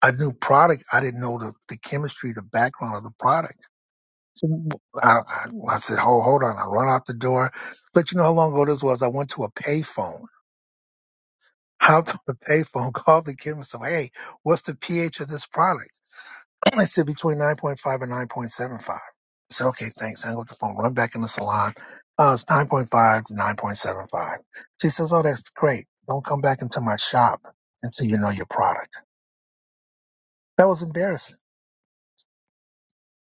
[SPEAKER 1] I knew product. I didn't know the, the chemistry, the background of the product. So I, I I said, hold, hold on. I run out the door. Let you know how long ago this was. I went to a payphone. Out on the payphone, called the chemist. and, Hey, what's the pH of this product? I said between 9.5 and 9.75. I said, okay, thanks. Hang up the phone, run back in the salon. Uh, it's 9.5 to 9.75. She says, oh, that's great. Don't come back into my shop until you know your product. That was embarrassing.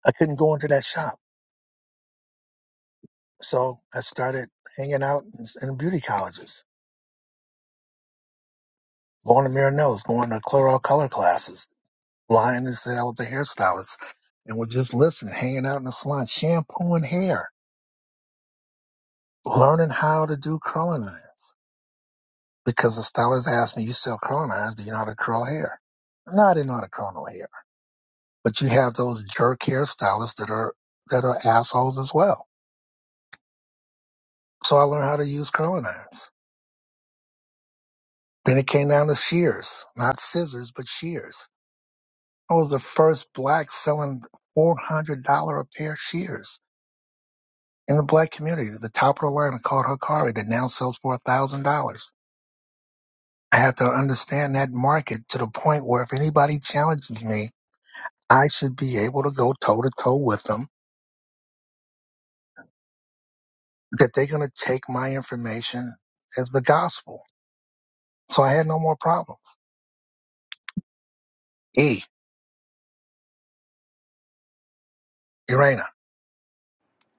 [SPEAKER 1] I couldn't go into that shop. So I started hanging out in, in beauty colleges, going to Miranel's, going to Clairol color classes, lying and saying I was a hairstylist and would just listen, hanging out in the salon, shampooing hair, learning how to do curling irons because the stylist asked me, "You sell curling irons? Do you know how to curl hair?" No, I didn't know how to curl no hair. But you have those jerk hairstylists that are that are assholes as well. So I learned how to use curling irons. Then it came down to shears, not scissors, but shears. I was the first black selling four hundred dollar a pair shears in the black community. The top of the line called Hikari that now sells for a thousand dollars. I had to understand that market to the point where if anybody challenges me I should be able to go toe to toe with them that they're going to take my information as the gospel. So I had no more problems. E, Irena,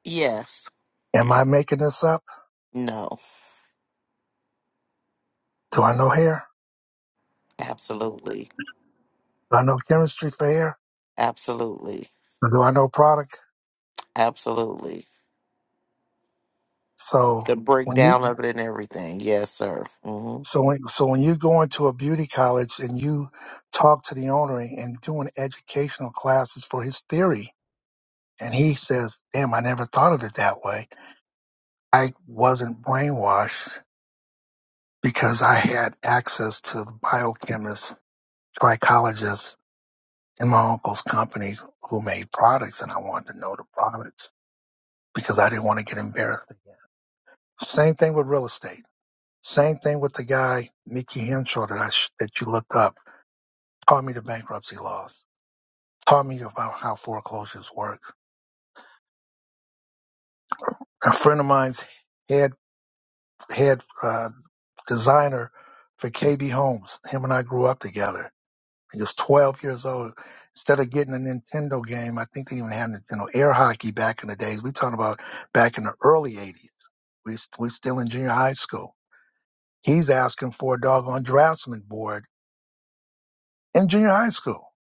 [SPEAKER 5] Yes,
[SPEAKER 1] am I making this up?
[SPEAKER 5] no,
[SPEAKER 1] Do I know hair?
[SPEAKER 5] absolutely,
[SPEAKER 1] Do I know chemistry for hair?
[SPEAKER 5] absolutely,
[SPEAKER 1] Or do I know product?
[SPEAKER 5] absolutely.
[SPEAKER 1] So
[SPEAKER 5] The
[SPEAKER 1] when you,
[SPEAKER 5] breakdown of it and everything. Yes, sir. Mm-hmm.
[SPEAKER 1] so when, so when you go into a beauty college and you talk to the owner and doing educational classes for his theory, and he says, damn, I never thought of it that way. I wasn't brainwashed because I had access to the biochemists, trichologists in my uncle's company who made products and I wanted to know the products because I didn't want to get embarrassed. Same thing with real estate. Same thing with the guy, Mickey Henshaw, that, I sh- that you looked up, taught me the bankruptcy laws, taught me about how foreclosures work. A friend of mine's head, head uh, designer for KB Homes, him and I grew up together He was 12 years old. Instead of getting a Nintendo game, I think they even had Nintendo air hockey back in the days. We are talking about back in the early 80s. We we still in junior high school. He's asking for a doggone draftsman board in junior high school.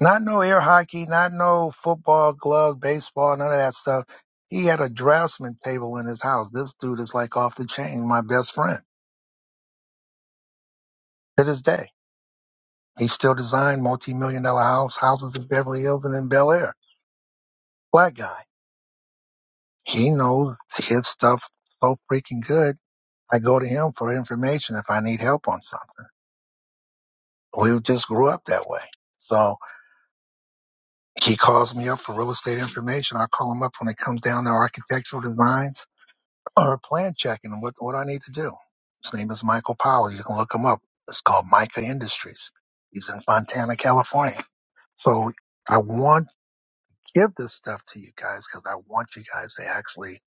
[SPEAKER 1] Not no air hockey, not no football, glove, baseball, none of that stuff. He had a draftsman table in his house. This dude is like off the chain, my best friend to this day. He still designed multi-million dollar house houses in Beverly Hills and in Bel Air. Black guy He knows his stuff so freaking good. I go to him for information if I need help on something. We just grew up that way. So he calls me up for real estate information. I call him up when it comes down to architectural designs or plan checking and what, what I need to do. His name is Michael Powell. You can look him up. It's called Micah Industries. He's in Fontana, California. So I want give this stuff to you guys because I want you guys to actually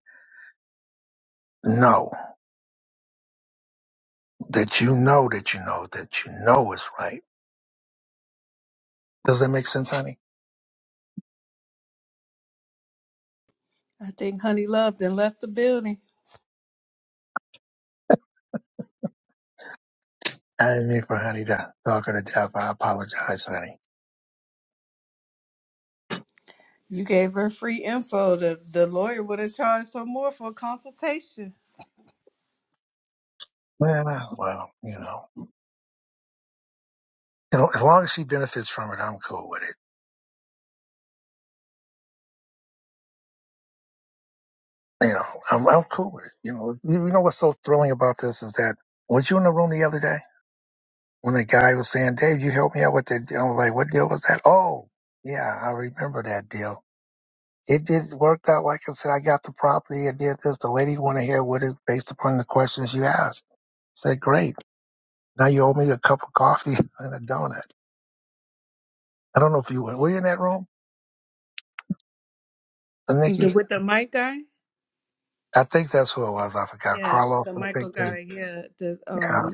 [SPEAKER 1] know. that you know that you know that you know is right. Does that make sense, honey?
[SPEAKER 4] I think Honey Love then left the building.
[SPEAKER 1] I didn't mean for honey to talk her to death. I apologize, honey.
[SPEAKER 4] You gave her free info. The the lawyer would have charged her more for a consultation.
[SPEAKER 1] Well, I- well, you know, you know, as long as she benefits from it, I'm cool with it. You know, I'm I'm cool with it. You know, you, you know what's so thrilling about this is that was you in the room the other day when the guy was saying, "Dave, you helped me out with that?" deal?" I was like, "What deal was that?" Oh, yeah, I remember that deal It did work out. Like I said, I got the property. I did this. The lady wanted to hear what is based upon the questions you asked. I said, great. Now you owe me a cup of coffee and a donut. I don't know if you were, were you in that room, Uh,
[SPEAKER 4] The,
[SPEAKER 1] Nikki?
[SPEAKER 4] with the Mike guy?
[SPEAKER 1] I think that's who it was. I forgot.
[SPEAKER 4] Yeah,
[SPEAKER 1] Carlos.
[SPEAKER 4] the
[SPEAKER 1] I think.
[SPEAKER 4] Michael
[SPEAKER 1] and-
[SPEAKER 4] guy. Yeah, the
[SPEAKER 1] Yeah.
[SPEAKER 4] um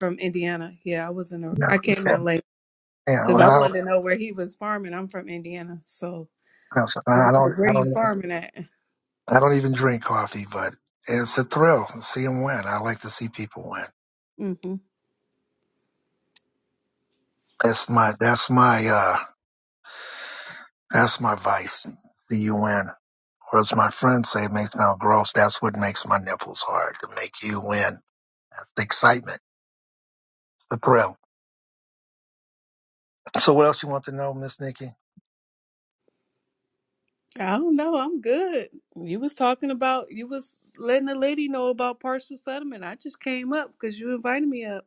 [SPEAKER 4] from Indiana. Yeah, I was in. A,
[SPEAKER 1] no,
[SPEAKER 4] I came
[SPEAKER 1] Yeah.
[SPEAKER 4] in late
[SPEAKER 1] yeah.
[SPEAKER 4] because
[SPEAKER 1] Well,
[SPEAKER 4] I
[SPEAKER 1] I don't,
[SPEAKER 4] wanted to know where he was farming. I'm from Indiana, so
[SPEAKER 1] I'm
[SPEAKER 4] I
[SPEAKER 1] I
[SPEAKER 4] was
[SPEAKER 1] don't,
[SPEAKER 4] like,
[SPEAKER 1] I
[SPEAKER 4] "Where you
[SPEAKER 1] don't, even-
[SPEAKER 4] farming at?"
[SPEAKER 1] I don't even drink coffee, but it's a thrill to see them win. I like to see people win.
[SPEAKER 4] hmm
[SPEAKER 1] That's my, that's my, uh, that's my vice. See you win. Or as my friends say, it makes now gross. That's what makes my nipples hard to make you win. That's the excitement, the thrill. So what else you want to know, Miss Nikki?
[SPEAKER 4] I don't know. I'm good. You was talking about you was letting the lady know about partial settlement. I just came up because you invited me up.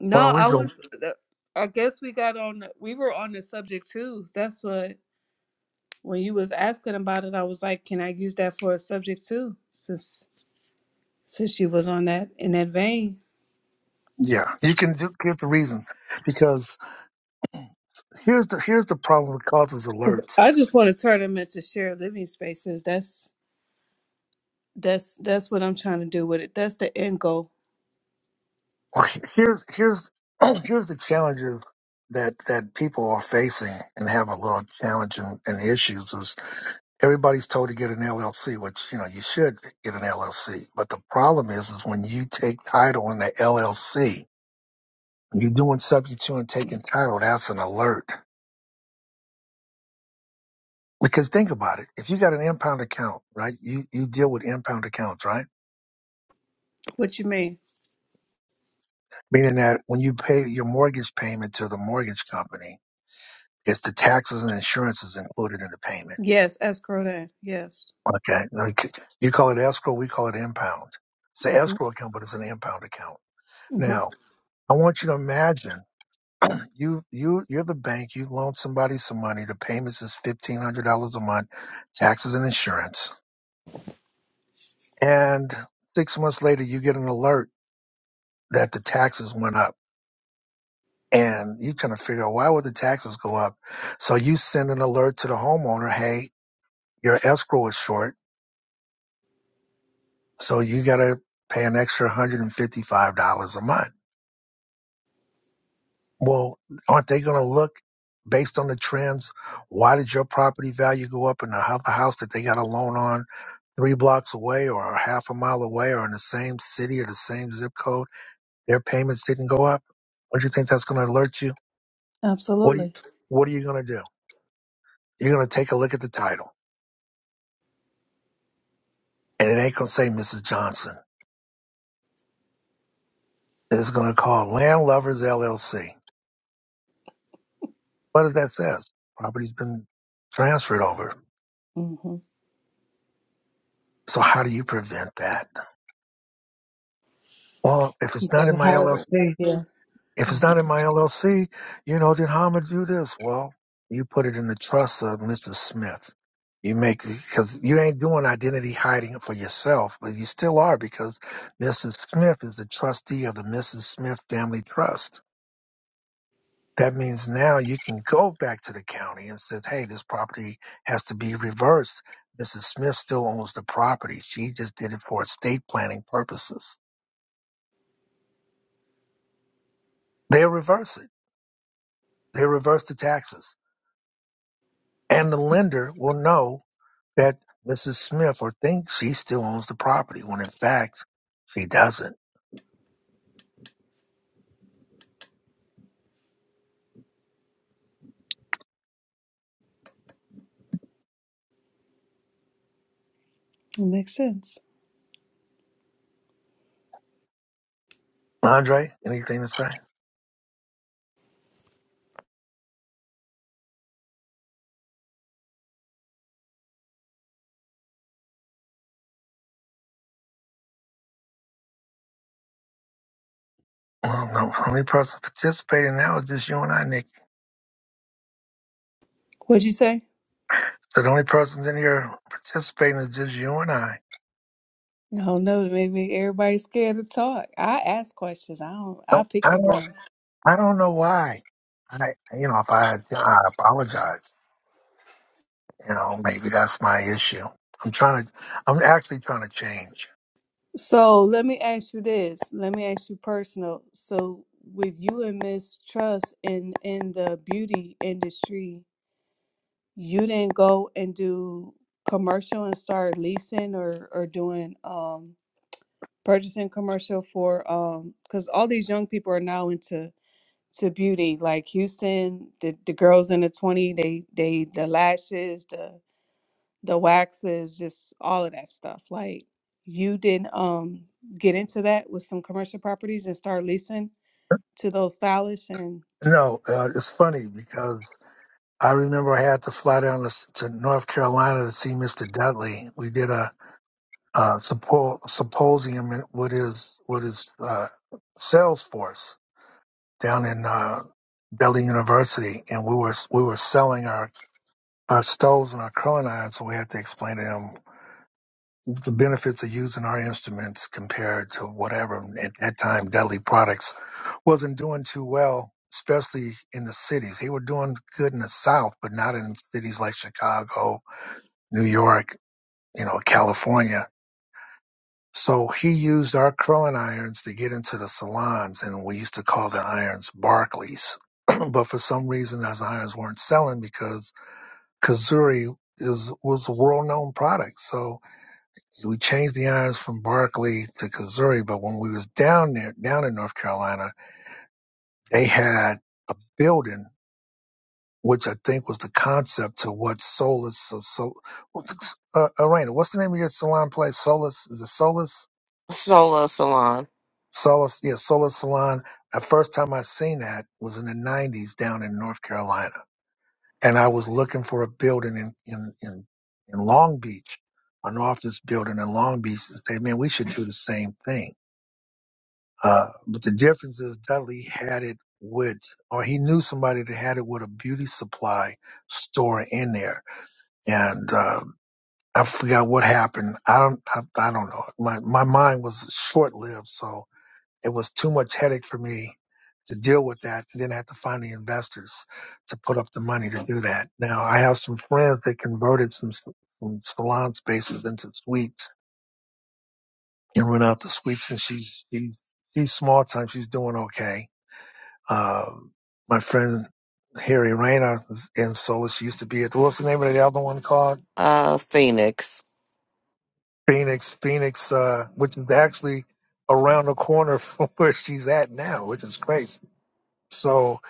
[SPEAKER 4] No,
[SPEAKER 1] Well, we
[SPEAKER 4] I
[SPEAKER 1] go.
[SPEAKER 4] was. the- I guess we got on. the- We were on the subject too. That's what when you was asking about it, I was like, "Can I use that for a subject too?" Since since you was on that in that vein,
[SPEAKER 1] Yeah, you can do, give the reason because here's the here's the problem with causes
[SPEAKER 4] because
[SPEAKER 1] alerts.
[SPEAKER 4] I just want to turn them into shared living spaces. That's that's that's what I'm trying to do with it. That's the end goal.
[SPEAKER 1] Or he- here's here's here's the challenges that that people are facing and have a lot of challenge and, and issues is everybody's told to get an LLC, which you know you should get an LLC. But the problem is, is when you take title in the LLC, You're doing subject to and taking title. That's an alert. Because think about it. If you got an impound account, right? You you deal with impound accounts, right?
[SPEAKER 4] What you mean?
[SPEAKER 1] Meaning that when you pay your mortgage payment to the mortgage company, it's the taxes and insurances included in the payment.
[SPEAKER 4] Yes, escrow that. Yes.
[SPEAKER 1] Okay. Okay. You call it escrow, we call it impound. It's an
[SPEAKER 4] Mm-hmm.
[SPEAKER 1] escrow account, but it's an impound account.
[SPEAKER 4] Mm-hmm.
[SPEAKER 1] Now, I want you to imagine you you you're the bank, you loan somebody some money, the payments is fifteen hundred dollars a month, taxes and insurance And six months later, you get an alert that the taxes went up. And you kind of figure out why would the taxes go up? So you send an alert to the homeowner, hey, your escrow is short. So you got to pay an extra $155 a month. Well, aren't they going to look based on the trends? Why did your property value go up in the other house that they got a loan on three blocks away or half a mile away or in the same city or the same zip code? Their payments didn't go up. Don't you think that's going to alert you? What do you,
[SPEAKER 4] Absolutely.
[SPEAKER 1] what are you going to do? You're going to take a look at the title and it ain't going to say Mrs. Johnson. It's going to call Land Lovers LLC. What does that says? Property's been transferred over.
[SPEAKER 4] Mm-hmm.
[SPEAKER 1] So how do you prevent that? Well, if it's not in my LLC,
[SPEAKER 4] Yeah.
[SPEAKER 1] if it's
[SPEAKER 4] Yeah.
[SPEAKER 1] not in my LLC, you know, then how am I to do this? Well, you put it in the trust of Mrs. Smith. You make, because you ain't doing identity hiding for yourself, but you still are because Mrs. Smith is the trustee of the Mrs. Smith Family Trust That means now you can go back to the county and say, hey, this property has to be reversed. Mrs. Smith still owns the property. She just did it for estate planning purposes. they reverse it. They reverse the taxes. And the lender will know that Mrs. Smith or thinks she still owns the property when in fact she doesn't.
[SPEAKER 4] It makes sense.
[SPEAKER 1] Andre, anything to say? Well, no. The only person participating now is just you and I, Nick.
[SPEAKER 4] What'd you say?
[SPEAKER 1] So the only persons in here participating is just you and I.
[SPEAKER 4] No, no, maybe everybody's scared to talk. I ask questions. I don't.
[SPEAKER 1] No,
[SPEAKER 4] I
[SPEAKER 1] I
[SPEAKER 4] pick your
[SPEAKER 1] don't.
[SPEAKER 4] brain.
[SPEAKER 1] I don't know why. I, you know, if I, I apologize, you know, maybe that's my issue. I'm trying to, I'm actually trying to change.
[SPEAKER 4] So let me ask you this. Let me ask you personal. So with you and Miss Trust in in the beauty industry, you didn't go and do commercial and start leasing or or doing um purchasing commercial for um because all these young people are now into to beauty like Houston, the the girls in the twenty, they they the lashes, the the waxes, just all of that stuff. Like you didn't um get into that with some commercial properties and start leasing to those stylists and
[SPEAKER 1] No, uh, it's funny because I remember I had to fly down to, to North Carolina to see Mr. Dudley. We did a, uh suppo- symposium in- with his, with his, uh, sales force down in, uh, Dudley University. And we were, we were selling our, our stoves and our curling irons. So we had to explain to him the benefits of using our instruments compared to whatever at that time Dudley Products wasn't doing too well, especially in the cities. They were doing good in the South, but not in cities like Chicago, New York, you know, California. So he used our curling irons to get into the salons, and we used to call the irons Barclays. but for some reason, those irons weren't selling because Kazuri is was a world known product. So so we changed the irons from Barclay to Kazuri, but when we was down there, down in North Carolina, they had building, which I think was the concept to what Solis so, so, what's uh, Arena, what's the name of your salon place? Solis, is it Solis,
[SPEAKER 5] Sola Salon,
[SPEAKER 1] Solus, yeah, Solis Salon. The first time I seen that was in the 90s down in North Carolina. And I was looking for a building in, in, in, in Long Beach, an office building in Long Beach. and say, man, we should do the same thing Uh, but the difference is Dudley had it with, or he knew somebody that had it with a beauty supply store in there. And, uh, I forgot what happened. I don't, I, I don't know. My, my mind was short lived. So it was too much headache for me to deal with that. And then I had to find the investors to put up the money to do that. Now I have some friends that converted some, some salon spaces into suites and rent out the suites. And she's, she's, she's small time. She's doing okay Um, my friend Harry Rayner in Solis used to be at the, what's the name of the other one called?
[SPEAKER 5] uh, Phoenix.
[SPEAKER 1] Phoenix, Phoenix, uh, which is actually around the corner from where she's at now, which is crazy. So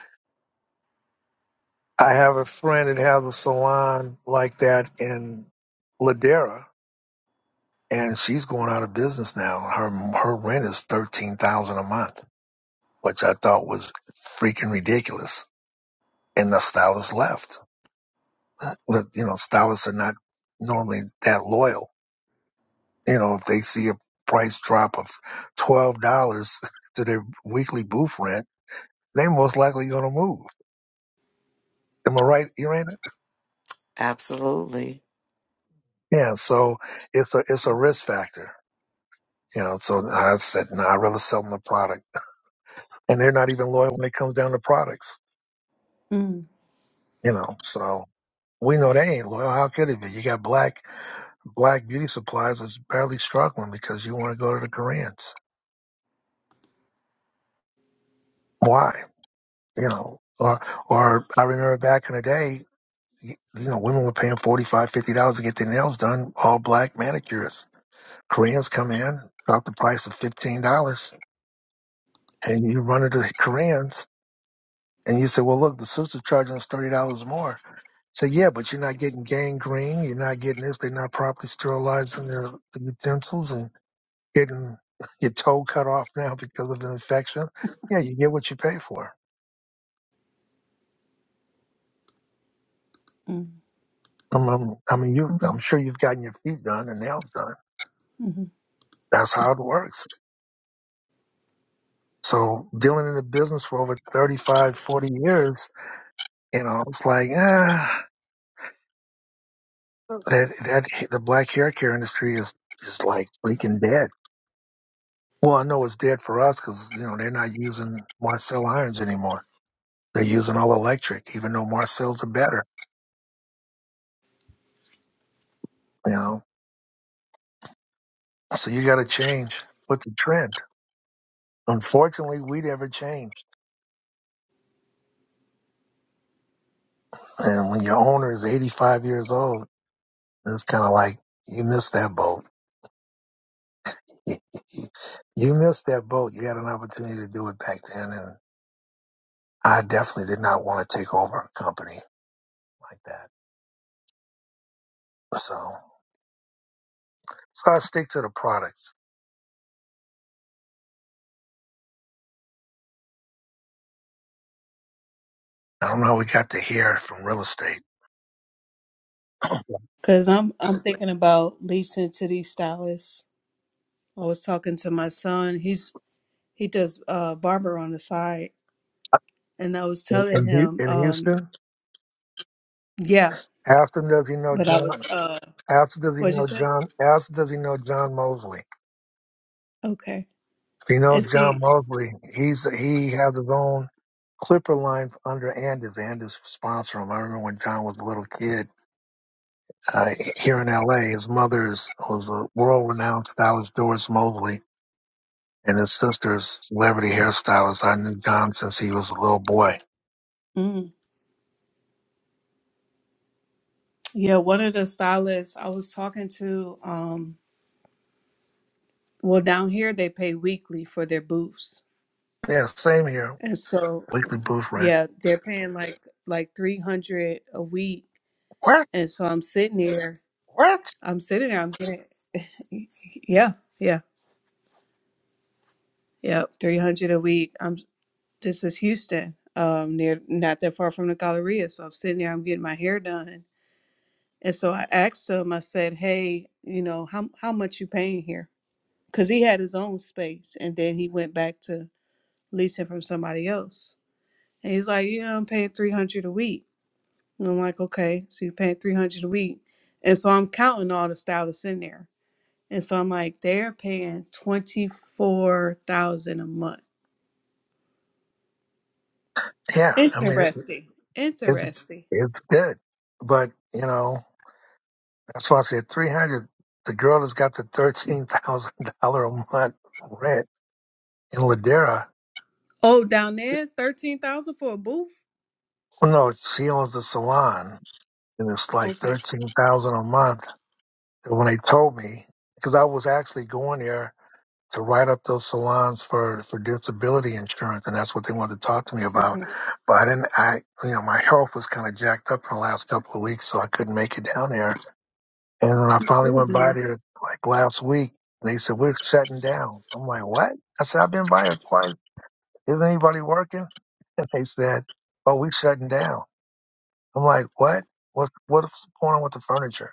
[SPEAKER 1] I have a friend that has a salon like that in Ladera, and she's going out of business now. Her her rent is thirteen thousand a month, which I thought was freaking ridiculous. And the stylist left But, you know, stylists are not normally that loyal. You know, if they see a price drop of $12 to their weekly booth rent, they most likely going to move. Am I right, Irena?
[SPEAKER 5] Absolutely.
[SPEAKER 1] Yeah. So it's a, it's a risk factor. You know, so I said, no, I'd rather sell them the product. And they're not even loyal when it comes down to products,
[SPEAKER 4] mm,
[SPEAKER 1] you know, so we know they ain't loyal. How could it be? You got black, black beauty supplies is barely struggling because you want to go to the Koreans. Why? you know, or or I remember back in the day, you you know, women were paying forty five, fifty dollars to get their nails done, all black manicurists. Koreans come in, drop the price of fifteen dollars, and you run into the Koreans and you say, Well look, the suits are charging us thirty dollars more. Say, yeah, but you're not getting gangrene, you're not getting this, they're not properly sterilizing their the utensils and getting your toe cut off now because of an infection. Yeah, you get what you pay for.
[SPEAKER 4] mm,
[SPEAKER 1] I'm, I'm, I mean, you. I'm sure you've gotten your feet done and nails done
[SPEAKER 4] mhm.
[SPEAKER 1] That's how it works. So dealing in the business for over 35, 40 years, you know, it's like, ah, that, that the black hair care industry is, is like freaking dead. Well, I know it's dead for us because, you know, they're not using Marcel irons anymore. They're using all electric, even though Marcel's are better, you know. So you got to change with the trend. Unfortunately, we never changed. And when your owner is 85 years old, it's kind of like you missed that boat. You missed that boat. You had an opportunity to do it back then, and I definitely did not want to take over a company like that. So, so I stick to the products. I don't know. how We got to hear from real estate
[SPEAKER 4] Cause I'm I'm thinking about leasing to these stylists. I was talking to my son. He's he does uh barber on the side, and I was
[SPEAKER 1] in
[SPEAKER 4] telling
[SPEAKER 1] in
[SPEAKER 4] him,
[SPEAKER 1] Hu- in
[SPEAKER 4] um,
[SPEAKER 1] Houston.
[SPEAKER 4] yeah,
[SPEAKER 1] Ask him does he know
[SPEAKER 4] but I was
[SPEAKER 1] John.
[SPEAKER 4] uh,
[SPEAKER 1] Ask him does he
[SPEAKER 4] what'd you
[SPEAKER 1] know
[SPEAKER 4] say?
[SPEAKER 1] John. Ask him does he know John Mosley. If
[SPEAKER 4] Okay,
[SPEAKER 1] he
[SPEAKER 4] and
[SPEAKER 1] knows John
[SPEAKER 4] see,
[SPEAKER 1] Mosley, he's he has his own Clipper line under Andes. Andes sponsored him. I remember when John was a little kid uh, here in LA. His mother is, was a world renowned stylist, Doris Mosley, and his sister is celebrity hairstylist. I knew Don since he was a little boy.
[SPEAKER 4] mm, yeah, one of the stylists I was talking to, um. Well, down here they pay weekly for their booths,
[SPEAKER 1] Yeah, same here.
[SPEAKER 4] and so
[SPEAKER 1] Weekly booth Rant.
[SPEAKER 4] yeah, they're paying like like three hundred a week.
[SPEAKER 1] What?
[SPEAKER 4] And so I'm sitting there,
[SPEAKER 1] What?
[SPEAKER 4] I'm sitting there, I'm getting yeah, yeah, yeah, three hundred a week. I'm this is Houston, um, near not that far from the Galleria. So I'm sitting there, I'm getting my hair done, and so I asked him, I said, hey, you know how how much you paying here? Because he had his own space, and then he went back to leasing from somebody else. And he's like, Yeah, I'm paying 300 a week. And I'm like, Okay, so you're paying 300 a week. And so I'm counting all the stylists in there. And so I'm like, They're paying 24000 a month.
[SPEAKER 1] Yeah, I mean, it,
[SPEAKER 4] Interesting.
[SPEAKER 1] it's,
[SPEAKER 4] Interesting.
[SPEAKER 1] it's good. But, you know, that's why I said 300 The girl that's got the $13,000 a month rent in Ladera,
[SPEAKER 4] Oh, down there, 13000 for a booth?
[SPEAKER 1] well, no, she owns the salon, and it's like
[SPEAKER 4] Okay.
[SPEAKER 1] 13000 a month And when they told me, because I was actually going there to write up those salons for, for disability insurance, and that's what they wanted to talk to me about.
[SPEAKER 4] Mhm.
[SPEAKER 1] But I didn't, I, you know, my health was kind of jacked up in the last couple of weeks, so I couldn't make it down there. And then I finally went by there like last week, and they said, we're shutting down. I'm like, what? I said, I've been by here twice. Isn't anybody working? And they said, oh, we're shutting down. I'm like, what? What, what's going on with the furniture?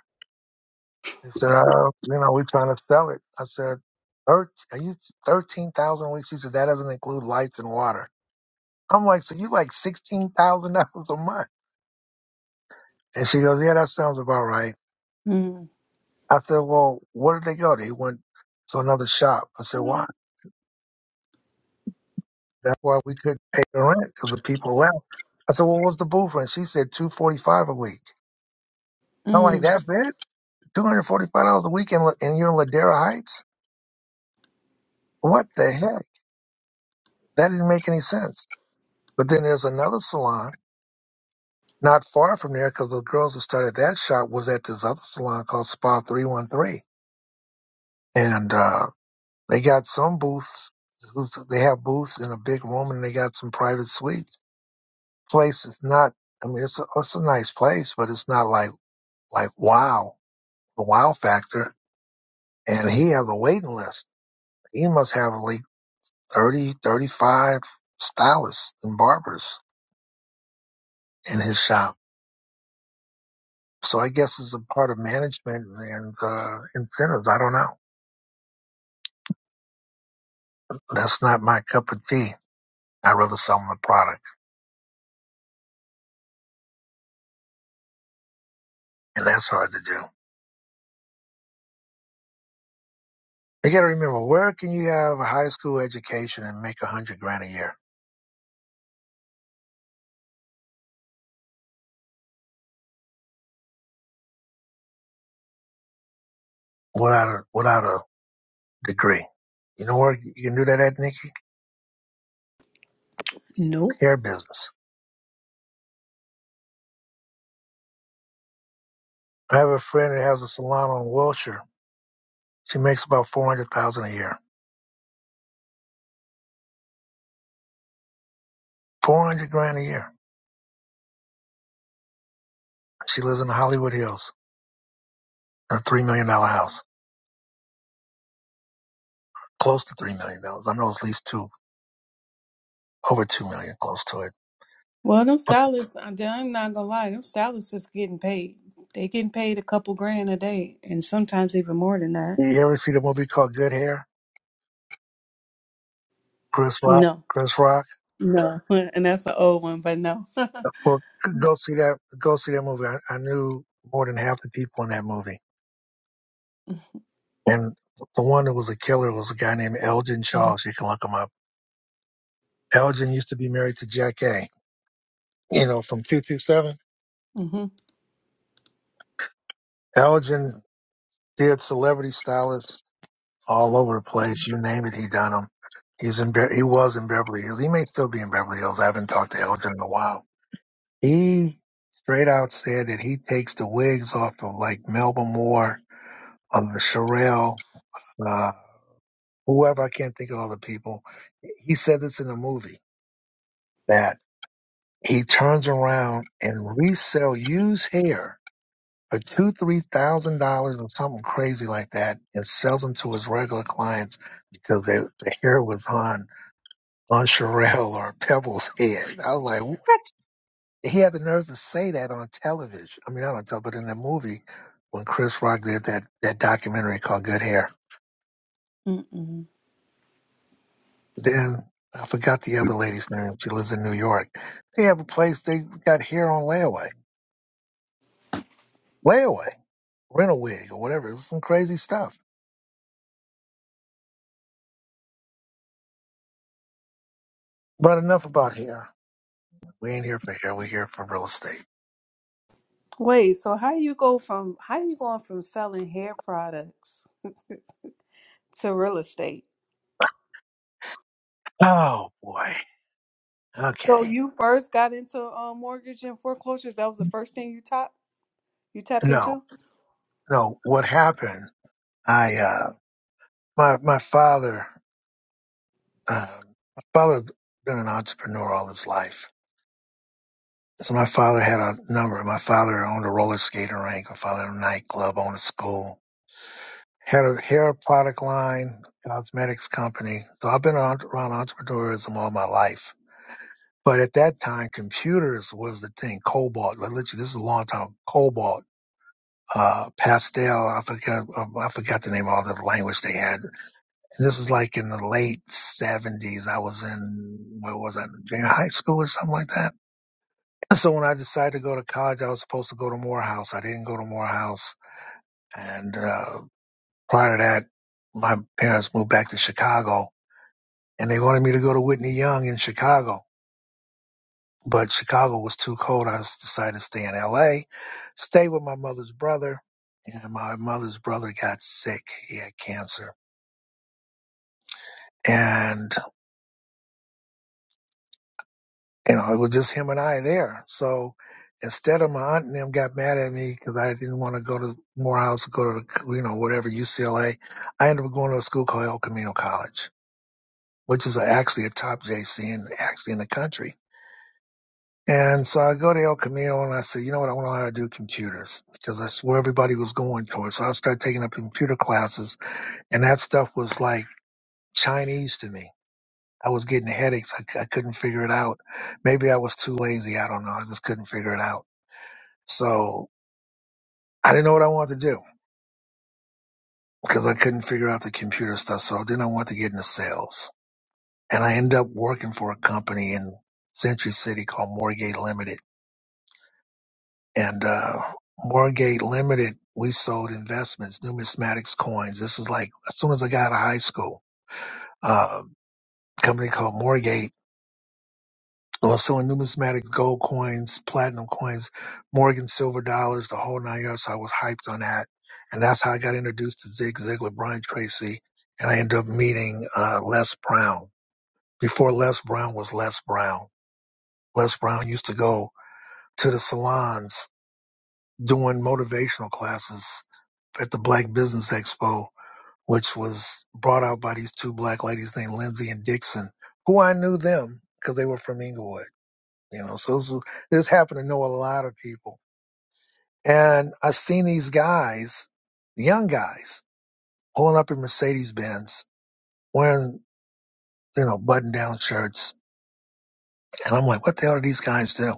[SPEAKER 1] They said, uh, you know, we're trying to sell it. I said, "Thir- are you 13,000 a week? She said, that doesn't include lights and water. I'm like, so you like $16,000 a month? And she goes, yeah, that sounds about right.
[SPEAKER 4] mm
[SPEAKER 1] I said, well, where did they go? They went to another shop. I said, why? That's why we couldn't pay the rent because the people left. I said, well, what's the booth rent? She said, 245 a week. I'm like,
[SPEAKER 4] mm
[SPEAKER 1] that's it? $245 a week and, and you're in Ladera Heights? What the heck? That didn't make any sense. But then there's another salon Not far from there, because the girls who started that shop was at this other salon called Spa 313. And uh, they got some booths. They have booths in a big room and they got some private suites. Place is not, I mean, it's a, it's a nice place, but it's not like, like wow, the wow factor. And he has a waiting list. He must have like 30, 35 stylists and barbers in his shop. So I guess it's a part of management and uh, incentives. I don't know. That's not my cup of tea. I'd rather sell them the product. And that's hard to do. You gotta remember, where can you have a high school education and make a hundred grand a year without a, without a degree? You know where you can do that at, Nikki?
[SPEAKER 4] Nope.
[SPEAKER 1] Hair business. I have a friend that has a salon on Wilshire. She makes about 400000 a year. 400 grand a year. She lives in the Hollywood Hills in a $3 million dollar house. Close to $3 million. dollars. I know it's at least two, over 2 million close to it.
[SPEAKER 4] Well, them stylists, I- I'm not gonna lie, them stylists is getting paid. They getting paid a couple grand a day, and sometimes even more than that.
[SPEAKER 1] You ever see the movie called Good Hair? Chris Rock?
[SPEAKER 4] No.
[SPEAKER 1] Chris Rock?
[SPEAKER 4] No, and that's an old one, but no.
[SPEAKER 1] Well, go see that. Go see that movie. I, I knew more than half the people in that movie, and the one that was a killer was a guy named Elgin Charles. You can look him up. Elgin used to be married to Jack A. You know, from two two seven.
[SPEAKER 4] hmm
[SPEAKER 1] Elgin did celebrity stylists all over the place. You name it, he done them. He's in. Be- He was in Beverly Hills. He may still be in Beverly Hills. I haven't talked to Elgin in a while. He straight out said that he takes the wigs off of like Melba Moore, of Sherelle. uh, whoever I can't think of all the people. He said this in the movie that he turns around and resell used hair for two, three thousand dollars or something crazy like that, and sells them to his regular clients because they, the hair was on on Sherelle or Pebble's head. I was like, what? He had the nerve to say that on television. I mean, I don't know, but in the movie when Chris Rock did that that documentary called Good Hair
[SPEAKER 4] Mm-mm.
[SPEAKER 1] Then I forgot the other lady's name. She lives in New York. They have a place. They got hair on layaway, layaway, rent a wig or whatever. It was some crazy stuff. But enough about hair. We ain't here for hair. We're here for real estate.
[SPEAKER 4] Wait, so how you go from how you going from selling hair products to real estate?
[SPEAKER 1] Oh boy.
[SPEAKER 4] So
[SPEAKER 1] Okay.
[SPEAKER 4] you first got into um, mortgage and foreclosures. That was the first thing you tapped you tapped
[SPEAKER 1] No,
[SPEAKER 4] into.
[SPEAKER 1] no. What happened? I uh, my my father, um, my father had been an entrepreneur all his life. So my father had a number. My father owned a roller skating rink. My father owned a nightclub, owned a school head of hair product line, cosmetics company. So I've been around around entrepreneurism all my life. But at that time, computers was the thing. Cobalt, like, literally, this is a long time. Cobalt, uh, pastel. I forgot. um, I forgot the name of all the language they had. And this was like in the late seventies. I was in what was that? Junior high school or something like that. And so when I decided to go to college, I was supposed to go to Morehouse. I didn't go to Morehouse. And uh, prior to that, my parents moved back to Chicago and they wanted me to go to Whitney Young in Chicago, but Chicago was too cold. I decided to stay in L.A., stay with my mother's brother, and my mother's brother got sick. He had cancer, and you know it was just him and I there. So instead of my aunt and them got mad at me because I didn't want to go to Morehouse, go to you know whatever UCLA, I ended up going to a school called El Camino College, which is actually a top JC and actually in the country And so I go to El Camino and I said, you know what? I want to know how to do computers because that's where everybody was going towards. So I started taking up computer classes and that stuff was like Chinese to me. I was getting headaches. I c- I couldn't figure it out. Maybe I was too lazy. I don't know. I just couldn't figure it out. So I didn't know what I wanted to do because I couldn't figure out the computer stuff. So then I wanted to get into sales and I ended up working for a company in Century City called Morgate Limited And uh, Margate Limited, we sold investments, numismatics, coins. This is like as soon as I got out of high school, uh, company called Morgate was selling numismatic gold coins, platinum coins, Morgan silver dollars, the whole nine yards. So I was hyped on that. And that's how I got introduced to Zig Ziglar, Brian Tracy. And I ended up meeting uh, Les Brown. Before Les Brown was Les Brown, Les Brown used to go to the salons doing motivational classes at the Black Business Expo, which was brought out by these two black ladies named Lindsay and Dixon, who I knew them because they were from Inglewood. You know, so this, is- this happened to know a lot of people. And I seen these guys, young guys, pulling up in Mercedes Benz, wearing, you know, button down shirts. And I'm like, what the hell do these guys do?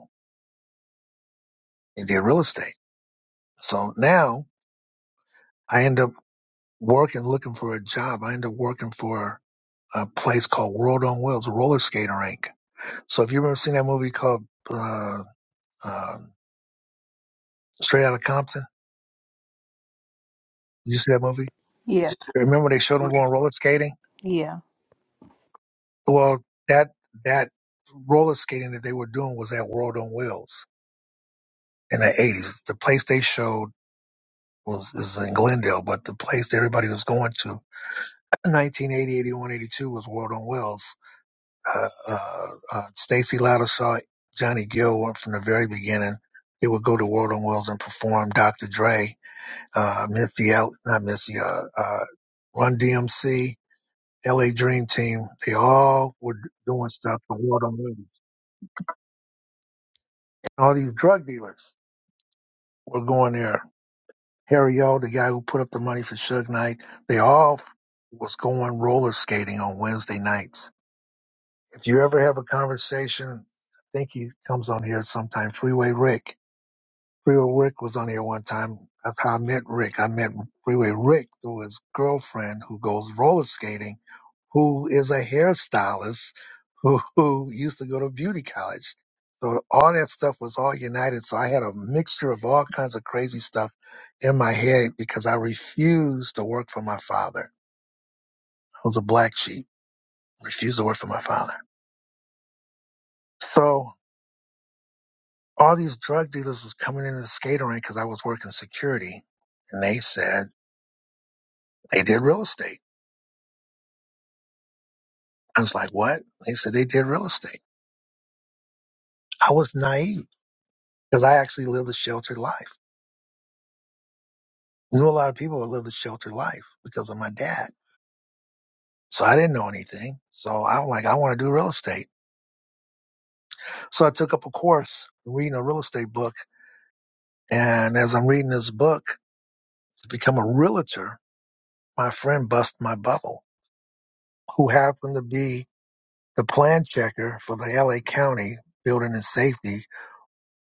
[SPEAKER 1] They did real estate. So now I end up working, looking for a job. I end up working for a place called World on Wheels, a roller skater rink So if you ever seen that movie called uh, uh, Straight Outta Compton, did you see that movie?
[SPEAKER 4] Yeah,
[SPEAKER 1] Remember they showed them going roller skating?
[SPEAKER 4] yeah,
[SPEAKER 1] Well, that that roller skating that they were doing was at World on Wheels in the eighties. The place they showed was is in Glendale, but the place that everybody was going to, 1980, 81, 82 was World on Wheels. Uh, uh, uh, Stacy Loudersaw, Johnny Gill were from the very beginning. They would go to World on Wheels and perform Dr. Dre uh, Missy, El- not Missy, uh, uh, Run DMC, LA Dream Team, they all were doing stuff for World on Money. And all these drug dealers were going there. Harry O, the guy who put up the money for Suge Knight, they all f- was going roller skating on Wednesday nights. If you ever have a conversation, I think he comes on here sometime, Freeway Rick. Freeway Rick was on here one time. That's how I met Rick. I met Freeway Rick through his girlfriend who goes roller skating, who is a hairstylist who, who used to go to beauty college. So all that stuff was all united. So I had a mixture of all kinds of crazy stuff in my head because I refused to work for my father. I was a black sheep, refused to work for my father. So all these drug dealers was coming into the skating rink because I was working security. And they said, they did real estate. I was like, what? They said they did real estate. I was naive because I actually lived a sheltered life. Knew a lot of people that lived a sheltered life because of my dad. So I didn't know anything. So I'm like, I want to do real estate. So I took up a course reading a real estate book. And as I'm reading this book to become a realtor, my friend bust my bubble, who happened to be the plan checker for the LA County building and safety.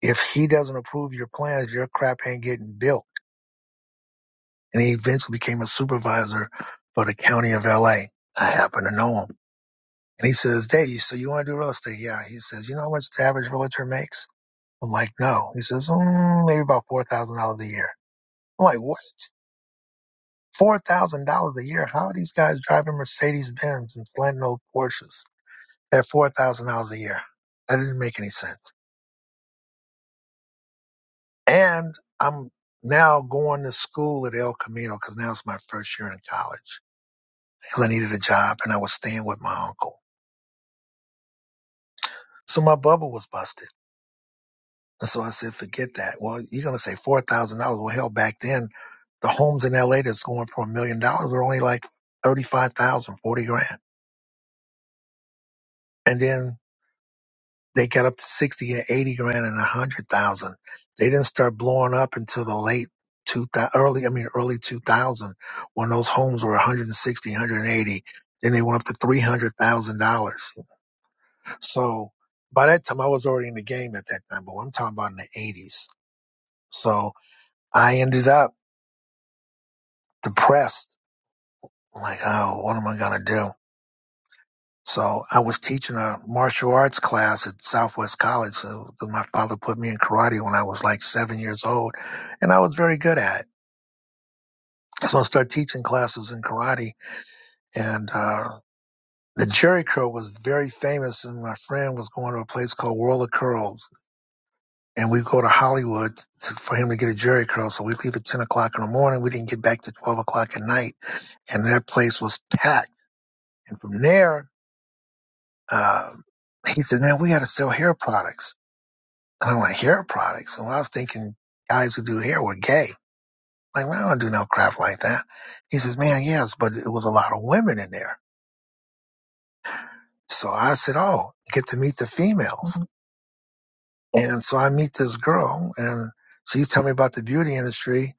[SPEAKER 1] If he doesn't approve your plans, your crap ain't getting built and he eventually became a supervisor for the county of LA. I happen to know him. And he says, Dave, so you want to do real estate? Yeah. He says, you know how much the average realtor makes? I'm like, no. He says, mm, maybe about $4,000 a year. I'm like, what? $4,000 a year? How are these guys driving Mercedes Benz and slanting old Porsches at $4,000 a year? That didn't make any sense. And I'm now going to school at El Camino because now it's my first year in college because I needed a job and I was staying with my uncle. So my bubble was busted. And so I said, forget that. Well, you're going to say $4,000. Well, hell, back then, the homes in LA that's going for a million dollars were only like 35,000, 40 grand. And then they got up to 60 and 80 grand and 100,000. They didn't start blowing up until the late 2000, early, I mean, early 2000 when those homes were 160, 180. Then they went up to $300,000. So by that time, I was already in the game at that time, but I'm talking about in the 80s. So I ended up depressed. Like, oh, what am I going to do? So I was teaching a martial arts class at Southwest College. So 'cause my father put me in karate when I was like seven years old, and I was very good at it. So I started teaching classes in karate, and uh, the Jerry curl was very famous. And my friend was going to a place called World of Curls, and we go to Hollywood to, for him to get a Jerry curl. So we leave at ten o'clock in the morning. We didn't get back to twelve o'clock at night, and that place was packed. And from there, Um, he said, man, we got to sell hair products. And I'm like, hair products? And I was thinking guys who do hair were gay. Like, well, I don't do no crap like that. He says, man, yes, but it was a lot of women in there. So I said, oh, get to meet the females. Mm-hmm. And so I meet this girl and she's telling me about the beauty industry.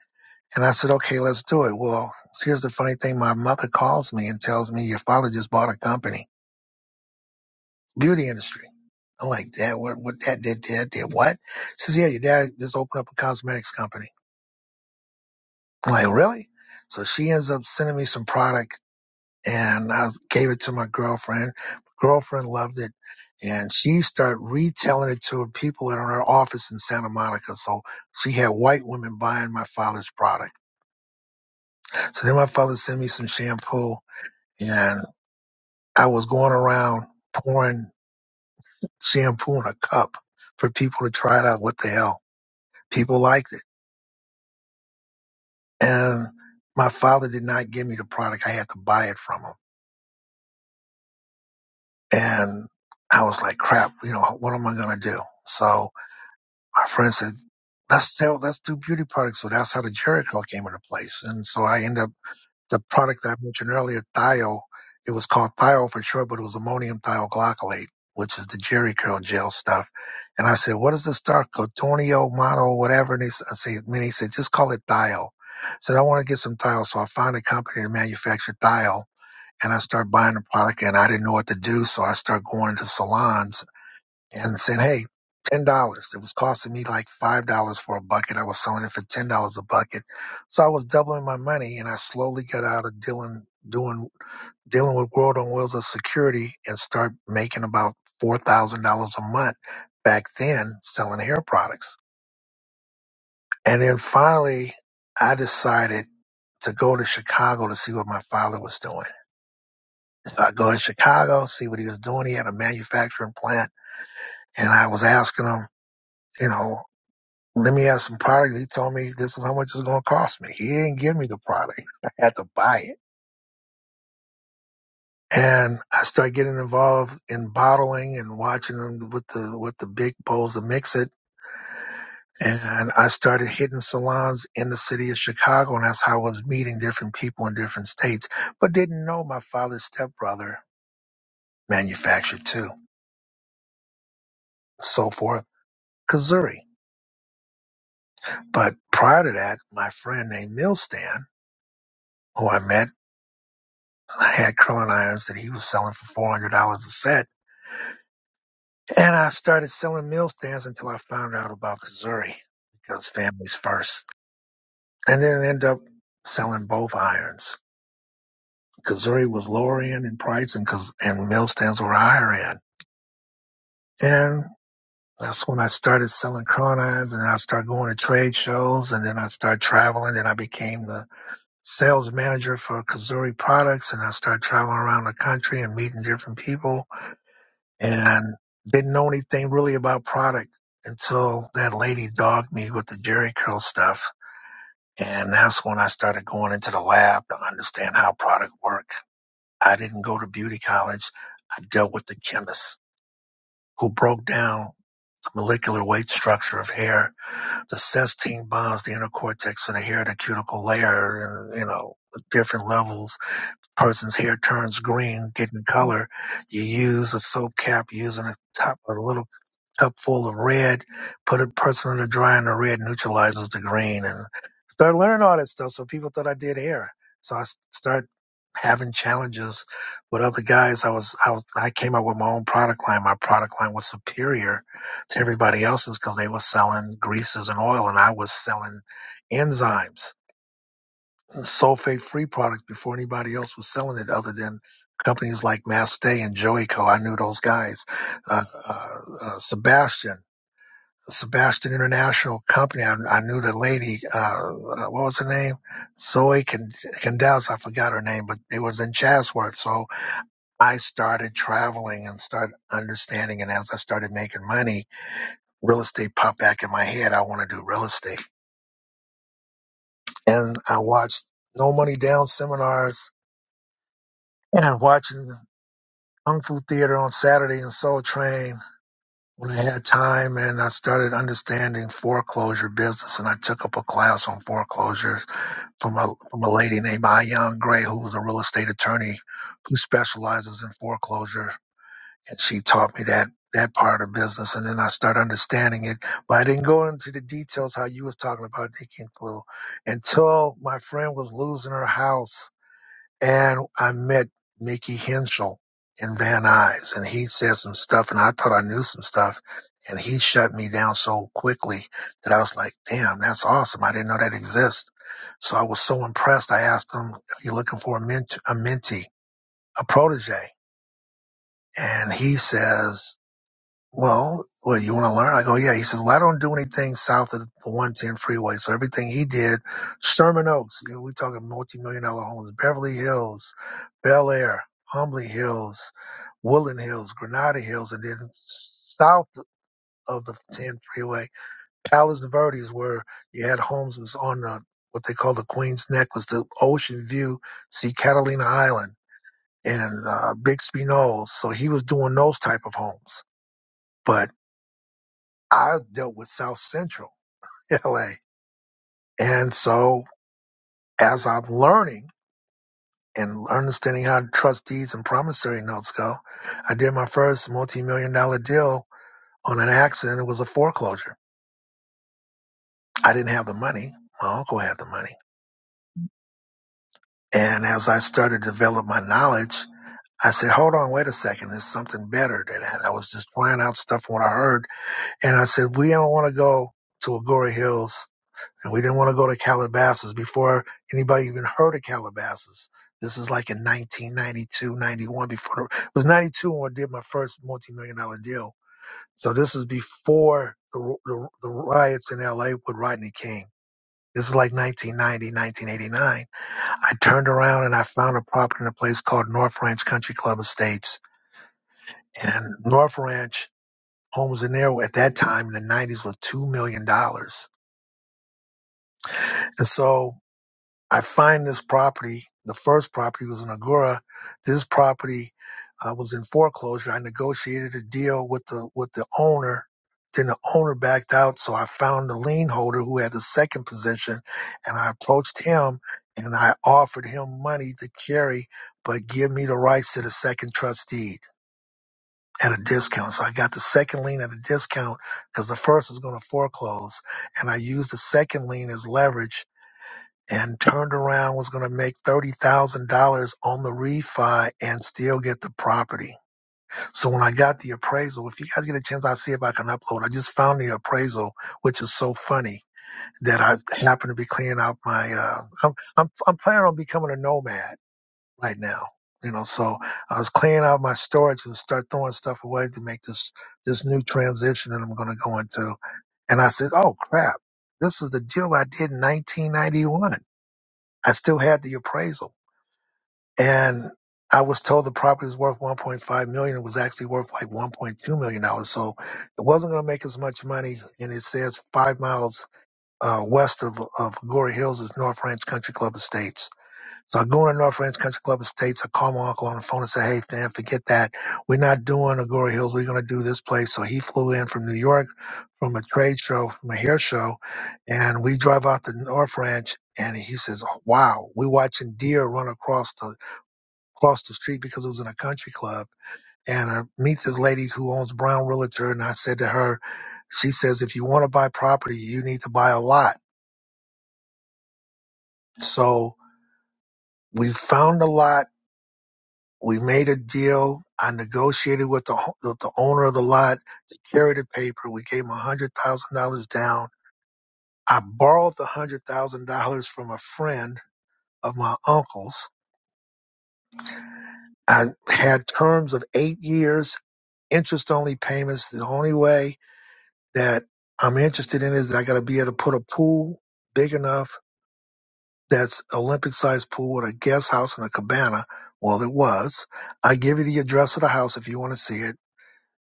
[SPEAKER 1] And I said, okay, let's do it. Well, here's the funny thing. My mother calls me and tells me your father just bought a company, beauty industry. I'm like, Dad, what, what, Dad, did, dad, did what? She says, yeah, your dad just opened up a cosmetics company. I'm like, really? So she ends up sending me some product and I gave it to my girlfriend. My girlfriend loved it and she started retailing it to people in her office in Santa Monica. So she had white women buying my father's product. So then my father sent me some shampoo and I was going around pouring shampoo in a cup for people to try it out. What the hell? People liked it And my father did not give me the product. I had to buy it from him. And I was like, crap, you know, what am I going to do? So my friend said, let's sell, let's do beauty products. So that's how the Jericho came into place. And so I ended up the product that I mentioned earlier, Thio, it was called Thio for sure, but it was ammonium thioglycolate, which is the Jerry Curl gel stuff. And I said, what is this stuff called? Tornio, Mono, whatever. And he, s- I say, and he said, just call it Thio. I said, I want to get some Thio. So I found a company that manufactured Thio and I started buying the product and I didn't know what to do. So I started going to salons and said, Hey, ten dollars. It was costing me like five dollars for a bucket. I was selling it for ten dollars a bucket. So I was doubling my money and I slowly got out of dealing doing dealing with World on Wheels as security and start making about four thousand dollars a month back then selling hair products. And then finally I decided to go to Chicago to see what my father was doing. So I go to Chicago, see what he was doing. He had a manufacturing plant and I was asking him, you know, Let me have some product. He told me this is how much it's going to cost me. He didn't give me the product. I had to buy it. And I started getting involved in bottling and watching them with the, with the big bowls to mix it. And I started hitting salons in the city of Chicago. And that's how I was meeting different people in different states, but didn't know my father's stepbrother manufactured too, so forth, Kazuri. But prior to that, my friend named Milstan, who I met. I had curling irons that he was selling for four hundred dollars a set, and I started selling meal stands until I found out about Kazuri because family's first, and then end up selling both irons. Kazuri was lower end in price, and Kaz- and meal stands were higher end, and that's when I started selling curling irons, and I started going to trade shows, and then I started traveling, and I became the sales manager for Kazuri products, and I started traveling around the country and meeting different people and didn't know anything really about product until that lady dogged me with the jerry curl stuff. And that's when I started going into the lab to understand how product worked. I didn't go to beauty college. I dealt with the chemists who broke down the molecular weight structure of hair, the cystine bonds, the inner cortex of the hair, the cuticle layer, and, you know, the different levels. Person's hair turns green, getting color. You use a soap cap using a top, a little tub full of red, put a person under dry and the red neutralizes the green and started learning all that stuff. So people thought I did hair. So I s- started having challenges with other guys. I was, I was, I came up with my own product line. My product line was superior to everybody else's because they were selling greases and oil and I was selling enzymes, sulfate free products before anybody else was selling it other than companies like Mass and Joico. I knew those guys uh, uh, uh, Sebastian. Sebastian International Company. I, I knew the lady. Uh, uh, what was her name? Zoe Candelz. I forgot her name, but it was in Chatsworth. So I started traveling and started understanding. And as I started making money, real estate popped back in my head. I want to do real estate, and I watched No Money Down seminars and watching Kung Fu Theater on Saturday and Soul Train. When I had time and I started understanding foreclosure business and I took up a class on foreclosure from a from a lady named Ayan Gray, who was a real estate attorney who specializes in foreclosure, and she taught me that that part of business, and then I started understanding it. But I didn't go into the details how you was talking about Nikki and Clue until my friend was losing her house and I met Mickey Henschel in Van Nuys, and he said some stuff, and I thought I knew some stuff, and he shut me down so quickly that I was like, "Damn, that's awesome! I didn't know that exists." So I was so impressed. I asked him, "Are you looking for a ment- a mentee, a protege?" And he says, well, well, you want to learn? I go, yeah. He says, well, I don't do anything south of the 110 freeway. So everything he did, Sherman Oaks, you know, we're talking multi-million dollar homes, Beverly Hills, Bel Air, Humbly Hills, Woodland Hills, Granada Hills, and then south of the 10 freeway, Palos Verdes, where you had homes was on the, what they call the Queen's Necklace, the ocean view, see Catalina Island and uh, Bixby Knolls. So he was doing those type of homes. But I dealt with South Central LA. And so as I'm learning and understanding how trustees and promissory notes go, I did my first multi-million dollar deal on an accident. It was a foreclosure. I didn't have the money. My uncle had the money. And as I started to develop my knowledge, I said, hold on, wait a second. There's something better than that. I was just trying out stuff from what I heard. And I said, we don't want to go to Agora Hills and we didn't want to go to Calabasas before anybody even heard of Calabasas. This is like in 1992, 91, before the, it was 92 when I did my first multi-million dollar deal. So this is before the, the, the riots in LA with Rodney King. This is like 1990, 1989. I turned around and I found a property in a place called North Ranch Country Club Estates. And North Ranch homes in there at that time in the 90s were $2 million. dollars. And so I find this property. The first property was in Agoura. This property uh, was in foreclosure. I negotiated a deal with the with the owner. Then the owner backed out, so I found the lien holder who had the second position, and I approached him and I offered him money to carry, but give me the rights to the second trust deed at a discount. So I got the second lien at a discount because the first was going to foreclose, and I used the second lien as leverage and turned around was going to make $30,000 on the refi and still get the property. So when I got the appraisal, if you guys get a chance, I'll see if I can upload. I just found the appraisal, which is so funny that I happen to be cleaning out my, uh, I'm, I'm, I'm planning on becoming a nomad right now. You know, so I was cleaning out my storage and start throwing stuff away to make this, this new transition that I'm going to go into. And I said, Oh crap. This is the deal I did in 1991 I still had the appraisal and I was told the property was worth 1.5 million. It was actually worth like 1.2 million dollars. So it wasn't going to make as much money. And it says five miles uh, west of, of Glory Hills is North Ranch Country Club Estates so I go to North Ranch Country Club Estates. I call my uncle on the phone and say, hey, man, forget that. We're not doing Agoura Hills. We're going to do this place. So he flew in from New York from a trade show, from a hair show. And we drive out to North Ranch. And he says, wow, we're watching deer run across the, across the street because it was in a country club. And I meet this lady who owns Brown Realtor. And I said to her, she says, if you want to buy property, you need to buy a lot. So we found a lot We made a deal. I negotiated with the ho- with the owner of the lot to carry the paper. We gave him hundred thousand dollars down. I borrowed the hundred thousand dollars from a friend of my uncle's. I had terms of eight years, interest only payments. The only way that I'm interested in is I got to be able to put a pool big enough that's Olympic sized pool with a guest house and a cabana. Well, it was. I give you the address of the house if you want to see it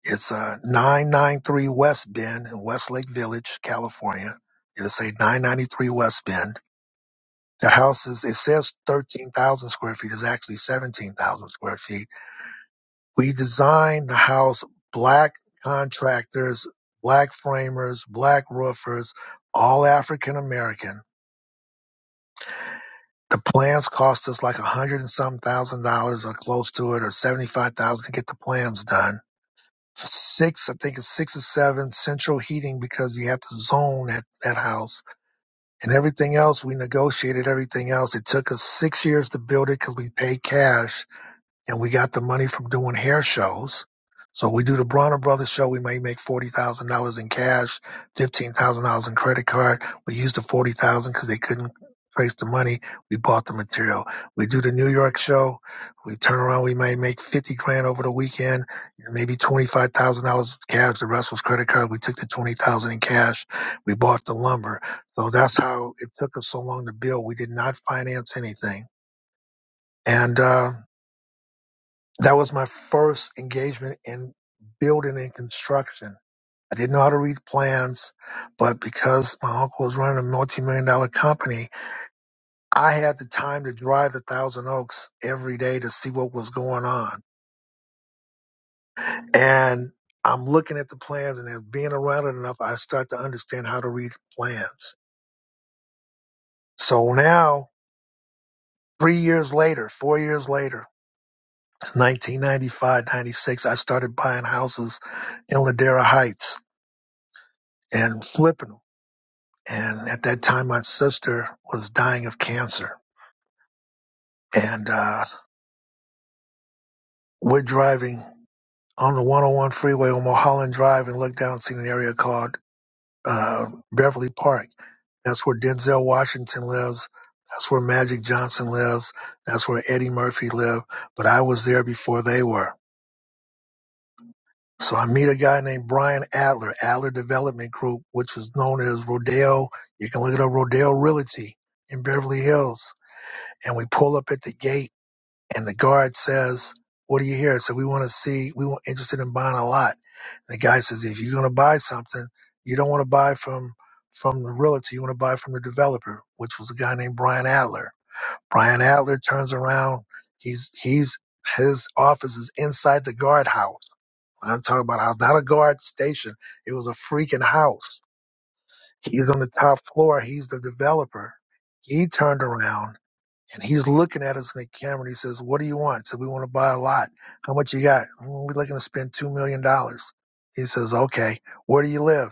[SPEAKER 1] It's uh, 993 West Bend in Westlake Village, California. It'll say 993 West Bend. The house is, it says 13,000 square feet. It's actually 17,000 square feet. We designed the house black contractors, black framers, black roofers, all African American. The plans cost us like a hundred and some thousand dollars or close to it or 75,000 to get the plans done six, I think it's six or seven central heating because you have to zone that, that house and everything else. We negotiated everything else. It took us six years to build it because we paid cash and we got the money from doing hair shows. So we do the Bronner Brothers show. We may make forty thousand dollars in cash, fifteen thousand dollars in credit card. We used the forty thousand dollars because they couldn't trace the money. We bought the material. We do the New York show. We turn around. We may make fifty grand over the weekend, maybe twenty five thousand dollars cash. The rest was credit card. We took the twenty thousand dollars in cash. We bought the lumber. So that's how it took us so long to build. We did not finance anything, and. uh that was my first engagement in building and construction. I didn't know how to read plans, but because my uncle was running a multi-million dollar company, I had the time to drive the Thousand Oaks every day to see what was going on. And I'm looking at the plans and then being around it enough, I start to understand how to read plans. So now, three years later, four years later, 1995, 96, I started buying houses in Ladera Heights and flipping them And at that time, my sister was dying of cancer. And uh, we're driving on the 101 freeway on Mulholland Drive and look down and see an area called uh, Beverly Park. That's where Denzel Washington lives. That's where Magic Johnson lives. That's where Eddie Murphy lived. But I was there before they were. So I meet a guy named Brian Adler, Adler Development Group, which was known as Rodeo. You can look it up, Rodeo Realty in Beverly Hills. And we pull up at the gate And the guard says, "What do you here?" So we want to see. We were interested in buying a lot. And the guy says, "If you're going to buy something, you don't want to buy from from the realtor. You want to buy from the developer, which was a guy named Brian Adler." Brian Adler turns around. He's he's his office is inside the guardhouse. I'm talking about house, not a guard station. It was a freaking house. He's on the top floor. He's the developer. He turned around and he's looking at us in the camera and he says, What do you want? So we want to buy a lot. How much you got? "Mm, We're looking to spend $2 million. dollars. He says, Okay, where do you live?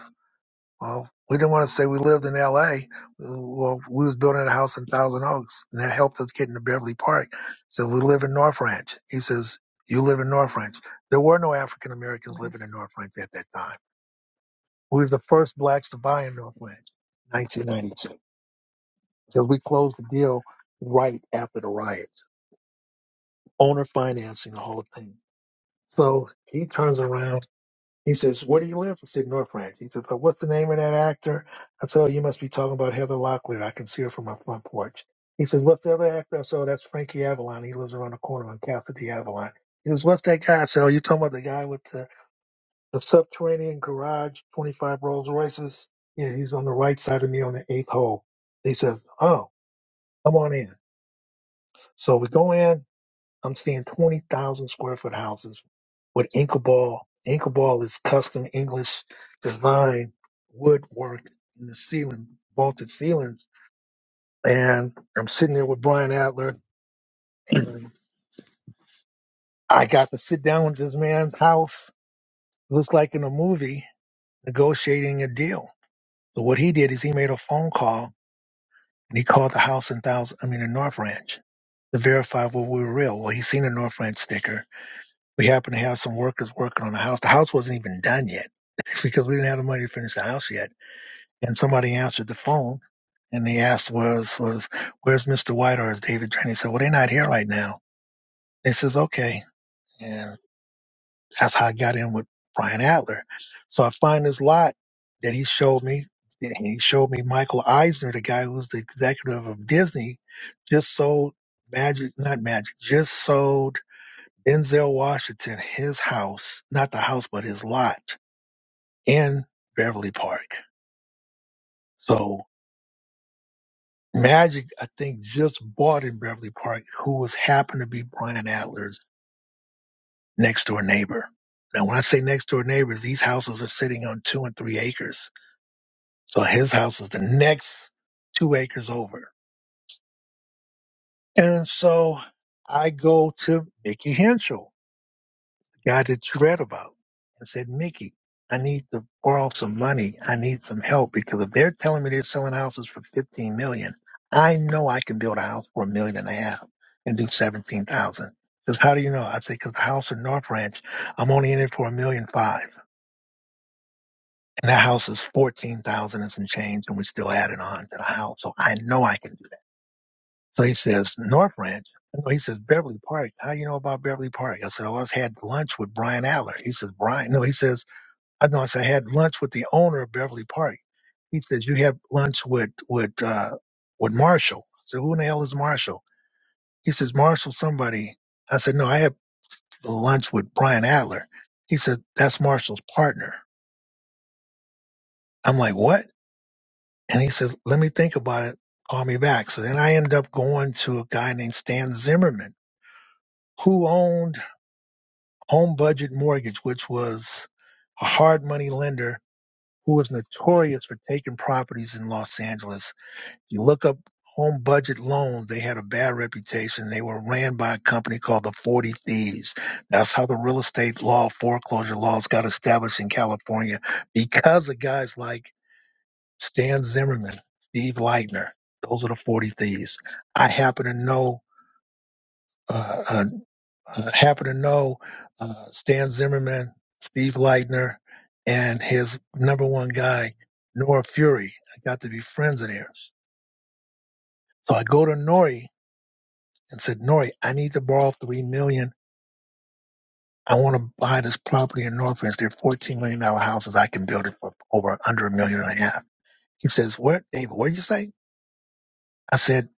[SPEAKER 1] Well, we didn't want to say we lived in LA. Well, we was building a house in Thousand Oaks and that helped us get into Beverly Park. So we live in North Ranch. He says, You live in North Ranch. There were no African Americans living in North Ranch at that time. We were the first blacks to buy in North Ranch, 1992. So we closed the deal right after the riot. owner financing the whole thing. So he turns around. He says, "Where do you live?" I said, "North Ranch." He said, "But what's the name of that actor?" I said, "Oh, you must be talking about Heather Locklear. I can see her from my front porch." He says, "What's the other actor?" I said, "Oh, that's Frankie Avalon. He lives around the corner on Cassidy Avalon." He says, "What's that guy?" I said, "Oh, you talking about the guy with the, the subterranean garage, 25 Rolls Royces?" Yeah, he's on the right side of me on the eighth hole. He says, "Oh, come on in." So we go in. I'm seeing 20,000 square foot houses with Inkaball. Inkaball is custom English design woodwork in the ceiling, vaulted ceilings. And I'm sitting there with Brian Adler. And I got to sit down with this man's house. looks like in a movie, negotiating a deal. So what he did is he made a phone call and he called the house in thousand, I mean, in North Ranch to verify what we were real. Well, he seen a North Ranch sticker We happened to have some workers working on the house. The house wasn't even done yet because we didn't have the money to finish the house yet. And somebody answered the phone and they asked, was, was, where's Mr. White or is David Drain? He said, well, they're not here right now. They says, okay. And that's how I got in with Brian Adler. So I find this lot that he showed me. and He showed me Michael Eisner, the guy who was the executive of Disney, just sold Magic, not Magic, just sold Denzel Washington, his house, not the house, but his lot in Beverly Park. So Magic, I think, just bought in Beverly Park, who was happened to be Brian Adler's next door neighbor. Now, when I say next door neighbors, these houses are sitting on two and three acres. So his house is the next two acres over. And so I go to Mickey Henschel guy that you read about and said, Mickey, I need to borrow some money. I need some help because if they're telling me they're selling houses for 15 million, I know I can build a house for a million and a half and do 17,000. Because how do you know? I say, because the house in North Ranch, I'm only in it for a million five. And that house is 14,000 and some change and we're still adding on to the house. So I know I can do that. So he says, North Ranch. No, He says, Beverly Park. How you know about Beverly Park? I said, oh, I was had lunch with Brian Adler. He says, Brian, no, he says, I know. I said, I had lunch with the owner of Beverly Park. He says, you had lunch with, with, uh, with Marshall. I said, who in the hell is Marshall? He says, Marshall somebody. I said, no, I had lunch with Brian Adler. He said, that's Marshall's partner. I'm like, what? And he says, let me think about it. Call me back. So then I ended up going to a guy named Stan Zimmerman who owned Home Budget Mortgage, which was a hard money lender who was notorious for taking properties in Los Angeles You look up home budget loans, they had a bad reputation. They were ran by a company called the 40 Thieves. That's how the real estate law, foreclosure laws got established in California because of guys like Stan Zimmerman, Steve Leitner. Those are the 40 Thieves. I happen to know, uh, uh, uh, happen to know uh, Stan Zimmerman, Steve Leitner, and his number one guy, Nora Fury. I got to be friends of theirs. So I go to Nori and said, Nori, I need to borrow three million. dollars. I want to buy this property in Northridge. There are fourteen million dollar houses. I can build it for over under a million and a half. He says, What David, what did you say? I said,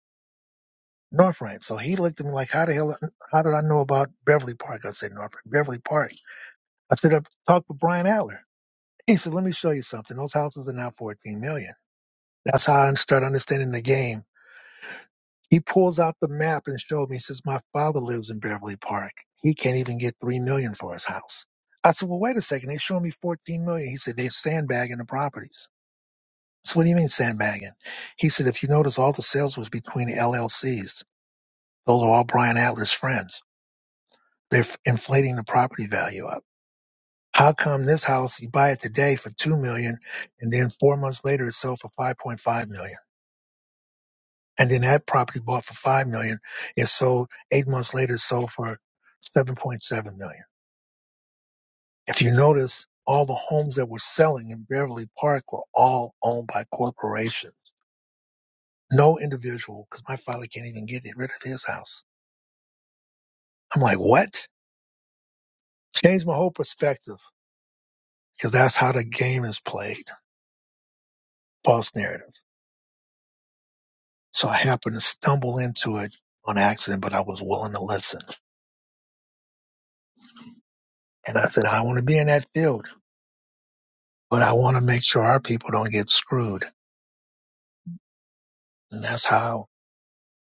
[SPEAKER 1] Northridge. So he looked at me like, How the hell how did I know about Beverly Park? I said, Northridge, Beverly Park. I said, I've talked with Brian Adler. He said, Let me show you something. Those houses are now fourteen million. dollars. That's how I started understanding the game He pulls out the map and showed me. He says, My father lives in Beverly Park. He can't even get three million dollars for his house. I said, Well, wait a second, they showed me fourteen million. dollars. He said, They're sandbagging the properties. I said, What do you mean sandbagging? He said, If you notice all the sales was between LLCs. Those are all Brian Adler's friends. They're f- inflating the property value up. How come this house you buy it today for two million dollars, and then four months later it sold for five point five million? dollars? and then that property bought for five million is sold eight months later is sold for 7.7 million if you notice all the homes that were selling in beverly park were all owned by corporations no individual because my father can't even get rid of his house i'm like what changed my whole perspective because that's how the game is played false narrative so i happened to stumble into it on accident but i was willing to listen and i said i want to be in that field but i want to make sure our people don't get screwed And that's how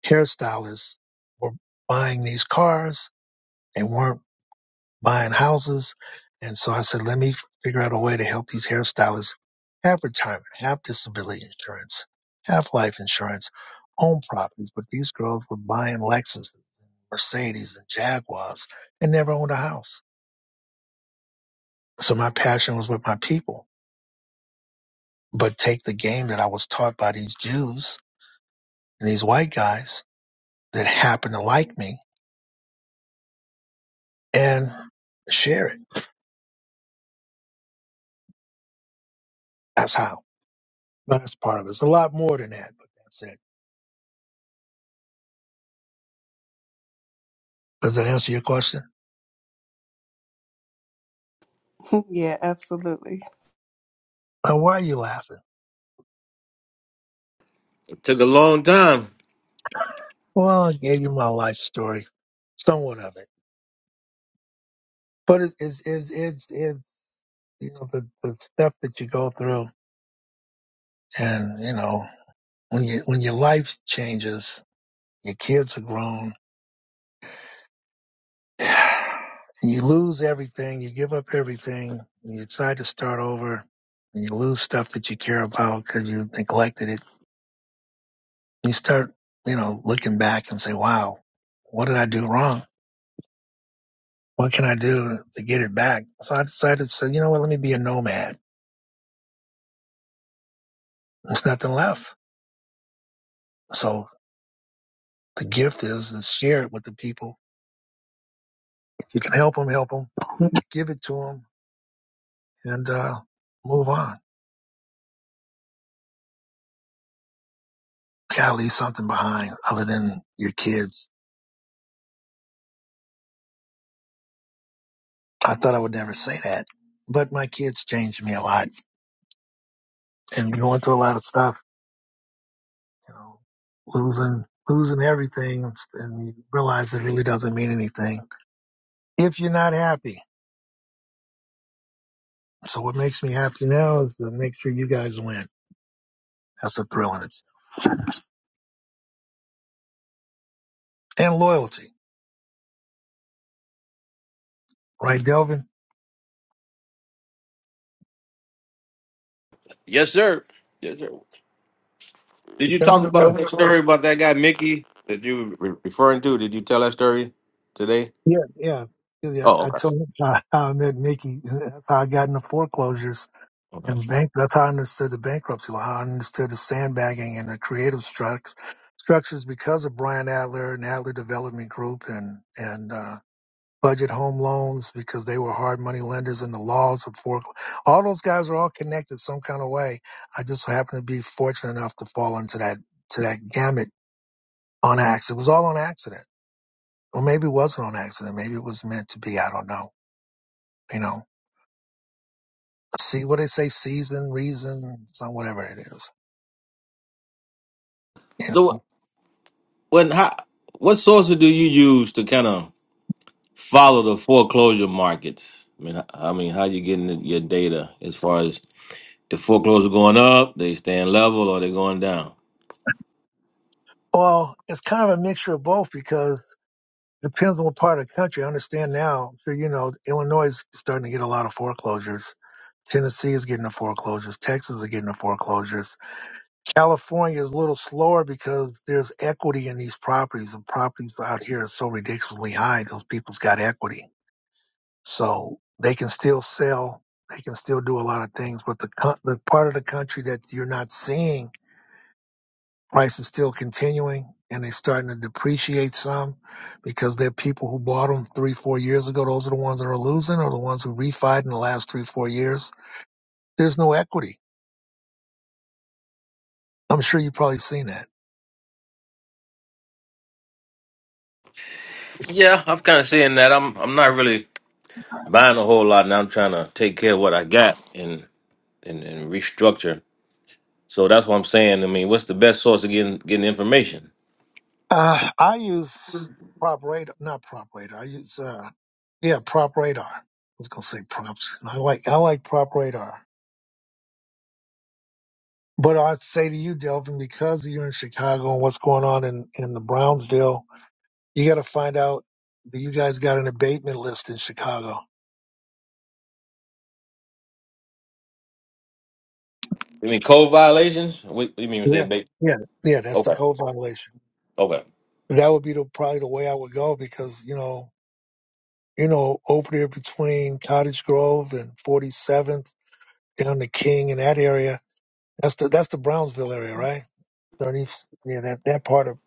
[SPEAKER 1] hairstylists were buying these cars. They weren't buying houses. And so I said, let me figure out a way to help these hairstylists have retirement, have disability insurance, have life insurance, own properties. But these girls were buying Lexus, Mercedes, and Jaguars and never owned a house. So my passion was with my people. But take the game that I was taught by these Jews and these white guys that happened to like me and share it That's how. That's part of it. It's a lot more than that, but that's it. Does that answer your question?
[SPEAKER 4] yeah, absolutely.
[SPEAKER 1] Now, why are you laughing?
[SPEAKER 7] Took a long time.
[SPEAKER 1] Well, I gave you my life story, somewhat of it, but it, it's it's it's it's you know the the stuff that you go through, and you know when you when your life changes, your kids are grown, and you lose everything, you give up everything, and you decide to start over, and you lose stuff that you care about because you neglected it you start, you know, looking back and say, wow, what did I do wrong? What can I do to get it back? So I decided to say, you know what, let me be a nomad. There's nothing left. So the gift is to share it with the people. If you can help them, help them, give it to them and, uh, move on. You Gotta leave something behind other than your kids. I thought I would never say that, but my kids changed me a lot and going through a lot of stuff. you know, losing losing everything and you realize it really doesn't mean anything if you're not happy. So what makes me happy now is to make sure you guys win. That's a thrill in itself. And loyalty. Right, Delvin?
[SPEAKER 7] Yes, sir. Yes, sir. Did you talk
[SPEAKER 1] Delvin I'm
[SPEAKER 7] about
[SPEAKER 1] in.
[SPEAKER 7] that story about that guy Mickey that you were referring to? Did you tell that story today?
[SPEAKER 1] Yeah, yeah. Yeah,
[SPEAKER 7] Oh,
[SPEAKER 1] I
[SPEAKER 7] okay.
[SPEAKER 1] told you how I met Mickey. That's how I got into foreclosures
[SPEAKER 7] Okay.
[SPEAKER 1] and bank. That's how I understood the bankruptcy law. How I understood the sandbagging and the creative structures structures because of Brian Adler and Adler Development Group and and uh, budget home loans because they were hard money lenders and the laws of for all those guys are all connected some kind of way. I just so happened to be fortunate enough to fall into that to that gamut on accident. It was all on accident. Or maybe it wasn't on accident. Maybe it was meant to be. I don't know. You know, see what they say, season, reason, some whatever it is. You know,
[SPEAKER 7] So when how, what sources do you use to kind of follow the foreclosure market? I mean, h- I mean, how you getting your data as far as the foreclosure going up, they staying level, or they going down?
[SPEAKER 1] well, it's kind of a mixture of both because Depends on what part of the country. I understand now. So you know, Illinois is starting to get a lot of foreclosures. Tennessee is getting the foreclosures. Texas is getting the foreclosures. California is a little slower because there's equity in these properties. The properties out here are so ridiculously high. Those people's got equity, so they can still sell. They can still do a lot of things. But the co- the part of the country that you're not seeing price is still continuing and they're starting to depreciate some because they're people who bought them three, four years ago. Those are the ones that are losing or the ones who refied in the last three, four years. There's no equity. I'm sure you've probably seen that.
[SPEAKER 7] Yeah, I'm kind of seeing that. I'm I'm not really buying a whole lot, and I'm trying to take care of what I got and and, and restructure So that's what I'm saying. I mean, what's the best source of getting getting information?
[SPEAKER 1] Uh, I use prop radar, not prop radar. I use, uh, yeah, prop radar. I was going to say props. I like, I like prop radar. But I'd say to you, Delvin, because you're in Chicago and what's going on in, in the Brownsville, you got to find out that you guys got an abatement list in Chicago
[SPEAKER 7] You mean code violations? What, what do you mean when you say
[SPEAKER 1] Yeah,
[SPEAKER 7] big?
[SPEAKER 1] yeah, yeah. That's the
[SPEAKER 7] Okay,
[SPEAKER 1] code violation.
[SPEAKER 7] okay.
[SPEAKER 1] That would be the probably the way I would go because you know, you know, over there between Cottage Grove and 47th, down to King and that area. That's the that's the Brownsville area, right? 30, yeah, that that part of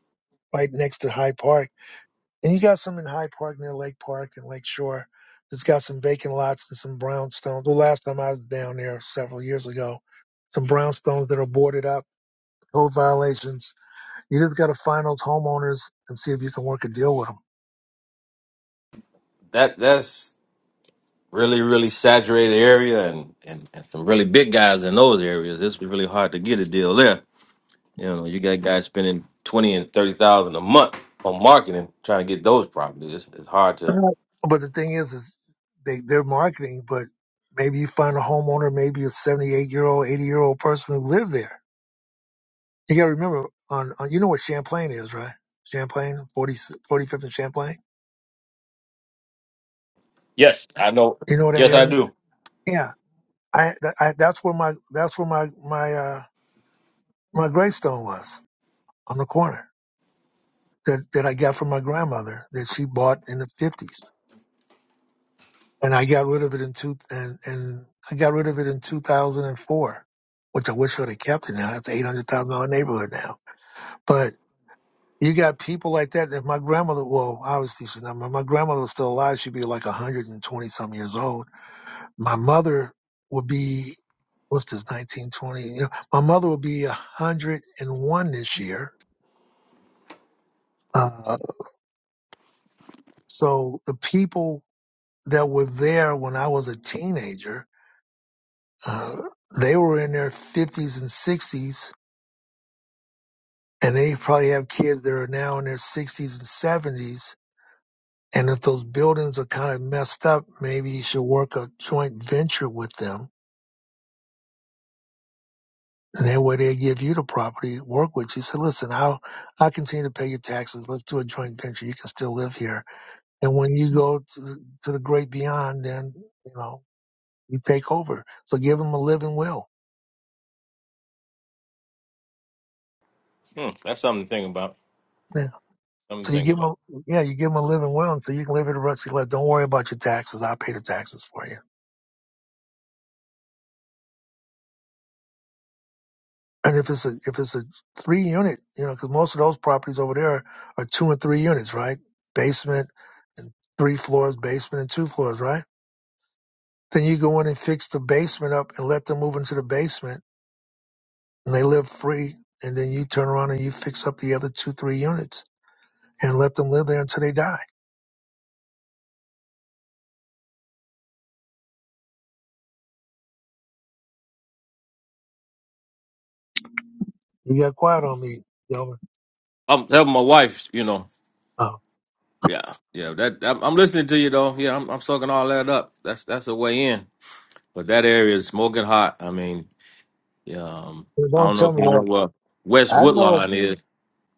[SPEAKER 1] right next to High Park. And you got some in High Park near Lake Park and Lake Shore. It's got some vacant lots and some brownstones. The last time I was down there several years ago, some brownstones that are boarded up, code violations You just got to find those homeowners and see if you can work a deal with them.
[SPEAKER 7] That that's really really saturated area and, and and some really big guys in those areas. It's really hard to get a deal there. You know, you got guys spending twenty and thirty thousand a month on marketing trying to get those properties. It's, it's hard to.
[SPEAKER 1] But the thing is, is they they're marketing, but maybe you find a homeowner, maybe a seventy eight year old, eighty year old person who lived there. You got to remember on, on you know what Champlain is, right? Champlain, forty forty fifth and Champlain.
[SPEAKER 7] Yes, I know.
[SPEAKER 1] You know that
[SPEAKER 7] Yes,
[SPEAKER 1] area?
[SPEAKER 7] I do.
[SPEAKER 1] Yeah, I, that- I that's where my that's where my my uh, my gravestone was on the corner that that I got from my grandmother that she bought in the fifties. and I got rid of it in two and, and I got rid of it in 2004, which I wish I'd have kept it. Now that's an eight hundred thousand dollar neighborhood now. But you got people like that. If my grandmother, well, obviously she's not. My my grandmother was still alive. She'd be like a hundred and twenty some years old. My mother would be what's this nineteen twenty? You know, my mother would be a hundred and one this year. Uh, so the people that were there when I was a teenager Uh, they were in their 50s and 60s, and they probably have kids that are now in their 60s and 70s. And if those buildings are kind of messed up, maybe you should work a joint venture with them. And that way they give you the property, work with you. Say, listen, I'll, I'll continue to pay your taxes. Let's do a joint venture. You can still live here. And when you go to, the- to the great beyond, then, you know, you take over. So give them a living will.
[SPEAKER 7] Hmm, that's something to think about.
[SPEAKER 1] Yeah. So
[SPEAKER 7] Something to
[SPEAKER 1] you
[SPEAKER 7] think
[SPEAKER 1] give them, a,
[SPEAKER 7] about.
[SPEAKER 1] yeah, you give them a living will, and so you can live in the rest of your life. Don't worry about your taxes. I'll pay the taxes for you. And if it's a if it's a three unit, you know, because most of those properties over there are two and three units, right? Basement and three floors, basement and two floors, right? Then you go in and fix the basement up and let them move into the basement, and they live free. And then you turn around and you fix up the other two, three units, and let them live there until they die. You got quiet on me, Delvin.
[SPEAKER 7] I'm helping my wife. You know,
[SPEAKER 1] Oh,
[SPEAKER 7] Yeah, yeah. That I'm I'm listening to you though. Yeah, I'm I'm soaking all that up. That's that's a way in. But that area is smoking hot. I mean, yeah, um, I
[SPEAKER 1] don't
[SPEAKER 7] don't know
[SPEAKER 1] tell
[SPEAKER 7] if
[SPEAKER 1] me
[SPEAKER 7] you know
[SPEAKER 1] that.
[SPEAKER 7] what West
[SPEAKER 1] I know
[SPEAKER 7] Woodlawn is.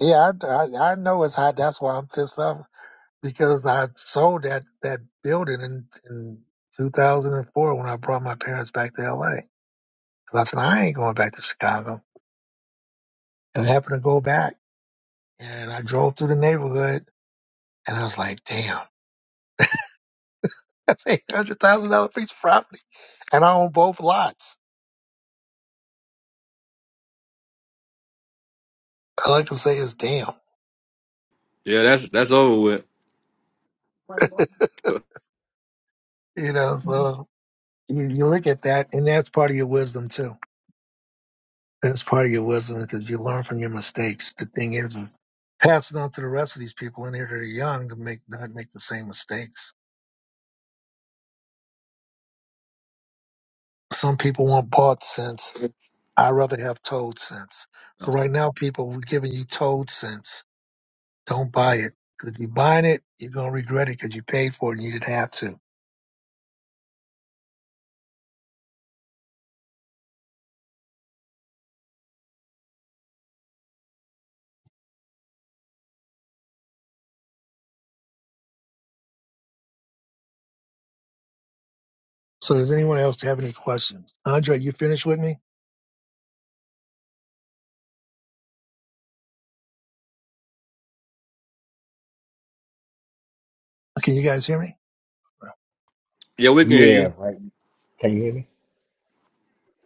[SPEAKER 1] Yeah, I, I, I know it's hot. That's why I'm pissed off because I sold that, that building in, in 2004 when I brought my parents back to LA. 'Cause I said, I ain't going back to Chicago. And I happened to go back and I drove through the neighborhood and I was like, damn, that's $800,000 piece of property. And I own both lots. All I can say is, damn.
[SPEAKER 7] Yeah, that's that's over with.
[SPEAKER 1] You know, so you, you look at that and that's part of your wisdom too. That's part of your wisdom because you learn from your mistakes. The thing is, is passing on to the rest of these people in here that are young to make not make the same mistakes. Some people want bought sense. I rather have told sense. So right now, people, we're giving you told sense. Don't buy it. 'Cause if you buying it, you're gonna regret it because you paid for it and you didn't have to. So does anyone else have any questions? Andre, you finished with me? Can you guys hear me?
[SPEAKER 7] Yeah, we
[SPEAKER 2] you.
[SPEAKER 7] can hear
[SPEAKER 2] Yeah.
[SPEAKER 7] you.
[SPEAKER 2] Right. Can you hear me?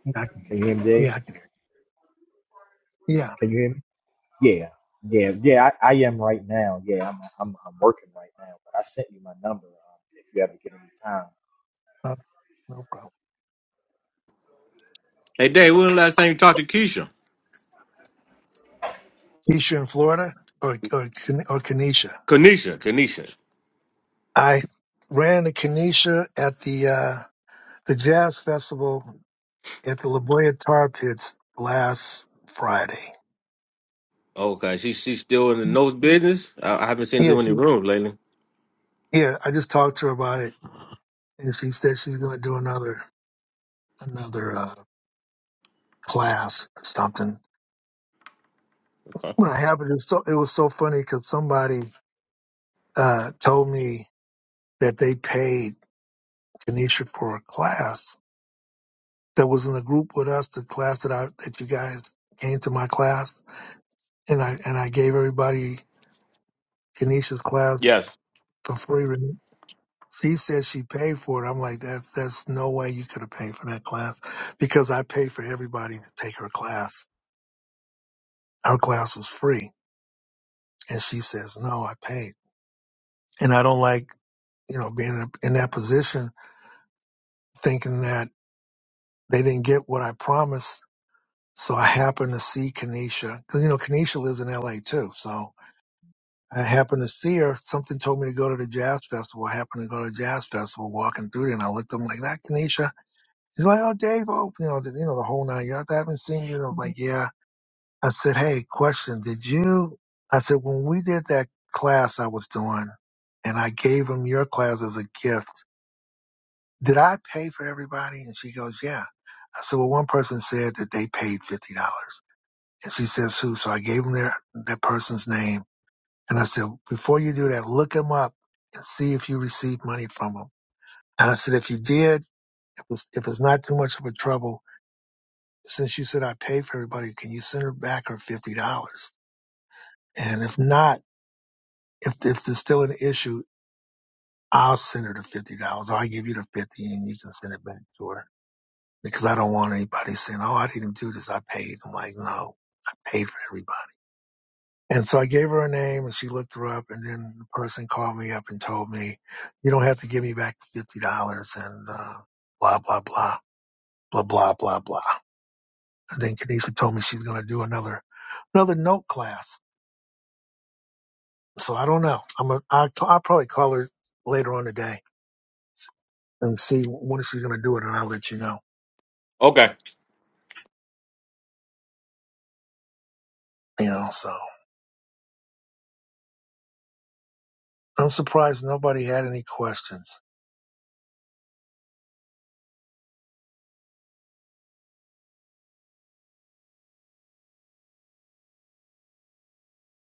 [SPEAKER 1] Yeah, I can
[SPEAKER 2] Can
[SPEAKER 1] hear
[SPEAKER 2] you hear me,
[SPEAKER 1] you. Yeah,
[SPEAKER 2] Dave?
[SPEAKER 1] I can hear you. Yeah,
[SPEAKER 2] Can you hear me? Yeah. Yeah. Yeah. I, I am right now. Yeah. I'm, I'm I'm working right now, but I sent you my number um, if you ever get any time.
[SPEAKER 1] no, no problem.
[SPEAKER 7] Hey, Dave, when the last time you talked to Keisha?
[SPEAKER 1] Keisha in Florida or or, Ken- or Kenesha?
[SPEAKER 7] Kanisha, Kanisha.
[SPEAKER 1] I ran the Kenesha at the uh, the jazz festival at the La Jolla Tar Pits last Friday.
[SPEAKER 7] Okay, she she's still in the nose business. I, I haven't seen
[SPEAKER 1] Yeah,
[SPEAKER 7] her in the
[SPEAKER 1] she,
[SPEAKER 7] room lately.
[SPEAKER 1] yeah, I just talked to her about it, and she said she's going to do another another uh, class or something.
[SPEAKER 7] Okay.
[SPEAKER 1] When I happened, it was so it was so funny because somebody uh, told me that they paid Kenesha for a class that was in the group with us, the class that I that you guys came to my class, and I and I gave everybody. Kenisha's class
[SPEAKER 7] Yes.
[SPEAKER 1] for free. And She said she paid for it. I'm like, that that's no way you could have paid for that class because I paid for everybody to take her class. Her class was free. And she says, no, I paid. And I don't like, you know, being in in that position thinking that they didn't get what I promised. So I happened to see Kenesha, because you know, Kenesha lives in LA too. So I happened to see her. Something told me to go to the jazz festival. I happened to go to the jazz festival walking through there and I looked at them like that, Kenesha. He's like, oh, Dave, oh, you know, the, you know, the whole nine yards. I haven't seen you. I'm like, yeah. I said, hey, question. Did you? I said, when we did that class I was doing, and I gave him your class as a gift, did I pay for everybody? And she goes, yeah. I said, well, one person said that they paid fifty dollars, and she says who? So I gave him their that person's name, and I said, before you do that, look him up and see if you received money from him. And I said, if you did, if it's, if it's not too much of a trouble since you said I paid for everybody, can you send her back her fifty dollars? And if not, if if there's still an issue, I'll send her the fifty dollars, or I give you the fifty, and you can send it back to her because I don't want anybody saying, "Oh, I didn't do this, I paid." I'm like, no, I paid for everybody. And so I gave her a name, and she looked her up, and then the person called me up and told me, "You don't have to give me back the fifty dollars," and uh, blah blah blah blah blah blah blah. And then Kanisha told me she's going to do another another note class So I don't know. I'm a, I'll, I'll probably call her later on today and see when she's going to do it, and I'll let you know.
[SPEAKER 7] Okay.
[SPEAKER 1] You know, so I'm surprised nobody had any questions.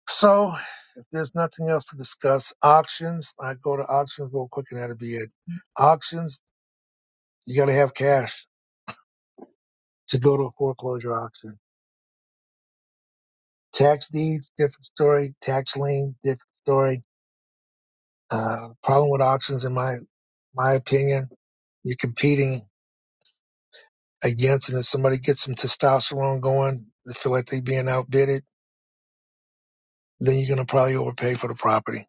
[SPEAKER 1] So if there's nothing else to discuss, auctions, I go to auctions real quick, and that'll be it. Auctions, you got to have cash to go to a foreclosure auction. Tax deeds, different story. Tax lien, different story. Uh, problem with auctions, in my my opinion, you're competing. again, and if somebody gets some testosterone going, they feel like they're being outbidded, then you're going to probably overpay for the property.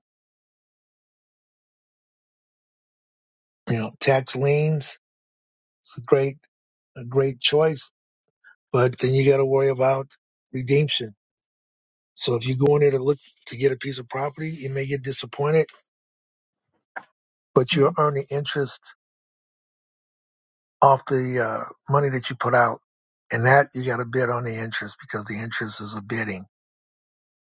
[SPEAKER 1] You know, tax liens, it's a great, a great choice, but then you got to worry about redemption. So if you go in there to look to get a piece of property, you may get disappointed, but you're earning interest off the uh, money that you put out. And that you got to bid on the interest because the interest is a bidding.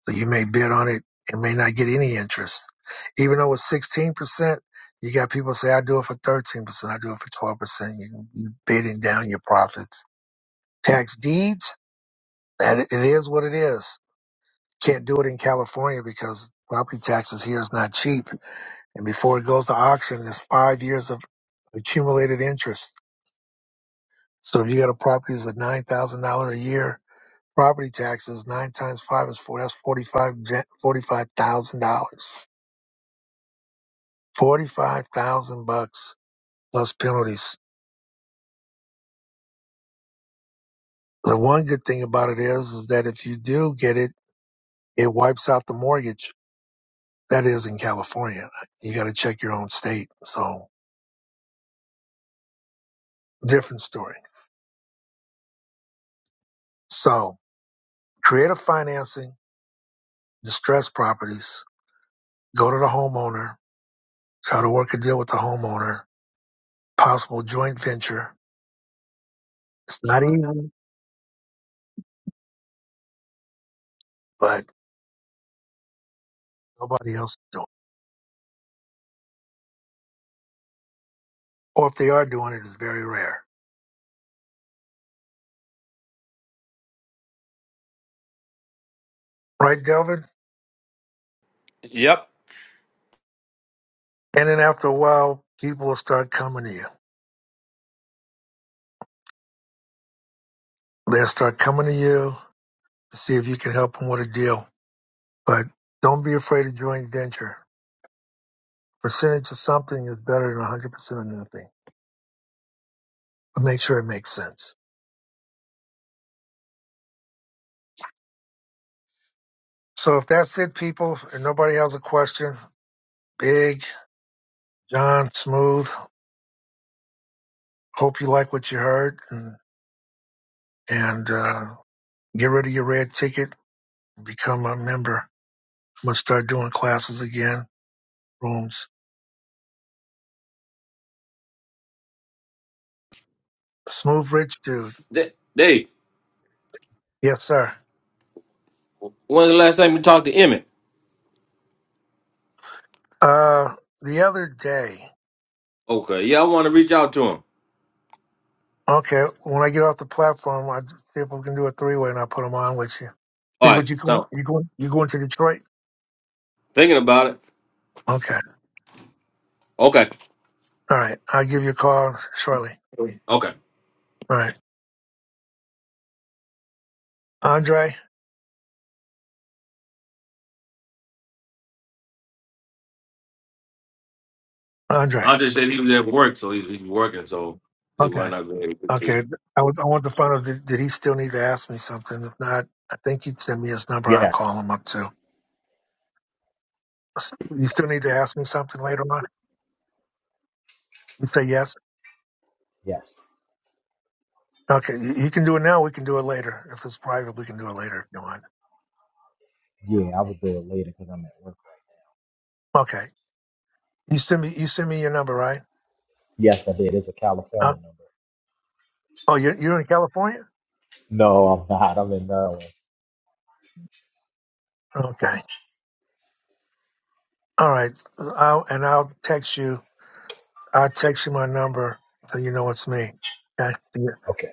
[SPEAKER 1] So you may bid on it and may not get any interest. Even though it's 16%, you got people say, I do it for 13%, I do it for 12%. You, you bidding down your profits. Tax deeds, that it is what it is. Can't do it in California because property taxes here is not cheap. And before it goes to auction, there's five years of accumulated interest. So if you got a property that's nine thousand dollars a year, property taxes nine times five is four. That's forty five forty five thousand dollars Forty-five thousand bucks plus penalties. The one good thing about it is, is that if you do get it, it wipes out the mortgage. That is in California. You got to check your own state. So different story. So creative financing, distressed properties, go to the homeowner, try to work a deal with the homeowner, possible joint venture. It's not easy, but nobody else is doing it. Or if they are doing it, it's very rare. Right, Delvin?
[SPEAKER 7] Yep.
[SPEAKER 1] And then after a while, people will start coming to you. They'll start coming to you to see if you can help them with a deal. But don't be afraid of joint venture. Percentage of something is better than 100% of nothing. But make sure it makes sense. So if that's it, people, and nobody has a question, Big, John, Smooth, hope you like what you heard. And, and uh, get rid of your red ticket and become a member. I'm going to start doing classes again, rooms. Smooth Rich Dude.
[SPEAKER 7] Da- Dave,
[SPEAKER 1] Yes, sir.
[SPEAKER 7] when's the last time you talked to Emmett?
[SPEAKER 1] Uh, the other day.
[SPEAKER 7] Okay, yeah, I want to reach out to him.
[SPEAKER 1] Okay, when I get off the platform, I see if we can do a three way, and I put them on with you.
[SPEAKER 7] All
[SPEAKER 1] Hey, What you
[SPEAKER 7] right,
[SPEAKER 1] going?
[SPEAKER 7] stop
[SPEAKER 1] You going? You going to Detroit?
[SPEAKER 7] thinking about it.
[SPEAKER 1] Okay.
[SPEAKER 7] Okay,
[SPEAKER 1] All right. I'll give you a call shortly.
[SPEAKER 7] okay.
[SPEAKER 1] All right. Andre. Andre.
[SPEAKER 7] I just said he was at work, so he's, he's working, so he
[SPEAKER 1] Okay.
[SPEAKER 7] might not be able to get to you.
[SPEAKER 1] Okay. I would, I want to find out did, did he still need to ask me something? If not, I think he'd send me his number. I'll call
[SPEAKER 2] Yes.
[SPEAKER 1] him up too. You still need to ask me something later on. You say yes.
[SPEAKER 2] Yes.
[SPEAKER 1] Okay. You, you can do it now. We can do it later. If it's private, we can do it later if you want.
[SPEAKER 2] Yeah. I will do it later because I'm at work. right
[SPEAKER 1] Okay. You send me. You send me your number, right?
[SPEAKER 2] Yes, I did. It's a California number.
[SPEAKER 1] Oh, you're, you're in California?
[SPEAKER 2] No, I'm not. I'm in Maryland.
[SPEAKER 1] Okay. All right. I'll, and I'll text you. I'll text you my number so you know it's me. Okay. Yeah.
[SPEAKER 2] Okay.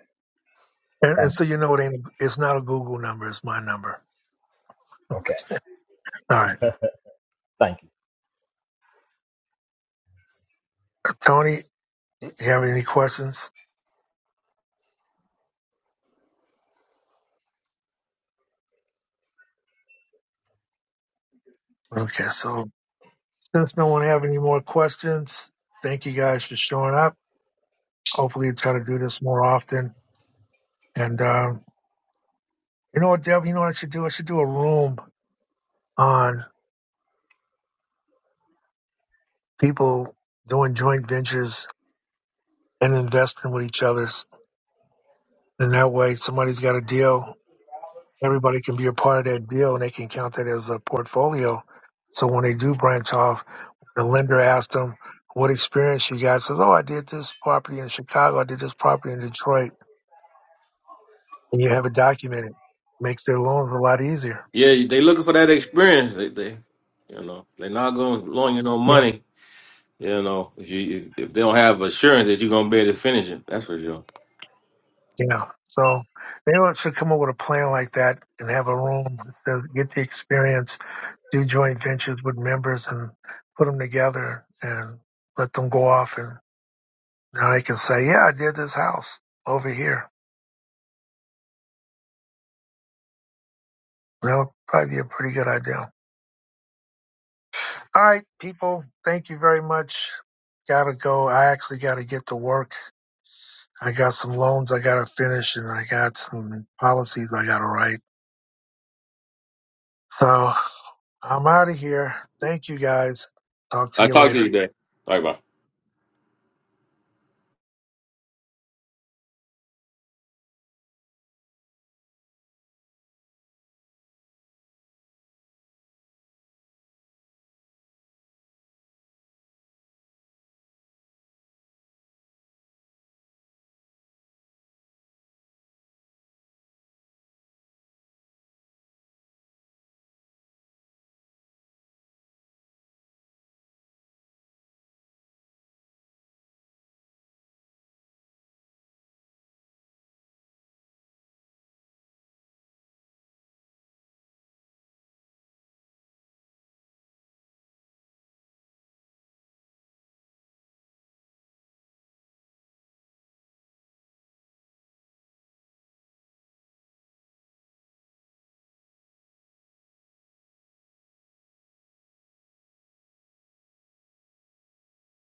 [SPEAKER 1] And, and
[SPEAKER 2] Thank
[SPEAKER 1] so you know it ain't, it's not a Google number. It's my number.
[SPEAKER 2] you. Okay.
[SPEAKER 1] All right.
[SPEAKER 2] Thank you.
[SPEAKER 1] Tony, you have any questions? Okay. So since no one have any more questions, thank you guys for showing up. Hopefully try to do this more often. And, um, you know what, Deb, you know what I should do? I should do a room on people doing joint ventures and investing with each other And that way, somebody's got a deal. Everybody can be a part of that deal, and they can count that as a portfolio. So when they do branch off, the lender asks them, "What experience you got?" Says, "Oh, I did this property in Chicago. I did this property in Detroit," and you have it documented. Makes their loans a lot easier.
[SPEAKER 7] Yeah, they looking for that experience. They, they you know, they're not going to loan you no
[SPEAKER 1] Yeah.
[SPEAKER 7] money. You know, if you if they don't have assurance that you're gonna be able to finish it, that's for sure.
[SPEAKER 1] yeah. So they should come up with a plan like that and have a room that says, get the experience, do joint ventures with members, and put them together and let them go off and. Now they can say, yeah, I did this house over here. That would probably be a pretty good idea. All right, people, thank you very much. Gotta go. I actually gotta get to work. I got some loans I gotta finish and I got some policies I gotta write. So I'm out of here. Thank you guys. Talk to
[SPEAKER 7] I
[SPEAKER 1] you
[SPEAKER 7] talk to
[SPEAKER 1] later.
[SPEAKER 7] you today. All right, bye.